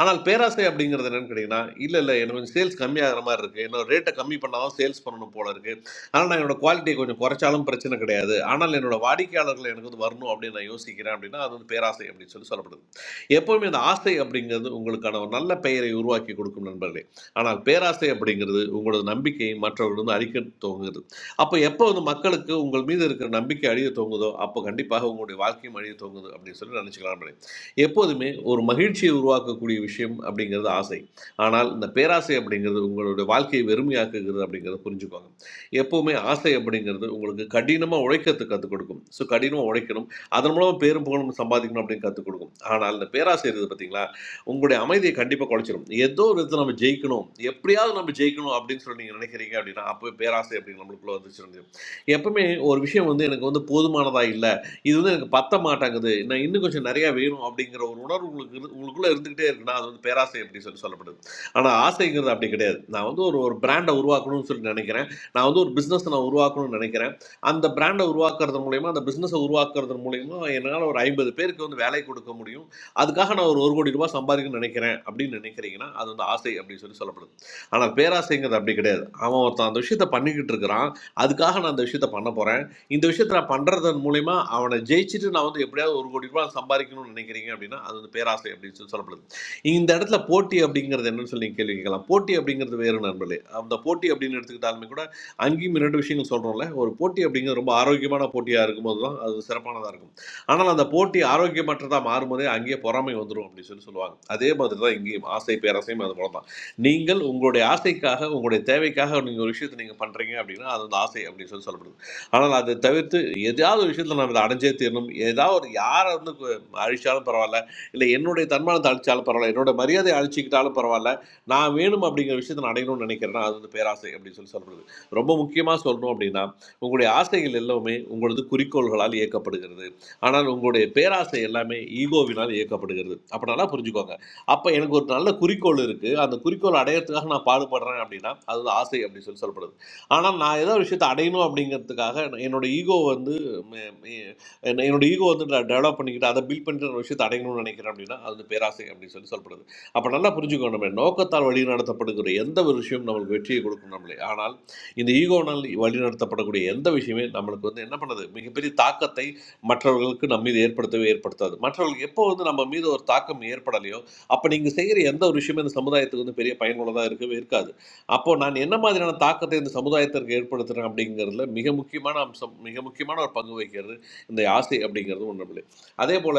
Speaker 8: ஆனால் பேராசை அப்படிங்கிறது என்னன்னு கேட்டிங்கன்னா இல்லை இல்லை எனக்கு கொஞ்சம் சேல்ஸ் கம்மியாகிற மாதிரி இருக்குது என்னோட ரேட்டை கம்மி பண்ணாலும் சேல்ஸ் பண்ணணும் போல இருக்குது ஆனால் நான் என்னோட குவாலிட்டியை கொஞ்சம் குறைச்சாலும் பிரச்சனை கிடையாது ஆனால் என்னோட வாடிக்கையாளர்கள் எனக்கு வந்து வரணும் அப்படின்னு நான் யோசிக்கிறேன் அப்படின்னா அது வந்து பேராசை அப்படின்னு சொல்லி சொல்லப்படுது எப்போவுமே அந்த ஆசை அப்படிங்கிறது உங்களுக்கான ஒரு நல்ல பெயரை உருவாக்கி கொடுக்கும் நண்பர்களே ஆனால் பேராசை அப்படிங்கிறது உங்களோட நம்பிக்கையை மற்றவர்கள் வந்து அழிக்க துவங்குது அப்போ எப்போ வந்து மக்களுக்கு உங்கள் மீது இருக்கிற நம்பிக்கை அழிய துவங்குதோ அப்போ கண்டிப்பாக உங்களுடைய வாழ்க்கையும் அழிய துவங்குது அப்படின்னு சொல்லி நினச்சிக்கலாம் எப்போதுமே ஒரு மகிழ்ச்சியை உருவாக்கக்கூடிய விஷயம் அப்படிங்கிறது ஆசை ஆனால் இந்த பேராசை அப்படிங்கிறது உங்களுடைய வாழ்க்கையை வெறுமையாக்குகிறது அப்படிங்கிறத புரிஞ்சுக்கோங்க எப்போவுமே ஆசை அப்படிங்கிறது உங்களுக்கு கடினமாக உழைக்கிறதுக்கு கற்றுக் கொடுக்கும் ஸோ கடினமாக உழைக்கணும் அதன் மூலமாக பேரும் புகழும் சம்பாதிக்கணும் அப்படின்னு கற்றுக் கொடுக்கும் ஆனால் இந்த பேராசை இருக்குது பார்த்தீங்களா உங்களுடைய அமைதியை கண்டிப்பாக குலைச்சிடும் ஏதோ ஒரு விதத்தை நம்ம ஜெயிக்கணும் எப்படியாவது நம்ம ஜெயிக்கணும் அப்படின்னு சொல்லி நீங்கள் நினைக்கிறீங்க அப்படின்னா அப்போ பேராசை அப்படிங்கிற நம்மளுக்குள்ளே வந்துச்சு எப்பவுமே ஒரு விஷயம் வந்து எனக்கு வந்து போதுமானதாக இல்லை இது வந்து எனக்கு பத்த மாட்டேங்குது நான் இன்னும் கொஞ்சம் நிறையா வேணும் அப்படிங்கிற ஒரு உணர்வு உங்களுக்கு இரு- உங்களுக்குள்ள இருந்துகிட்டே இருக்குன்னா அது வந்து பேராசை அப்படின்னு சொல்லி சொல்லப்படுது ஆனால் ஆசைங்கிறது அப்படி கிடையாது நான் வந்து ஒரு ஒரு பிராண்டை உருவாக்கணும்னு சொல்லி நினைக்கிறேன் நான் வந்து ஒரு பிஸ்னஸ் நான் உருவாக்கணும்னு நினைக்கிறேன் அந்த பிராண்டை உருவாக்குறது மூலயமா அந்த பிஸ்னஸை உருவாக்குறது மூலயமா என்னால் ஒரு ஐம்பது பேருக்கு வந்து வேலை கொடுக்க முடியும் அதுக்காக நான் ஒரு ஒரு கோடி ரூபாய் சம்பாதிக்கணும்னு நினைக்கிறேன் அப்படின்னு நினைக்கிறீங்கன்னா அது வந்து ஆசை அப்படின்னு சொல்லி சொல்லப்படுது ஆனால் பேராசைங்கிறது அப்படி கிடையாது அவன் ஒருத்தன் அந்த விஷயத்தை பண்ணிக்கிட்டு இருக்கிறான் அதுக்காக நான் அந்த விஷயத்தை பண்ண போகிறேன் இந்த விஷயத்தை நான் பண்ணுறதன் மூலயமா அவனை ஜெயிச்சுட்டு நான் வந்து எப்படியாவது ஒரு கோடி ரூபாய் சம்பாதிக்கணும்னு நினைக்கிறீங்க அப்படின்னா அது வந்து பேராசை அப்படின்னு சொல்லி சொல்லப்படுது இந்த இடத்துல போட்டி அப்படிங்கிறது என்னன்னு சொல்லி நீங்க கேள்வி கேட்கலாம் போட்டி அப்படிங்கிறது வேறு நண்பர்களே அந்த போட்டி அப்படின்னு எடுத்துக்கிட்டாலுமே கூட அங்கேயும் ரெண்டு விஷயங்கள் சொல்கிறோம்ல ஒரு போட்டி அப்படிங்கிறது ரொம்ப ஆரோக்கியமான போட்டியாக இருக்கும்போது தான் அது சிறப்பானதாக இருக்கும் ஆனால் அந்த போட்டி ஆரோக்கியமற்றதாக மாறும்போதே அங்கேயே பொறாமை வந்துடும் அப்படின்னு சொல்லி சொல்லுவாங்க அதே மாதிரி தான் இங்கேயும் ஆசை பேராசையும் அது போல தான் நீங்கள் உங்களுடைய ஆசைக்காக உங்களுடைய தேவைக்காக நீங்கள் ஒரு விஷயத்தை நீங்கள் பண்ணுறீங்க அப்படின்னா அது வந்து ஆசை அப்படின்னு சொல்லி சொல்லப்படுது ஆனால் அதை தவிர்த்து எதாவது ஒரு விஷயத்தில் நம்ம இதை அடைஞ்சே தீரணும் ஏதாவது ஒரு யாரை வந்து கு- அழிச்சாலும் பரவாயில்ல இல்லை என்னுடைய தன்மானத்தை அழிச்சாலும் பரவாயில்ல என்னோட மரியாதையை அழிச்சிக்கிட்டாலும் பரவாயில்ல நான் வேணும் அப்படிங்கிற விஷயத்தை நான் அடையணும்னு நினைக்கிறேன்னா அது வந்து பேராசை அப்படின்னு சொல்லி சொல்கிறது ரொம்ப முக்கியமாக சொல்லணும் அப்படின்னா உங்களுடைய ஆசைகள் எல்லாமே உங்களது குறிக்கோள்களால் இயக்கப்படுகிறது ஆனால் உங்களுடைய பேராசை எல்லாமே ஈகோவினால் இயக்கப்படுகிறது அப்போ நல்லா புரிஞ்சுக்கோங்க அப்போ எனக்கு ஒரு நல்ல குறிக்கோள் இருக்குது அந்த குறிக்கோள் அடையறதுக்காக நான் பாடுபடுறேன் அப்படின்னா அது வந்து ஆசை அப்படின்னு சொல்லி சொல்லப்படுது ஆனால் நான் ஏதோ ஒரு விஷயத்தை அடையணும் அப்படிங்கிறதுக்காக என்ன- என்னோட ஈகோ வந்து ம- ம- என்ன- என்னோட ஈகோ வந்து நான் டெவலப் பண்ணிக்கிட்டு அதை பில்ட் பண்ணிட்டு ஒரு விஷயத்தை அடையணும்னு நினைக்கிறேன் அப்படின்னா அது வந்து பேராசை அப்படின்னு சொல்லி சொல்லப்படுது அப்போ நல்லா புரிஞ்சுக்கோ நம்ம நோக்கத்தால் வழிநடத்தப்படுகிற எந்த ஒரு விஷயம் நம்மளுக்கு வெற்றியை கொடுக்கும் நம்மளே ஆனால் இந்த ஈகோனால் வழிநடத்தப்படக்கூடிய எந்த விஷயமே நம்மளுக்கு வந்து என்ன பண்ணுது மிகப்பெரிய தாக்கத்தை மற்றவர்களுக்கு நம்ம மீது ஏற்படுத்தவே ஏற்படுத்தாது மற்றவர்களுக்கு எப்போ வந்து நம்ம மீது ஒரு தாக்கம் ஏற்படலையோ அப்போ நீங்கள் செய்கிற எந்த ஒரு விஷயமே இந்த சமுதாயத்துக்கு வந்து பெரிய பயனுள்ளதாக இருக்கவே இருக்காது அப்போது நான் என்ன மாதிரியான தாக்கத்தை இந்த சமுதாயத்திற்கு ஏற்படுத்துகிறேன் அப்படிங்கிறதுல மிக முக்கியமான அம்சம் மிக முக்கியமான ஒரு பங்கு வகிக்கிறது இந்த ஆசை அப்படிங்கிறது ஒன்றும் இல்லை அதே போல்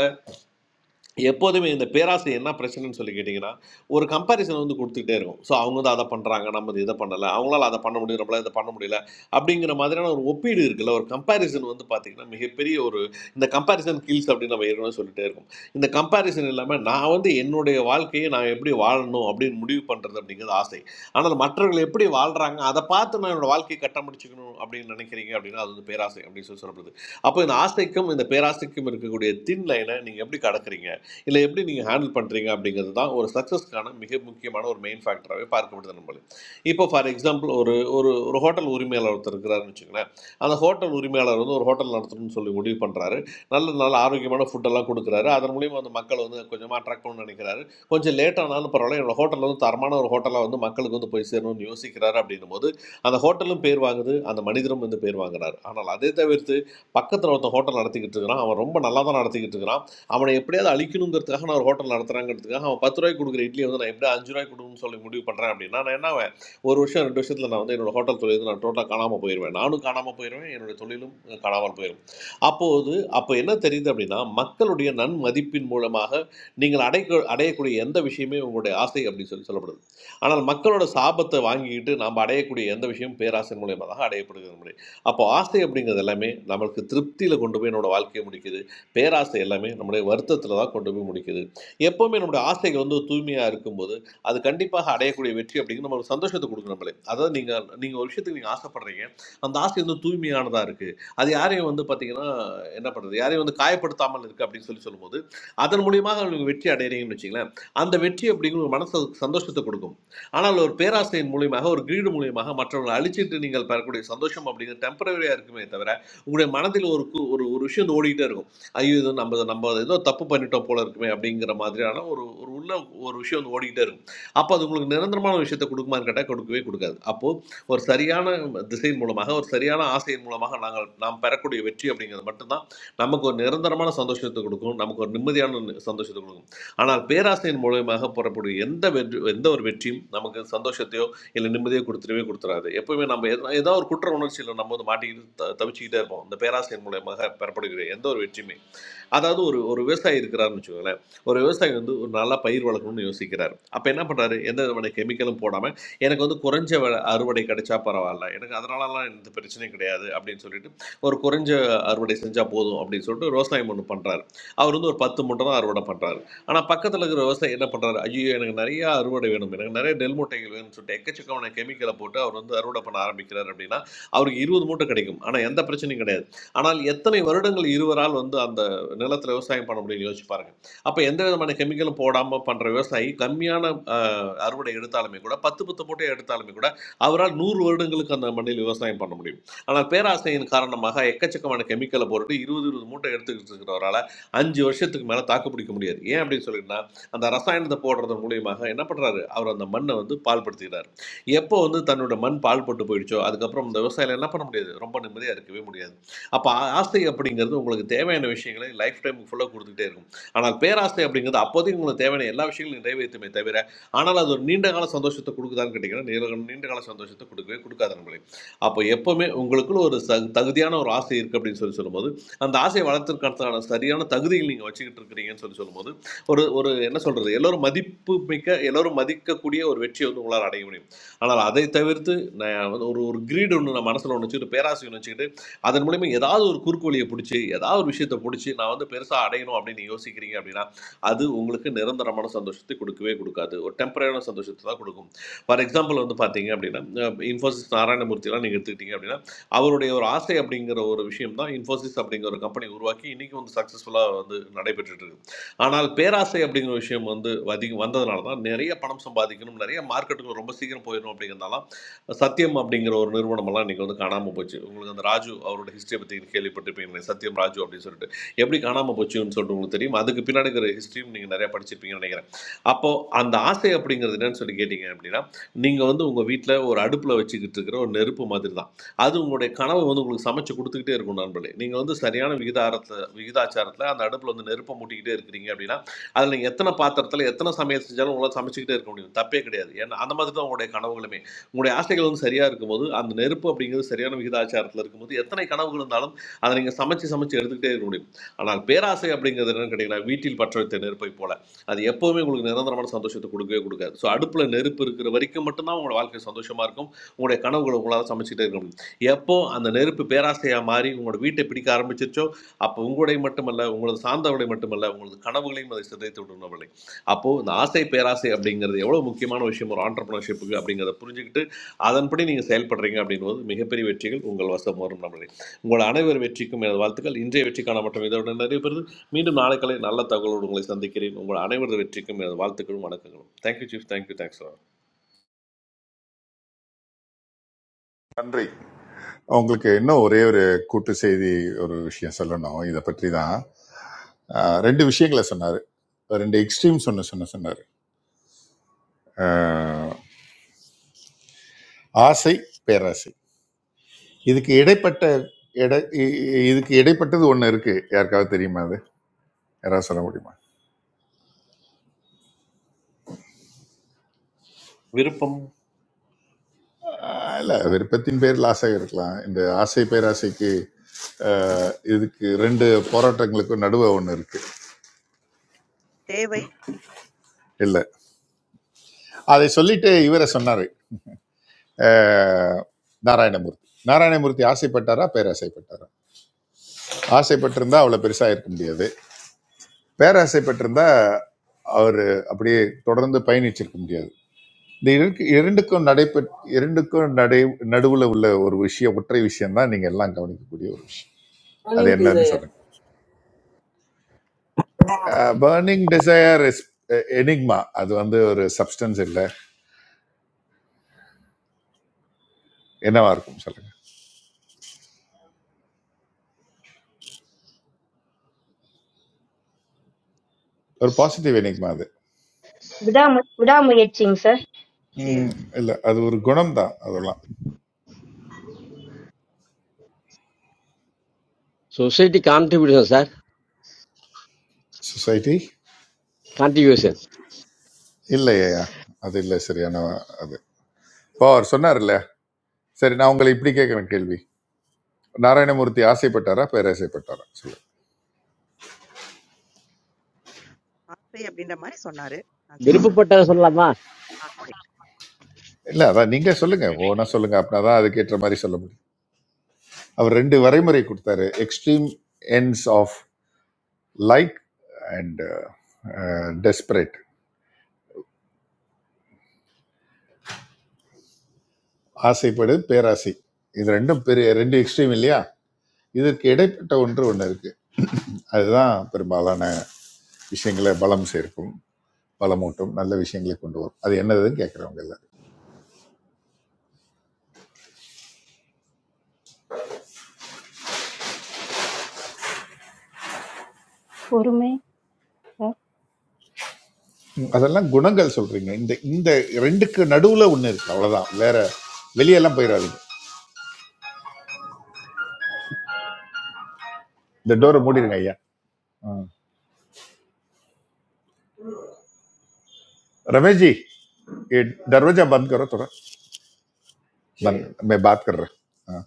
Speaker 8: எப்போதுமே இந்த பேராசை என்ன பிரச்சனைன்னு சொல்லி கேட்டிங்கன்னா ஒரு கம்பேரிசன் வந்து கொடுத்துக்கிட்டே இருக்கும் ஸோ அவங்க தான் அதை பண்ணுறாங்க நம்ம இது இதை பண்ணலை அவங்களால அதை பண்ண முடியும் நம்மளால இதை பண்ண முடியல அப்படிங்கிற மாதிரியான ஒரு ஒப்பீடு இருக்குல்ல ஒரு கம்பேரிசன் வந்து பார்த்திங்கன்னா மிகப்பெரிய ஒரு இந்த கம்பேரிசன் கில்ஸ் அப்படின்னு நம்ம ஏற்கனவே சொல்லிட்டே இருக்கோம் இந்த கம்பேரிசன் இல்லாமல் நான் வந்து என்னுடைய வாழ்க்கையை நான் எப்படி வாழணும் அப்படின்னு முடிவு பண்ணுறது அப்படிங்கிறது ஆசை ஆனால் மற்றவர்கள் எப்படி வாழ்கிறாங்க அதை பார்த்து நான் என்னோட வாழ்க்கையை கட்டமடிச்சுக்கணும் அப்படின்னு நினைக்கிறீங்க அப்படின்னா அது வந்து பேராசை அப்படின்னு சொல்லி சொல்லப்படுது அப்போ இந்த ஆசைக்கும் இந்த பேராசைக்கும் இருக்கக்கூடிய தின் லைனை நீங்கள் எப்படி கடக்குறீங்க இல்லை எப்படி நீங்கள் ஹேண்டில் பண்ணுறீங்க அப்படிங்கிறது தான் ஒரு சக்ஸஸ்க்கான மிக முக்கியமான ஒரு மெயின் ஃபேக்டராகவே பார்க்கப்படுது நம்மளுக்கு இப்போ ஃபார் எக்ஸாம்பிள் ஒரு ஒரு ஒரு ஹோட்டல் உரிமையாளர் ஒருத்தர் இருக்கிறாருன்னு வச்சுங்களேன் அந்த ஹோட்டல் உரிமையாளர் வந்து ஒரு ஹோட்டல் நடத்தணும்னு சொல்லி முடிவு பண்ணுறாரு நல்ல நல்ல ஆரோக்கியமான ஃபுட்டெல்லாம் கொடுக்குறாரு அதன் மூலியமாக அந்த மக்கள் வந்து கொஞ்சமாக அட்ராக்ட் பண்ணணும்னு நினைக்கிறாரு கொஞ்சம் லேட் ஆனாலும் பரவாயில்ல என்னோட ஹோட்டல் வந்து தரமான ஒரு ஹோட்டலாக வந்து மக்களுக்கு வந்து போய் சேரணும்னு யோசிக்கிறாரு அப்படின்னும் போது அந்த ஹோட்டலும் பேர் வாங்குது அந்த மனிதரும் வந்து பேர் வாங்குறாரு ஆனால் அதே தவிர்த்து பக்கத்தில் ஒருத்தன் ஹோட்டல் நடத்திக்கிட்டு இருக்கிறான் அவன் ரொம்ப நல்லா தான் நடத்திக்கிட்டு இருக்கிறான் அவனை எப்படியாவது அழிக்கணுங்கிறதுக்காக நான் ஒரு ஹோட்டல் நடத்துறாங்கிறதுக்காக அவன் பத்து ரூபாய்க்கு கொடுக்குற இட்லி வந்து நான் எப்படியா அஞ்சு ரூபாய்க்கு கொடுக்கணும்னு சொல்லி முடிவு பண்ணுறேன் அப்படின்னா நான் என்ன ஆவேன்? ஒரு வருஷம் ரெண்டு வருஷத்தில் நான் வந்து என்னோட ஹோட்டல் தொழில் வந்து நான் டோட்டலாக காணாமல் போயிடுவேன் நானும் காணாமல் போயிடுவேன் என்னுடைய தொழிலும் காணாமல் போயிடும் அப்போது அப்போ என்ன தெரியுது அப்படின்னா மக்களுடைய நன்மதிப்பின் மூலமாக நீங்கள் அடைக்க அடையக்கூடிய எந்த விஷயமே உங்களுடைய ஆசை அப்படின்னு சொல்லி சொல்லப்படுது ஆனால் மக்களோட சாபத்தை வாங்கிக்கிட்டு நாம் அடையக்கூடிய எந்த விஷயம் பேராசை மூலியமாக தான் அடையப்படுகிறது அப்போ ஆசை அப்படிங்கிறது எல்லாமே நம்மளுக்கு திருப்தியில் கொண்டு போய் என்னோட வாழ்க்கையை முடிக்குது பேராசை எல்லாமே நம்முடைய வருத்தத்தில் தான் கொண்டு போய் முடிக்குது எப்போவுமே நம்முடைய ஆசைகள் வந்து தூய்மையாக இருக்கும்போது அது கண்டிப்பாக அடையக்கூடிய வெற்றி அப்படிங்கிறது நம்ம ஒரு சந்தோஷத்தை கொடுக்கும் நம்மளே அதாவது நீங்கள் நீங்கள் ஒரு விஷயத்துக்கு நீங்கள் ஆசைப்படுறீங்க அந்த ஆசை வந்து தூய்மையானதாக இருக்குது அது யாரையும் வந்து பார்த்தீங்கன்னா என்ன பண்ணுறது யாரையும் வந்து காயப்படுத்தாமல் இருக்குது அப்படின்னு சொல்லி சொல்லும்போது அதன் மூலியமாக உங்களுக்கு வெற்றி அடைகிறீங்கன்னு வச்சுங்களேன் அந்த வெற்றி அப்படிங்கிற ஒரு மனசு சந்தோஷத்தை கொடுக்கும் ஆனால் ஒரு பேராசையின் மூலியமாக ஒரு கிரீடு மூலியமாக மற்றவங்களை அழிச்சிட்டு நீங்கள் பெறக்கூடிய சந்தோஷம் அப்படிங்கிறது டெம்பரவரியாக இருக்குமே தவிர உங்களுடைய மனதில் ஒரு கு- ஒரு ஒரு விஷயம் வந்து ஓடிக்கிட்டே இருக்கும் ஐயோ இது நம்ம நம்ம ஏதோ தப்பு பண்ணிட்டோம் போல இருக்குமே அப்படிங்கிற மாதிரியான ஒரு ஒரு உள்ள ஒரு விஷயம் வந்து ஓடிக்கிட்டே இருக்கும் அப்போ அது உங்களுக்கு நிரந்தரமான விஷயத்தை கொடுக்குமான்னு கேட்டால் கொடுக்கவே கொடுக்காது அப்போது ஒரு சரியான திசையின் மூலமாக ஒரு சரியான ஆசையின் மூலமாக நாங்கள் நாம் பெறக்கூடிய வெற்றி அப்படிங்கிறது மட்டும்தான் நமக்கு ஒரு நிரந்தரமான சந்தோஷத்தை கொடுக்கும் நமக்கு ஒரு நிம்மதியான நி- சந்தோஷத்தை கொடுக்கும் ஆனால் பேராசையின் மூலயமாக புறப்படும் எந்த வெற்றி எந்த ஒரு வெற்றியும் நமக்கு சந்தோஷத்தையோ இல்லை நிம்மதியோ கொடுத்துடவே கொடுத்துறாது எப்பவுமே நம்ம எதா ஏதோ ஒரு குற்ற உணர்ச்சியில் நம்ம வந்து மாட்டிக்கிட்டு த- தவிச்சுக்கிட்டே இருப்போம் இந்த பேராசையின் மூலயமாக பெறப்படுகிற எந்த ஒரு வெற்றியுமே அதாவது ஒரு ஒரு விவசாயி இருக்கிறாருன்னு வச்சுக்கோங்களேன் ஒரு விவசாயி வந்து ஒரு நல்லா பயிர் வளர்க்கணும்னு யோசிக்கிறார் அப்போ என்ன பண்ணுறாரு எந்த விதமான கெமிக்கலும் போடாமல் எனக்கு வந்து குறைஞ்ச விலை- அறுவடை கிடைச்சா பரவாயில்ல எனக்கு அதனாலலாம் எந்த பிரச்சனையும் கிடையாது அப்படின்னு சொல்லிட்டு ஒரு குறைஞ்ச அறுவடை செஞ்சால் போதும் அப்படின்னு சொல்லிட்டு விவசாயம் ஒன்று பண்ணுறாரு அவர் வந்து ஒரு பத்து மூட்டை தான் அறுவடை பண்ணுறாரு ஆனால் பக்கத்தில் இருக்கிற விவசாயி என்ன பண்ணுறாரு ஐயோ எனக்கு நிறைய அறுவடை வேணும் எனக்கு நிறைய நெல் மூட்டைகள் வேணும்னு சொல்லிட்டு எக்கச்சக்கமான கெமிக்கலை போட்டு அவர் வந்து அறுவடை பண்ண ஆரம்பிக்கிறார் அப்படின்னா அவருக்கு இருபது மூட்டை கிடைக்கும் ஆனால் எந்த பிரச்சனையும் கிடையாது ஆனால் எத்தனை வருடங்கள் இருவரால் வந்து அந்த நிலத்தில் விவசாயம் பண்ண முடியும்னு யோசிச்சு பாருங்க அப்போ எந்த விதமான கெமிக்கலும் போடாமல் பண்ணுற விவசாயி கம்மியான அஹ், அறுவடை எடுத்தாலுமே கூட பத்து பத்து மூட்டை எடுத்தாலுமே கூட அவரால் நூறு வருடங்களுக்கு அந்த மண்ணில் விவசாயம் பண்ண முடியும் ஆனால் பேராசையின் காரணமாக எக்கச்சக்கமான கெமிக்கலை போட்டுட்டு இருபது இருபது மூட்டை எடுத்துக்கிட்டு இருக்கிறவரால் அஞ்சு வருஷத்துக்கு மேலே தாக்கு பிடிக்க முடியாது ஏன் அப்படின்னு சொல்லிட்டுனா அந்த ரசாயனத்தை போடுறது மூலியமாக என்ன பண்ணுறாரு அவர் அந்த மண்ணை வந்து பாழ்படுத்துகிறார் எப்போ வந்து தன்னோட மண் பாழ்பட்டு போயிடுச்சோ அதுக்கப்புறம் இந்த விவசாயிகள் என்ன பண்ண முடியாது ரொம்ப நிம்மதியாக இருக்கவே முடியாது அப்போ ஆசை அப்படிங்கிறது உங்களுக்கு தேவையான விஷயங்களை லைஃப் டைம் ஃபுல்லாக கொடுத்துட்டே இருக்கும் ஆனால் பேராசை அப்படிங்கிறது அப்போதைக்கு உங்களுக்கு தேவையான எல்லா விஷயங்களும் நிறைவேற்றுமே தவிர ஆனால் அது ஒரு நீண்ட கால சந்தோஷத்தை கொடுக்குதான்னு கேட்டிங்கன்னா நீல- நீண்ட கால சந்தோஷத்தை கொடுக்கவே கொடுக்காத நம்மளே அப்போ எப்போவுமே உங்களுக்குள்ள ஒரு ச- தகுதியான ஒரு ஆசை இருக்குது அப்படின்னு சொல்லி சொல்லும்போது அந்த ஆசையை வளர்த்துக்கிறதுக்கான சரியான தகுதிகள் நீங்கள் வச்சுக்கிட்டு இருக்கிறீங்கன்னு சொல்லி சொல்லும்போது ஒரு ஒரு என்ன சொல்கிறது எல்லோரும் மதிப்பு மிக்க எல்லோரும் மதிக்கக்கூடிய ஒரு வெற்றியை வந்து உங்களால் அடைய முடியும் ஆனால் அதை தவிர்த்து நான் வந்து ஒரு ஒரு கிரீடு ஒன்று நான் மனசில் ஒன்று வச்சுக்கிட்டு பேராசை ஒன்று வச்சுக்கிட்டு அதன் மூலியமா ஏதாவது ஒரு குறுக்கு வழியை பிடிச்சி ஏதாவது ஒரு விஷயத்தை பிடிச்சி நான் வந்து பெருசாக அடையணும் அப்படின்னு நீங்க யோசிக்கிறீங்க அப்படின்னா அது உங்களுக்கு நிரந்தரமான சந்தோஷத்தை கொடுக்கவே கொடுக்காது ஒரு டெம்பரரியான சந்தோஷத்தை தான் கொடுக்கும் ஃபார் எக்ஸாம்பிள் வந்து பார்த்தீங்க அப்படின்னா அஹ் இன்ஃபோசிஸ் நாராயணமூர்த்திலாம் நீங்கள் எடுத்துக்கிட்டீங்க அப்படின்னா அவருடைய ஒரு ஆசை அப்படிங்கிற ஒரு விஷயம் தான் இன்ஃபோசிஸ் அப்படிங்கிற ஒரு கம்பெனி உருவாக்கி இன்னைக்கு வந்து சக்ஸஸ்ஃபுல்லாக வந்து நடைபெற்றுட்டு இருக்கு ஆனால் பேராசை அப்படிங்கிற விஷயம் வந்து அதிகம் வந்ததுனால தான் நிறைய பணம் சம்பாதிக்கணும் நிறைய மார்க்கெட்டுக்கு ரொம்ப சீக்கிரம் போயிடணும் அப்படிங்கிறதுனால சத்யம் அப்படிங்கிற ஒரு நிறுவனமெல்லாம் இன்னைக்கு வந்து காணாமல் போச்சு உங்களுக்கு அந்த ராஜு அவரோட ஹிஸ்டரியை பற்றி கேள்விப்பட்டிருப்பீங்க சத்யம் ராஜு அப்படின்னு சொல்லிட்டு எப்படி காணாமல் போச்சுன்னு சொல்லிட்டு உங்களுக்கு தெரியும் அதுக்கு பின்னாடி இருக்கிற ஹிஸ்ட்ரியும் நீங்கள் நிறையா படிச்சிருப்பீங்கன்னு நினைக்கிறேன் அப்போது அந்த ஆசை அப்படிங்கிறது என்னன்னு சொல்லி கேட்டிங்க அப்படின்னா நீங்கள் வந்து உங்கள் வீட்டில் ஒரு அடுப்பில் வச்சுக்கிட்டு இருக்கிற ஒரு நெருப்பு மாதிரி தான் அது உங்களுடைய கனவை வந்து உங்களுக்கு சமைச்சு கொடுத்துக்கிட்டே இருக்கும் நண்பர்களே நீங்கள் வந்து சரியான விகிதாரத்தில் விகிதாச்சாரத்தில் அந்த அடுப்பில் வந்து நெருப்பை மூட்டிக்கிட்டே இருக்கிறீங்க அப்படின்னா அதில் நீங்கள் எத்தனை பாத்திரத்தில் எத்தனை சமையல் செஞ்சாலும் உங்களால் சமைச்சிக்கிட்டே இருக்க முடியும் தப்பே கிடையாது ஏன்னா அந்த மாதிரி தான் உங்களுடைய கனவுகளுமே உங்களுடைய ஆசைகள் வந்து சரியாக இருக்கும்போது அந்த நெருப்பு அப்படிங்கிறது சரியான விகிதாச்சாரத்தில் இருக்கும்போது எத்தனை கனவுகள் இருந்தாலும் அதை நீங்கள் சமைச்சு சமைச்சு எடுத்துக்கிட்டே இருக்க முடியும் ஆனால் பேராசை அப்படிங்கிறது என்னன்னு கேட்டிங்கன்னா வீட்டில் பற்ற வைத்த நெருப்பை போல அது எப்போவுமே உங்களுக்கு நிரந்தரமான சந்தோஷத்தை கொடுக்கவே கொடுக்காது ஸோ அடுப்பில் நெருப்பு இருக்கிற வரைக்கும் மட்டும்தான் உங்களோட வாழ்க்கை சந்தோஷமாக இருக்கும் உங்களுடைய கனவுகளை உங்களால் சமைச்சிட்டே இருக்க முடியும் எப்போ அந்த நெருப்பு பேராசையாக மாறி உங்களோட வீட்டை பிடிக்க ஆரம்பிச்சிருச்சோ அப்போ உங்களுடைய மட்டுமல்ல உங்களது சார்ந்தவர்களை மட்டுமல்ல உங்களது கனவுகளையும் அதை சிதைத்து விடவில்லை அப்போது இந்த ஆசை பேராசை அப்படிங்கிறது எவ்வளோ முக்கியமான விஷயம் ஒரு ஆண்டர்பிரினர்ஷிப்புக்கு அப்படிங்கிறத புரிஞ்சுக்கிட்டு அதன்படி நீங்கள் செயல்படுறீங்க அப்படிங்கும்போது மிகப்பெரிய வெற்றிகள் உங்கள் வசம் வரும் நம்மளே உங்கள் அனைவர் வெற்றிக்கும் எனது வாழ்த்துக்கள் இன்றைய வெற்றிக்கான மற்றும் இதோட நிறைய பேர் மீண்டும் நாளை காலை நல்ல தகவலோடு உங்களை சந்திக்கிறேன் உங்கள் அனைவரது வெற்றிக்கும் எனது வாழ்த்துக்களும் வணக்கங்களும் தேங்க்யூ சீஃப் தேங்க்யூ தேங்க்ஸ்
Speaker 4: நன்றி உங்களுக்கு இன்னும் ஒரே ஒரு கூட்டு செய்தி ஒரு விஷயம் சொல்லணும் இதை பற்றி தான் அஹ், ரெண்டு விஷயங்களை சொன்னார் ரெண்டு எக்ஸ்ட்ரீம்ஸ் ஒன்று சொன்ன சொன்னார் அஹ், ஆசை பேராசை இதுக்கு இடைப்பட்ட இடை இ- இ- இதுக்கு இடைப்பட்டது ஒன்று இருக்கு யாருக்காவது தெரியுமா அது யாராவது சொல்ல முடியுமா
Speaker 8: விருப்பம்
Speaker 4: இல்லை விருப்பத்தின் பேரில் ஆசை இருக்கலாம் இந்த ஆசை பேராசைக்கு அஹ், இதுக்கு ரெண்டு போராட்டங்களுக்கும் நடுவே ஒன்று இருக்கு
Speaker 3: தேவை
Speaker 4: இல்லை அதை சொல்லிட்டு இவரை சொன்னார் நாராயணமூர்த்தி நாராயணமூர்த்தி ஆசைப்பட்டாரா பேராசைப்பட்டாரா ஆசைப்பட்டிருந்தா அவ்வளோ பெருசாக இருக்க முடியாது பேராசைப்பட்டிருந்தா அவர் அப்படியே தொடர்ந்து பயணிச்சிருக்க முடியாது இந்த இருக்கு- இரண்டுக்கும் நடைபெற் இரண்டுக்கும் நடை நடுவுல உள்ள ஒரு விஷயம் ஒற்றை விஷயம் தான் நீங்க எல்லாம் கவனிக்கக்கூடிய ஒரு விஷயம் அது
Speaker 18: Morning,
Speaker 4: என்னன்னு
Speaker 18: Desire.
Speaker 4: சொல்லுங்க பர்னிங் டிசையர் இஸ் எனிக்மா அது வந்து ஒரு சப்ஸ்டன்ஸ் இல்லை என்னவா இருக்கும் சொல்லுங்க ஒரு பாசிட்டிவ் எனிக்மா அது
Speaker 21: What am I missing, sir?
Speaker 3: சி-
Speaker 4: ம், இல்லை அது ஒரு குணம் தான் அதெல்லாம்
Speaker 7: society contribution sir
Speaker 4: society
Speaker 7: contribution
Speaker 4: இல்லையா அது இல்லை சரியான அது இப்போ அவர் சொன்னார் இல்லையா? சரி நான் உங்களை இப்படி கேட்குறேன் கேள்வி நாராயணமூர்த்தி ஆசைப்பட்டாரா பேராசைப்பட்டாரா சொல்லுங்க
Speaker 3: ஆசை அப்படின்ற மாதிரி சொன்னாரு அஜய் சாரும்
Speaker 7: விருப்பப்பட்டதை சொல்லலாமா
Speaker 3: ஆசை
Speaker 4: இல்லை அதான் நீங்கள் சொல்லுங்க ஓனா சொல்லுங்க அப்படின்னா தான் அதுக்கேற்ற மாதிரி சொல்ல முடியும் அவர் ரெண்டு வரைமுறை கொடுத்தாரு extreme ends of like and desperate ஆசைப்படு பேராசை இது ரெண்டும் பெரிய ரெண்டு எக்ஸ்ட்ரீம் இல்லையா இதற்கு இடைப்பட்ட ஒன்று ஒன்று இருக்கு அதுதான் பெரும்பாலான விஷயங்களை பலம் சேர்க்கும் பலமூட்டும் நல்ல விஷயங்களை கொண்டு வரும் அது என்னதுன்னு கேட்குறவங்க எல்லாரும்
Speaker 22: Poor me. Yeah.
Speaker 4: ம், அதெல்லாம் குணங்கள் சொல்றீங்க இந்த இந்த ரெண்டுக்கு நடுவில் ஒன்று இருக்கு அவ்வளோதான் வேற வெளியெல்லாம் போயிடாதீங்க இந்த டோரை மூடிடுங்க ஐயா ரமேஷ்ஜி ये दरवाजा बंद करो थोड़ा मैं मैं बात कर रहा हाँ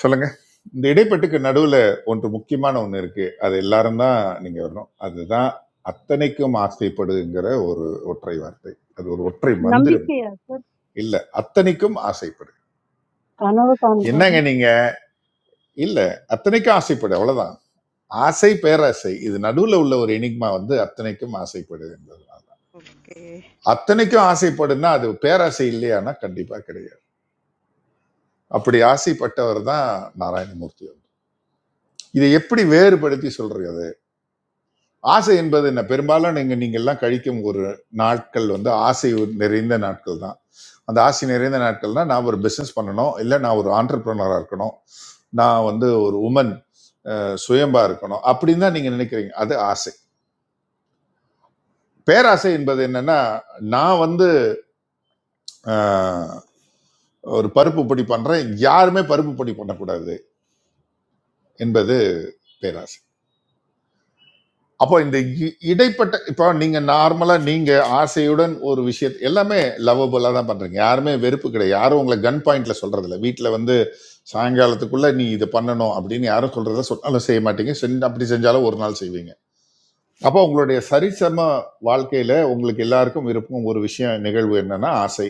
Speaker 4: சொல்லுங்க இந்த இடைப்பட்டுக்கு நடுவில் ஒன்று முக்கியமான ஒன்று இருக்கு அது எல்லாரும் தான் நீங்கள் வரணும் அதுதான் அத்தனைக்கும் ஆசைப்படுங்கிற ஒரு ஒற்றை வார்த்தை அது ஒரு ஒற்றை
Speaker 11: nambi
Speaker 4: மந்திரம்
Speaker 11: keya sir.
Speaker 4: இல்லை அத்தனைக்கும் ஆசைப்படு
Speaker 22: Can I go down there?
Speaker 4: என்னங்க நீங்க இல்லை அத்தனைக்கும் ஆசைப்படு அவ்வளவுதான் ஆசை பேராசை இது நடுவில் உள்ள ஒரு எனிக்மா வந்து அத்தனைக்கும் ஆசைப்படு என்பதுனால
Speaker 3: ஓகே
Speaker 4: அத்தனைக்கும் ஆசைப்படுன்னா அது பேராசை இல்லையானா கண்டிப்பா கிடையாது அப்படி ஆசைப்பட்டவர் தான் நாராயணமூர்த்தி அவர். இதை எப்படி வேறுபடுத்தி சொல்றது ஆசை என்பது என்ன பெரும்பாலும் நீங்கள் நீங்கள்லாம் கழிக்கும் ஒரு நாட்கள் வந்து ஆசை நிறைந்த நாட்கள் தான் அந்த ஆசை நிறைந்த நாட்கள்னா நான் ஒரு பிஸ்னஸ் பண்ணணும் இல்லை நான் ஒரு ஆண்டர்பிரனராக இருக்கணும் நான் வந்து ஒரு உமன் சுயம்பா இருக்கணும் அப்படின்னு தான் நீங்கள் நினைக்கிறீங்க அது ஆசை பேராசை என்பது என்னன்னா நான் வந்து ஆஹ், ஒரு பருப்பு பொடி பண்ணுறேன் யாருமே பருப்பு பொடி பண்ணக்கூடாது என்பது பேராசை அப்போ இந்த இ- இடைப்பட்ட இப்போ நீங்க நார்மலா நீங்க ஆசையுடன் ஒரு விஷயத்தை எல்லாமே லவ்வபுல்லா தான் பண்றீங்க யாருமே வெறுப்பு கிடையாது யாரும் உங்களை கன் பாயிண்ட்ல சொல்றது இல்லை வீட்டில் வந்து சாயங்காலத்துக்குள்ள நீ இதை பண்ணணும் அப்படின்னு யாரும் சொல்றத சொன்னாலும் செய்ய மாட்டீங்க செஞ்சு அப்படி செஞ்சாலும் ஒரு நாள் செய்வீங்க அப்போ உங்களுடைய சரிசம வாழ்க்கையில உங்களுக்கு எல்லாருக்கும் விருப்பம் ஒரு விஷயம் நிகழ்வு என்னன்னா ஆசை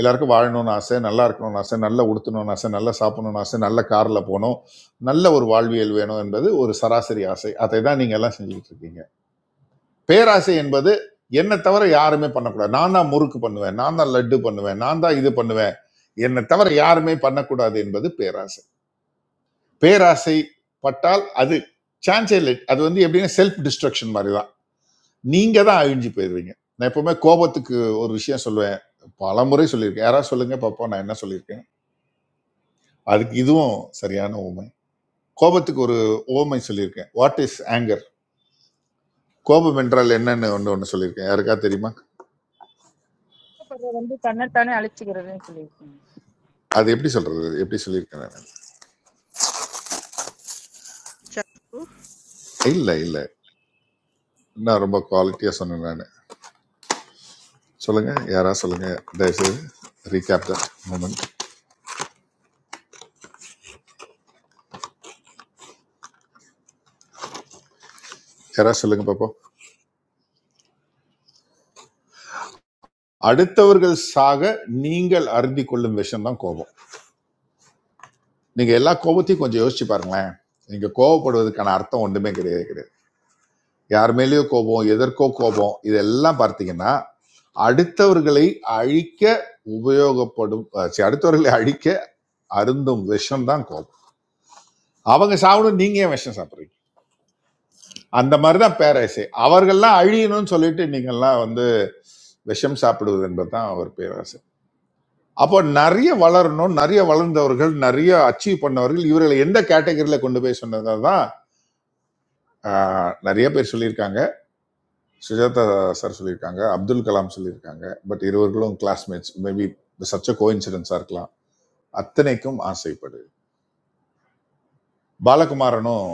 Speaker 4: எல்லாருக்கும் வாழணும்னு ஆசை நல்லா இருக்கணும்னு ஆசை நல்லா உடுத்தணும்னு ஆசை நல்லா சாப்பிடணும்னு ஆசை நல்ல கார்ல போகணும் நல்ல ஒரு வாழ்வியல் வேணும் என்பது ஒரு சராசரி ஆசை அதை தான் நீங்க எல்லாம் செஞ்சுக்கிட்டு இருக்கீங்க பேராசை என்பது என்னை தவிர யாருமே பண்ணக்கூடாது நான் தான் முறுக்கு பண்ணுவேன் நான் தான் லட்டு பண்ணுவேன் நான் தான் இது பண்ணுவேன் என்னை தவிர யாருமே பண்ணக்கூடாது என்பது பேராசை பேராசை பட்டால் அது சான்ஸே இல்லை அது வந்து எப்படின்னா செல்ஃப் டிஸ்ட்ரக்ஷன் மாதிரி தான் நீங்க தான் அழிஞ்சு போயிடுவீங்க நான் எப்பவுமே கோபத்துக்கு ஒரு விஷயம் சொல்லுவேன் பல முறை சொல்லியிருக்கேன் யாராவது சொல்லுங்க பாப்போம் நான் என்ன சொல்லியிருக்கேன் அதுக்கு இதுவும் சரியான உண்மை கோபத்துக்கு ஒரு ஓமை சொல்லியிருக்கேன் வாட் இஸ் anger கோபம் என்றால் என்னன்னு ஒன்று ஒன்று சொல்லியிருக்கேன் யாருக்கா தெரியுமா
Speaker 1: துக்கப்படுறது வந்து தன்னைத்தானே அழிச்சுக்கிறதுன்னு சொல்லியிருக்கீங்க
Speaker 4: அது எப்படி சொல்றது எப்படி சொல்லியிருக்கேன் நான்?
Speaker 3: சத்து
Speaker 4: இல்லை இல்லை நான் ரொம்ப குவாலிட்டியாக சொன்னேன் நான் சொல்லுங்கள் யாராவது சொல்லுங்கள் தயவுசெய்து ரீகேப் தட் மூமெண்ட் யாராவது சொல்லுங்கள் பார்ப்போம் அடுத்தவர்கள் சாக நீங்கள் அருந்தி கொள்ளும் விஷயம் தான் கோபம் நீங்கள் எல்லா கோபத்தையும் கொஞ்சம் யோசிச்சு பாருங்களேன் நீங்கள் கோபப்படுவதற்கான அர்த்தம் ஒன்றுமே கிடையாது கிடையாது யார் மேலேயோ கோபம் எதற்கோ கோபம் இதெல்லாம் பார்த்தீங்கன்னா அடுத்தவர்களை அழிக்க உபயோகப்படும் அஹ், சரி, அடுத்தவர்களை அழிக்க அருந்தும் விஷம் தான் கோபம் அவங்க சாப்பிடும் நீங்கள் ஏன் விஷம் சாப்பிட்றீங்க அந்த மாதிரிதான் பேராசை அவர்கள்லாம் அழியணும்னு சொல்லிட்டு நீங்கள்லாம் வந்து விஷம் சாப்பிடுவது என்பதுதான் அவர் பேராசை அப்போ நிறைய வளரணும் நிறைய வளர்ந்தவர்கள் நிறைய அச்சீவ் பண்ணவர்கள் இவர்களை எந்த கேட்டகரியில கொண்டு போய் சொன்னதாக தான் நிறைய பேர் சொல்லியிருக்காங்க சுஜாதா சார் சொல்லியிருக்காங்க அப்துல் கலாம் சொல்லியிருக்காங்க பட் இருவர்களும் கிளாஸ்மேட்ஸ் மேபி சச்ச கோயின்சிடன்ஸா இருக்கலாம் அத்தனைக்கும் ஆசைப்படு பாலகுமாரனும்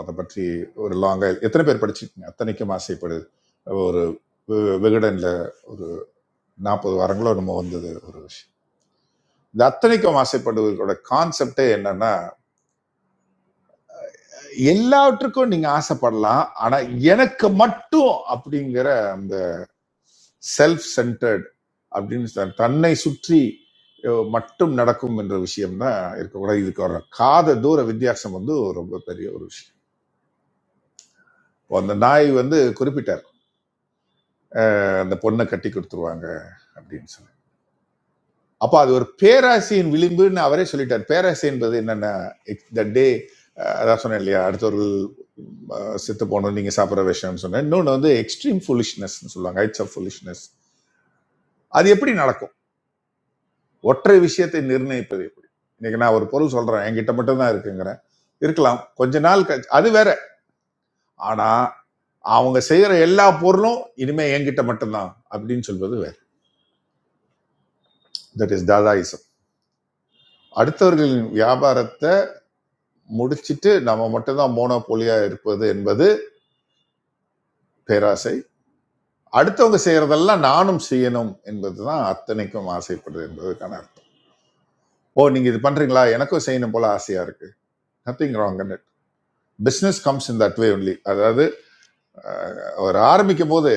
Speaker 4: அதை பற்றி ஒரு லாங்கா எத்தனை பேர் படிச்சிருக்கீங்க அத்தனைக்கும் ஆசைப்படு ஒரு வெ- விகடன்ல ஒரு நாற்பது வாரங்களோ நம்ம வந்தது ஒரு விஷயம் இந்த அத்தனைக்கும் ஆசைப்படுவதற்கோட கான்செப்டே என்னன்னா எல்லாவற்றுக்கும் நீங்க ஆசைப்படலாம் ஆனா எனக்கு மட்டும் அப்படிங்கிற அந்த செல்ஃப் சென்டர்ட் அப்படின்னு சொல்~ தன்னை சுற்றி அஹ், மட்டும் நடக்கும் என்ற விஷயம் தான் இருக்கக்கூடாது இதுக்கு வர காத தூர வித்தியாசம் வந்து ரொம்ப பெரிய ஒரு விஷயம் இப்போ அந்த நாய் வந்து குறிப்பிட்டார் அஹ், அந்த பொண்ணை கட்டி கொடுத்துருவாங்க அப்படின்னு சொல்லி அப்போ அது ஒரு பேராசையின் விளிம்புன்னு அவரே சொல்லிட்டார் பேராசை என்பது என்னென்ன த டே அதான் சொன்னேன் இல்லையா அடுத்தவர்கள் அஹ், செத்து போகணும் நீங்கள் சாப்பிட்ற விஷயம்னு சொன்னேன் இன்னொன்று வந்து எக்ஸ்ட்ரீம் ஃபுலிஷ்னஸ்னு சொல்லுவாங்க ஹைட்ஸ் ஆஃப் ஃபுலிஷ்னஸ் அது எப்படி நடக்கும் ஒற்றை விஷயத்தை நிர்ணயிப்பது எப்படி இன்னைக்கு நான் ஒரு பொருள் சொல்கிறேன் என்கிட்ட மட்டும் தான் இருக்குங்கிறேன் இருக்கலாம் கொஞ்ச நாள் கழிச்சு அது வேற ஆனால் அவங்க செய்கிற எல்லா பொருளும் இனிமே என்கிட்ட மட்டும்தான் அப்படின்னு சொல்வது வேற தட் இஸ் தாதாயிசம் அடுத்தவர்களின் வியாபாரத்தை முடிச்சிட்டு நம்ம மட்டும்தான் மோனோபோலியா இருப்பது என்பது பேராசை அடுத்தவங்க செய்யறதெல்லாம் நானும் செய்யணும் என்பதுதான் அத்தனைக்கும் ஆசைப்படுறது என்பதற்கான அர்த்தம் ஓ நீங்க இது பண்றீங்களா எனக்கும் செய்யணும் போல ஆசையா இருக்கு nothing wrong in it business comes in that way only அதாவது அஹ், அவர் ஆரம்பிக்கும் போது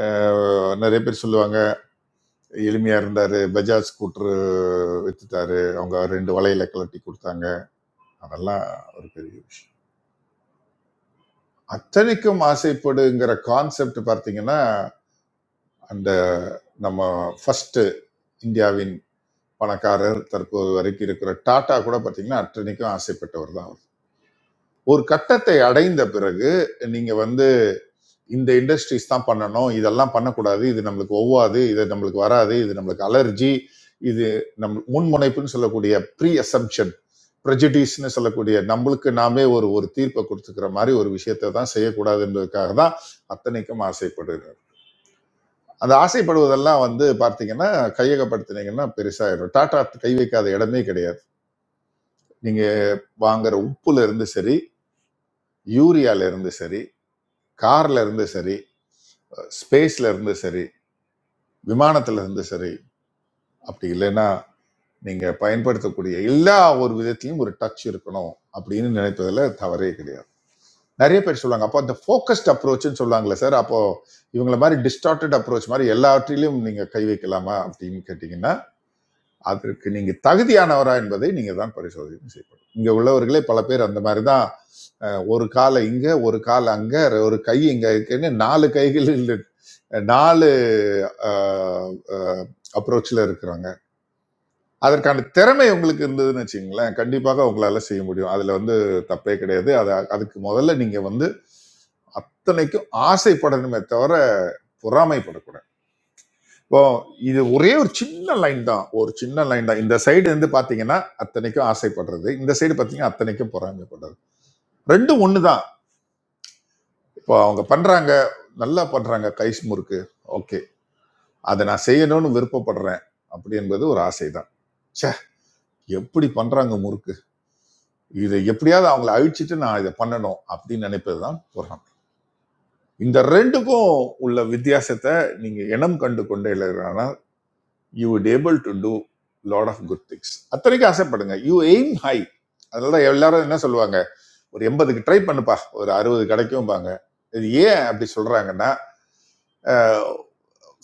Speaker 4: அஹ், நிறைய பேர் சொல்லுவாங்க எளிமையா இருந்தாரு பஜாஜ் ஸ்கூட்டர் வித்துட்டாரு அவங்க ரெண்டு வலையில கலட்டி கொடுத்தாங்க அதெல்லாம் ஒரு பெரிய விஷயம் அத்தனைக்கும் ஆசைப்படுங்கிற கான்செப்ட் பார்த்தீங்கன்னா அந்த நம்ம ஃபர்ஸ்ட் இந்தியாவின் பணக்காரர் தற்போது வரைக்கும் இருக்கிற டாடா கூட பார்த்தீங்கன்னா அத்தனைக்கும் ஆசைப்பட்டவர் தான் அவர் ஒரு கட்டத்தை அடைந்த பிறகு நீங்க வந்து இந்த இண்டஸ்ட்ரீஸ் தான் பண்ணணும் இதெல்லாம் பண்ணக்கூடாது இது நம்மளுக்கு ஒவ்வாது இது நம்மளுக்கு வராது இது நம்மளுக்கு அலர்ஜி இது நம் முன்முனைப்புன்னு சொல்லக்கூடிய ப்ரீ அசம்ஷன் ப்ரெஜடிஸ்னு சொல்லக்கூடிய நம்மளுக்கு நாமே ஒரு ஒரு தீர்ப்பை கொடுத்துக்கிற மாதிரி ஒரு விஷயத்தை தான் செய்யக்கூடாது என்பதற்காக தான் அத்தனைக்கும் ஆசைப்படுகிறார் அந்த ஆசைப்படுவதெல்லாம் வந்து பார்த்தீங்கன்னா கையகப்படுத்தினீங்கன்னா பெருசாகிடும் டாட்டா கை வைக்காத இடமே கிடையாது நீங்கள் வாங்குற உப்புல இருந்து சரி யூரியால இருந்து சரி கார்ல இருந்து சரி ஸ்பேஸ்ல இருந்து சரி விமானத்துல இருந்து சரி அப்படி இல்லைன்னா நீங்க பயன்படுத்தக்கூடிய எல்லா ஒரு விதத்திலையும் ஒரு டச் இருக்கணும் அப்படின்னு நினைப்பதுல தவறே கிடையாது நிறைய பேர் சொல்லுவாங்க அப்போ அந்த ஃபோக்கஸ்ட் அப்ரோச்னு சொல்லுவாங்களே சார் அப்போ இவங்கள மாதிரி டிஸ்டார்டட் அப்ரோச் மாதிரி எல்லாவற்றிலும் நீங்க கை வைக்கலாமா அப்படின்னு கேட்டிங்கன்னா அதற்கு நீங்க தகுதியானவரா என்பதை நீங்க தான் பரிசோதனை செய்யப்படும் இங்க உள்ளவர்களே பல பேர் அந்த மாதிரி தான் அஹ், ஒரு காலை இங்க ஒரு கால் அங்க ஒரு கை இங்க இருக்குன்னு நாலு கைகள் இல்லை நாலு அப்ரோச்சில் இருக்கிறாங்க அதற்கான திறமை உங்களுக்கு இருந்ததுன்னு வச்சுங்களேன் கண்டிப்பாக உங்களால செய்ய முடியும் அதுல வந்து தப்பே கிடையாது அது அதுக்கு முதல்ல நீங்க வந்து அத்தனைக்கும் ஆசைப்படணுமே தவிர பொறாமைப்படக்கூடாது இப்போ இது ஒரே ஒரு சின்ன லைன் தான் ஒரு சின்ன லைன் தான் இந்த சைடு இருந்து பாத்தீங்கன்னா அத்தனைக்கும் ஆசைப்படுறது இந்த சைடு பாத்தீங்கன்னா அத்தனைக்கும் பொறாமைப்படுறது ரெண்டும் ஒன்று தான் இப்போ அவங்க பண்றாங்க நல்லா பண்றாங்க கை முறுக்கு ஓகே அதை நான் செய்யணும்னு விருப்பப்படுறேன் அப்படி என்பது ஒரு ஆசை தான் ச்சே எப்படி பண்றாங்க முறுக்கு இதை எப்படியாவது அவங்கள அழிச்சிட்டு நான் இதை பண்ணணும் அப்படின்னு நினைப்பது தான் பொறாமை இந்த ரெண்டுக்கும் உள்ள வித்தியாசத்தை நீங்க இனம் கண்டு கொண்டே இல்லைன்னா you would able to do lot of good things அத்தனைக்கும் ஆசைப்படுங்க யூ எய்ம் ஹை அதனால தான் எல்லாரும் என்ன சொல்லுவாங்க ஒரு எண்பதுக்கு ட்ரை பண்ணுப்பா ஒரு அறுபது கிடைக்கும்பாங்க இது ஏன் அப்படி சொல்றாங்கன்னா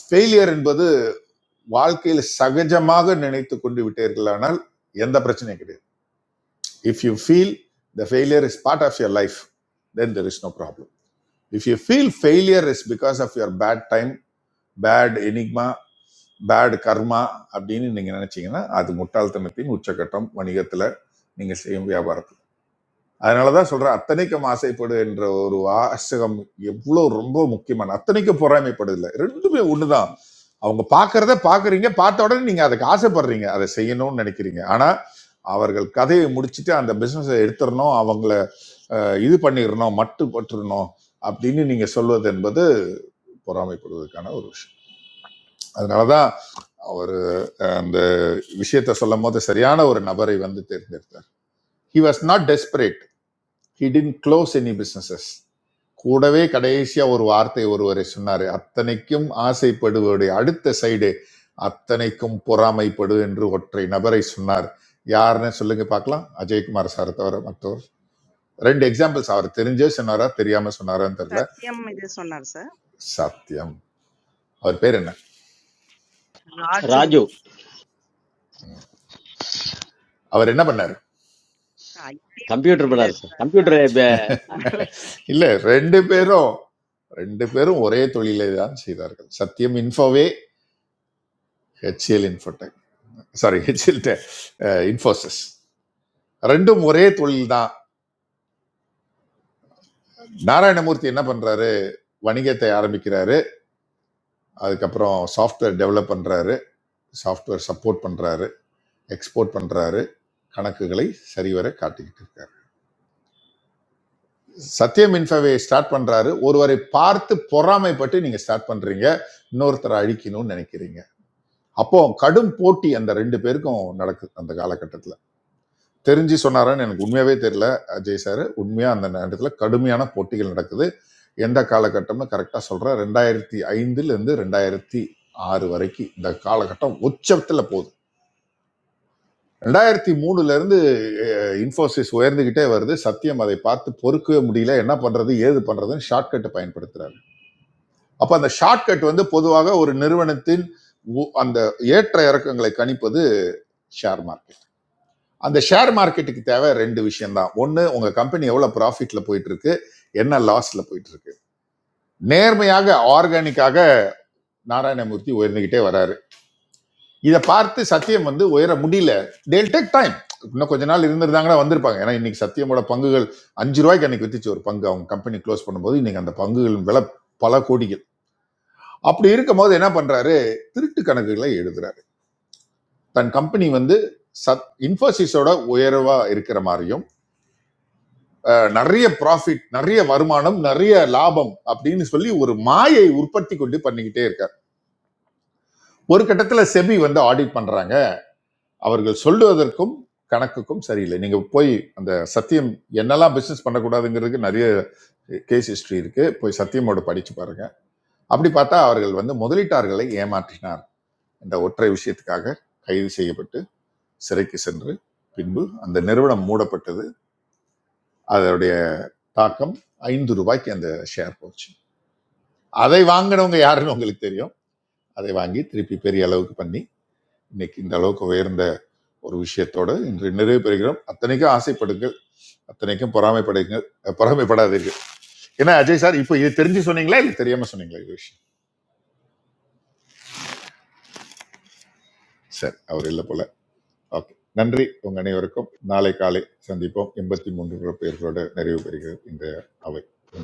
Speaker 4: ஃபெயிலியர் என்பது வாழ்க்கையில் சகஜமாக நினைத்து கொண்டு விட்டீர்களானால் எந்த பிரச்சனையும் கிடையாது if you feel the failure is part of your life then there is no problem if you feel failure is because of your bad time bad enigma bad karma அப்படின்னு நீங்கள் நினச்சிங்கன்னா அது முட்டாள்தனத்தின் உச்சக்கட்டம் வணிகத்தில் நீங்கள் செய்யும் வியாபாரத்தில் அதனால தான் சொல்கிறேன் அத்தனைக்கும் ஆசைப்படு என்ற ஒரு வாசகம் எவ்வளோ ரொம்ப முக்கியமான அத்தனைக்கும் பொறாமைப்படுதில்லை ரெண்டுமே ஒன்று தான் அவங்க பார்க்கறத பார்க்குறீங்க பார்த்த உடனே நீங்கள் அதுக்கு ஆசைப்படுறீங்க அதை செய்யணும்னு நினைக்கிறீங்க ஆனால் அவர்கள் கதையை முடிச்சுட்டு அந்த பிஸ்னஸை எடுத்துடணும் அவங்கள அஹ், இது பண்ணிடணும் மட்டு பட்டுறணும் அப்படின்னு நீங்கள் சொல்வது என்பது பொறாமைப்படுவதற்கான ஒரு விஷயம் அதனால தான் அவர் அந்த விஷயத்தை சொல்லும் போது சரியான ஒரு நபரை வந்து தேர்ந்தெடுத்தார் he was not desperate he didn't close any businesses கூடவே கடைசியா ஒரு வார்த்தை ஒருவரை சொன்னாரு அத்தனைக்கும் ஆசைப்படுவதை அடுத்த சைடு அத்தனைக்கும் பொறாமைப்படு என்று ஒற்றை நபரை சொன்னார் யாருன்னு சொல்லுங்க பார்க்கலாம் அஜயகுமார் சார் தவிர மற்றவர் ரெண்டு எக்ஸாம்பிள்ஸ் அவர் தெரிஞ்சே சொன்னாரா தெரியாம சொன்னாரான்னு தெரியல
Speaker 3: சத்யம் இது சொன்னார் சார்
Speaker 4: சத்தியம் அவர் பேர் என்ன
Speaker 3: ராஜு
Speaker 7: ராஜு
Speaker 4: அவர் என்ன பண்ணாரு
Speaker 3: ஐடி
Speaker 7: கம்ப்யூட்டர்
Speaker 3: ஃபீல்டுல
Speaker 7: பண்ணாரு சார்
Speaker 3: இருக்காரு
Speaker 7: கம்ப்யூட்டர்
Speaker 3: அதுக்கு மேல
Speaker 4: இல்ல ரெண்டு பேரும் ரெண்டு பேரும் ஒரே தொழிலை தான் செய்தார்கள் Satyam Infoway HCL Infotech sorry HCL Infosys ரெண்டும் ஒரே தொழில் தான் நாராயணமூர்த்தி என்ன பண்றாரு வணிகத்தை ஆரம்பிக்கிறாரு அதுக்கப்புறம் சாஃப்ட்வேர் டெவலப் பண்றாரு சாஃப்ட்வேர் சப்போர்ட் பண்றாரு எக்ஸ்போர்ட் பண்றாரு கணக்குகளை சரிவர காட்டிக்கிட்டு இருக்காரு சத்தியம் இன்ஃபோவை ஸ்டார்ட் பண்றாரு ஒருவரை பார்த்து பொறாமைப்பட்டு நீங்க ஸ்டார்ட் பண்றீங்க இன்னொருத்தரை அழிக்கணும்னு நினைக்கிறீங்க அப்போ கடும் போட்டி அந்த ரெண்டு பேருக்கும் நடக்குது அந்த காலகட்டத்தில் தெரிஞ்சு சொன்னாரான்னு எனக்கு உண்மையாவே தெரியல அஜய் சார் உண்மையா அந்த நேரத்தில் கடுமையான போட்டிகள் நடக்குது எந்த காலகட்டம்னு கரெக்டாக சொல்கிறேன் ரெண்டாயிரத்தி ஐந்துல இருந்து ரெண்டாயிரத்தி ஆறு வரைக்கும் இந்த காலகட்டம் உச்சத்தில் போகுது ரெண்டாயிரத்தி மூணுல இருந்து இன்ஃபோசிஸ் உயர்ந்துகிட்டே வருது சத்தியம் அதை பார்த்து பொறுக்கவே முடியல என்ன பண்றது ஏது பண்றதுன்னு ஷார்ட்கட் பயன்படுத்துறாரு அப்ப அந்த ஷார்ட்கட் வந்து பொதுவாக ஒரு நிறுவனத்தின் உ- அந்த ஏற்ற இறக்கங்களை கணிப்பது ஷேர் மார்க்கெட் அந்த ஷேர் மார்க்கெட்டுக்கு தேவை ரெண்டு விஷயம் தான் ஒன்று உங்கள் கம்பெனி எவ்வளோ ப்ராஃபிட்டில் போயிட்டு இருக்கு என்ன லாஸில் போயிட்டு இருக்கு நேர்மையாக ஆர்கானிக்காக நாராயணமூர்த்தி உயர்ந்துகிட்டே வராரு இதை பார்த்து சத்தியம் வந்து உயர முடியல டேல் டேக் டைம் இன்னும் கொஞ்ச நாள் இருந்திருந்தாங்கன்னா வந்திருப்பாங்க ஏன்னா இன்னைக்கு சத்தியமோட பங்குகள் அஞ்சு ரூபாய்க்கு அன்னைக்கு வித்துச்சு ஒரு பங்கு அவங்க கம்பெனி க்ளோஸ் பண்ணும்போது இன்னைக்கு அந்த பங்குகளின் விலை பல கோடிகள் அப்படி இருக்கும்போது என்ன பண்றாரு திருட்டு கணக்குகளை எழுதுறாரு தன் கம்பெனி வந்து சத் இன்ஃபோசிஸோட உயர்வா இருக்கிற மாதிரியும் நிறைய ப்ராஃபிட் நிறைய வருமானம் நிறைய லாபம் அப்படின்னு சொல்லி ஒரு மாயை உற்பத்தி கொண்டு பண்ணிக்கிட்டே இருக்கார் ஒரு கட்டத்துல செபி வந்து ஆடிட் பண்றாங்க அவர்கள் சொல்லுவதற்கும் கணக்குக்கும் சரியில்லை நீங்க போய் அந்த சத்தியம் என்னெல்லாம் பிசினஸ் பண்ணக்கூடாதுங்கிறதுக்கு நிறைய கேஸ் ஹிஸ்டரி இருக்கு போய் சத்தியமோட படிச்சு பாருங்க அப்படி பார்த்தா அவர்கள் வந்து முதலீட்டாளர்களை ஏமாற்றினார் என்ற ஒற்றை விஷயத்துக்காக கைது செய்யப்பட்டு சிறைக்கு சென்று பின்பு அந்த நிறுவனம் மூடப்பட்டது அதனுடைய தாக்கம் ஐந்து ரூபாய்க்கு அந்த ஷேர் போச்சு அதை வாங்கினவங்க யாருன்னு உங்களுக்கு தெரியும் அதை வாங்கி திருப்பி பெரிய அளவுக்கு பண்ணி இன்னைக்கு இந்த அளவுக்கு உயர்ந்த ஒரு விஷயத்தோட இன்று நிறைவு பெறுகிறோம் அத்தனைக்கும் ஆசைப்படுங்கள் அத்தனைக்கும் பொறாமைப்படுங்கள் அஹ் பொறாமைப்படாதீர்கள் ஏன்னா அஜய் சார் இப்போ இது தெரிஞ்சு சொன்னீங்களா இல்லை தெரியாம சொன்னீங்களா இது விஷயம் சரி அவர் இல்லை போல ஓகே நன்றி உங்க அனைவருக்கும் நாளை காலை சந்திப்போம் எண்பத்தி மூன்று பேர்களோட நிறைவு பெறுகிறது இந்த அவை நன்றி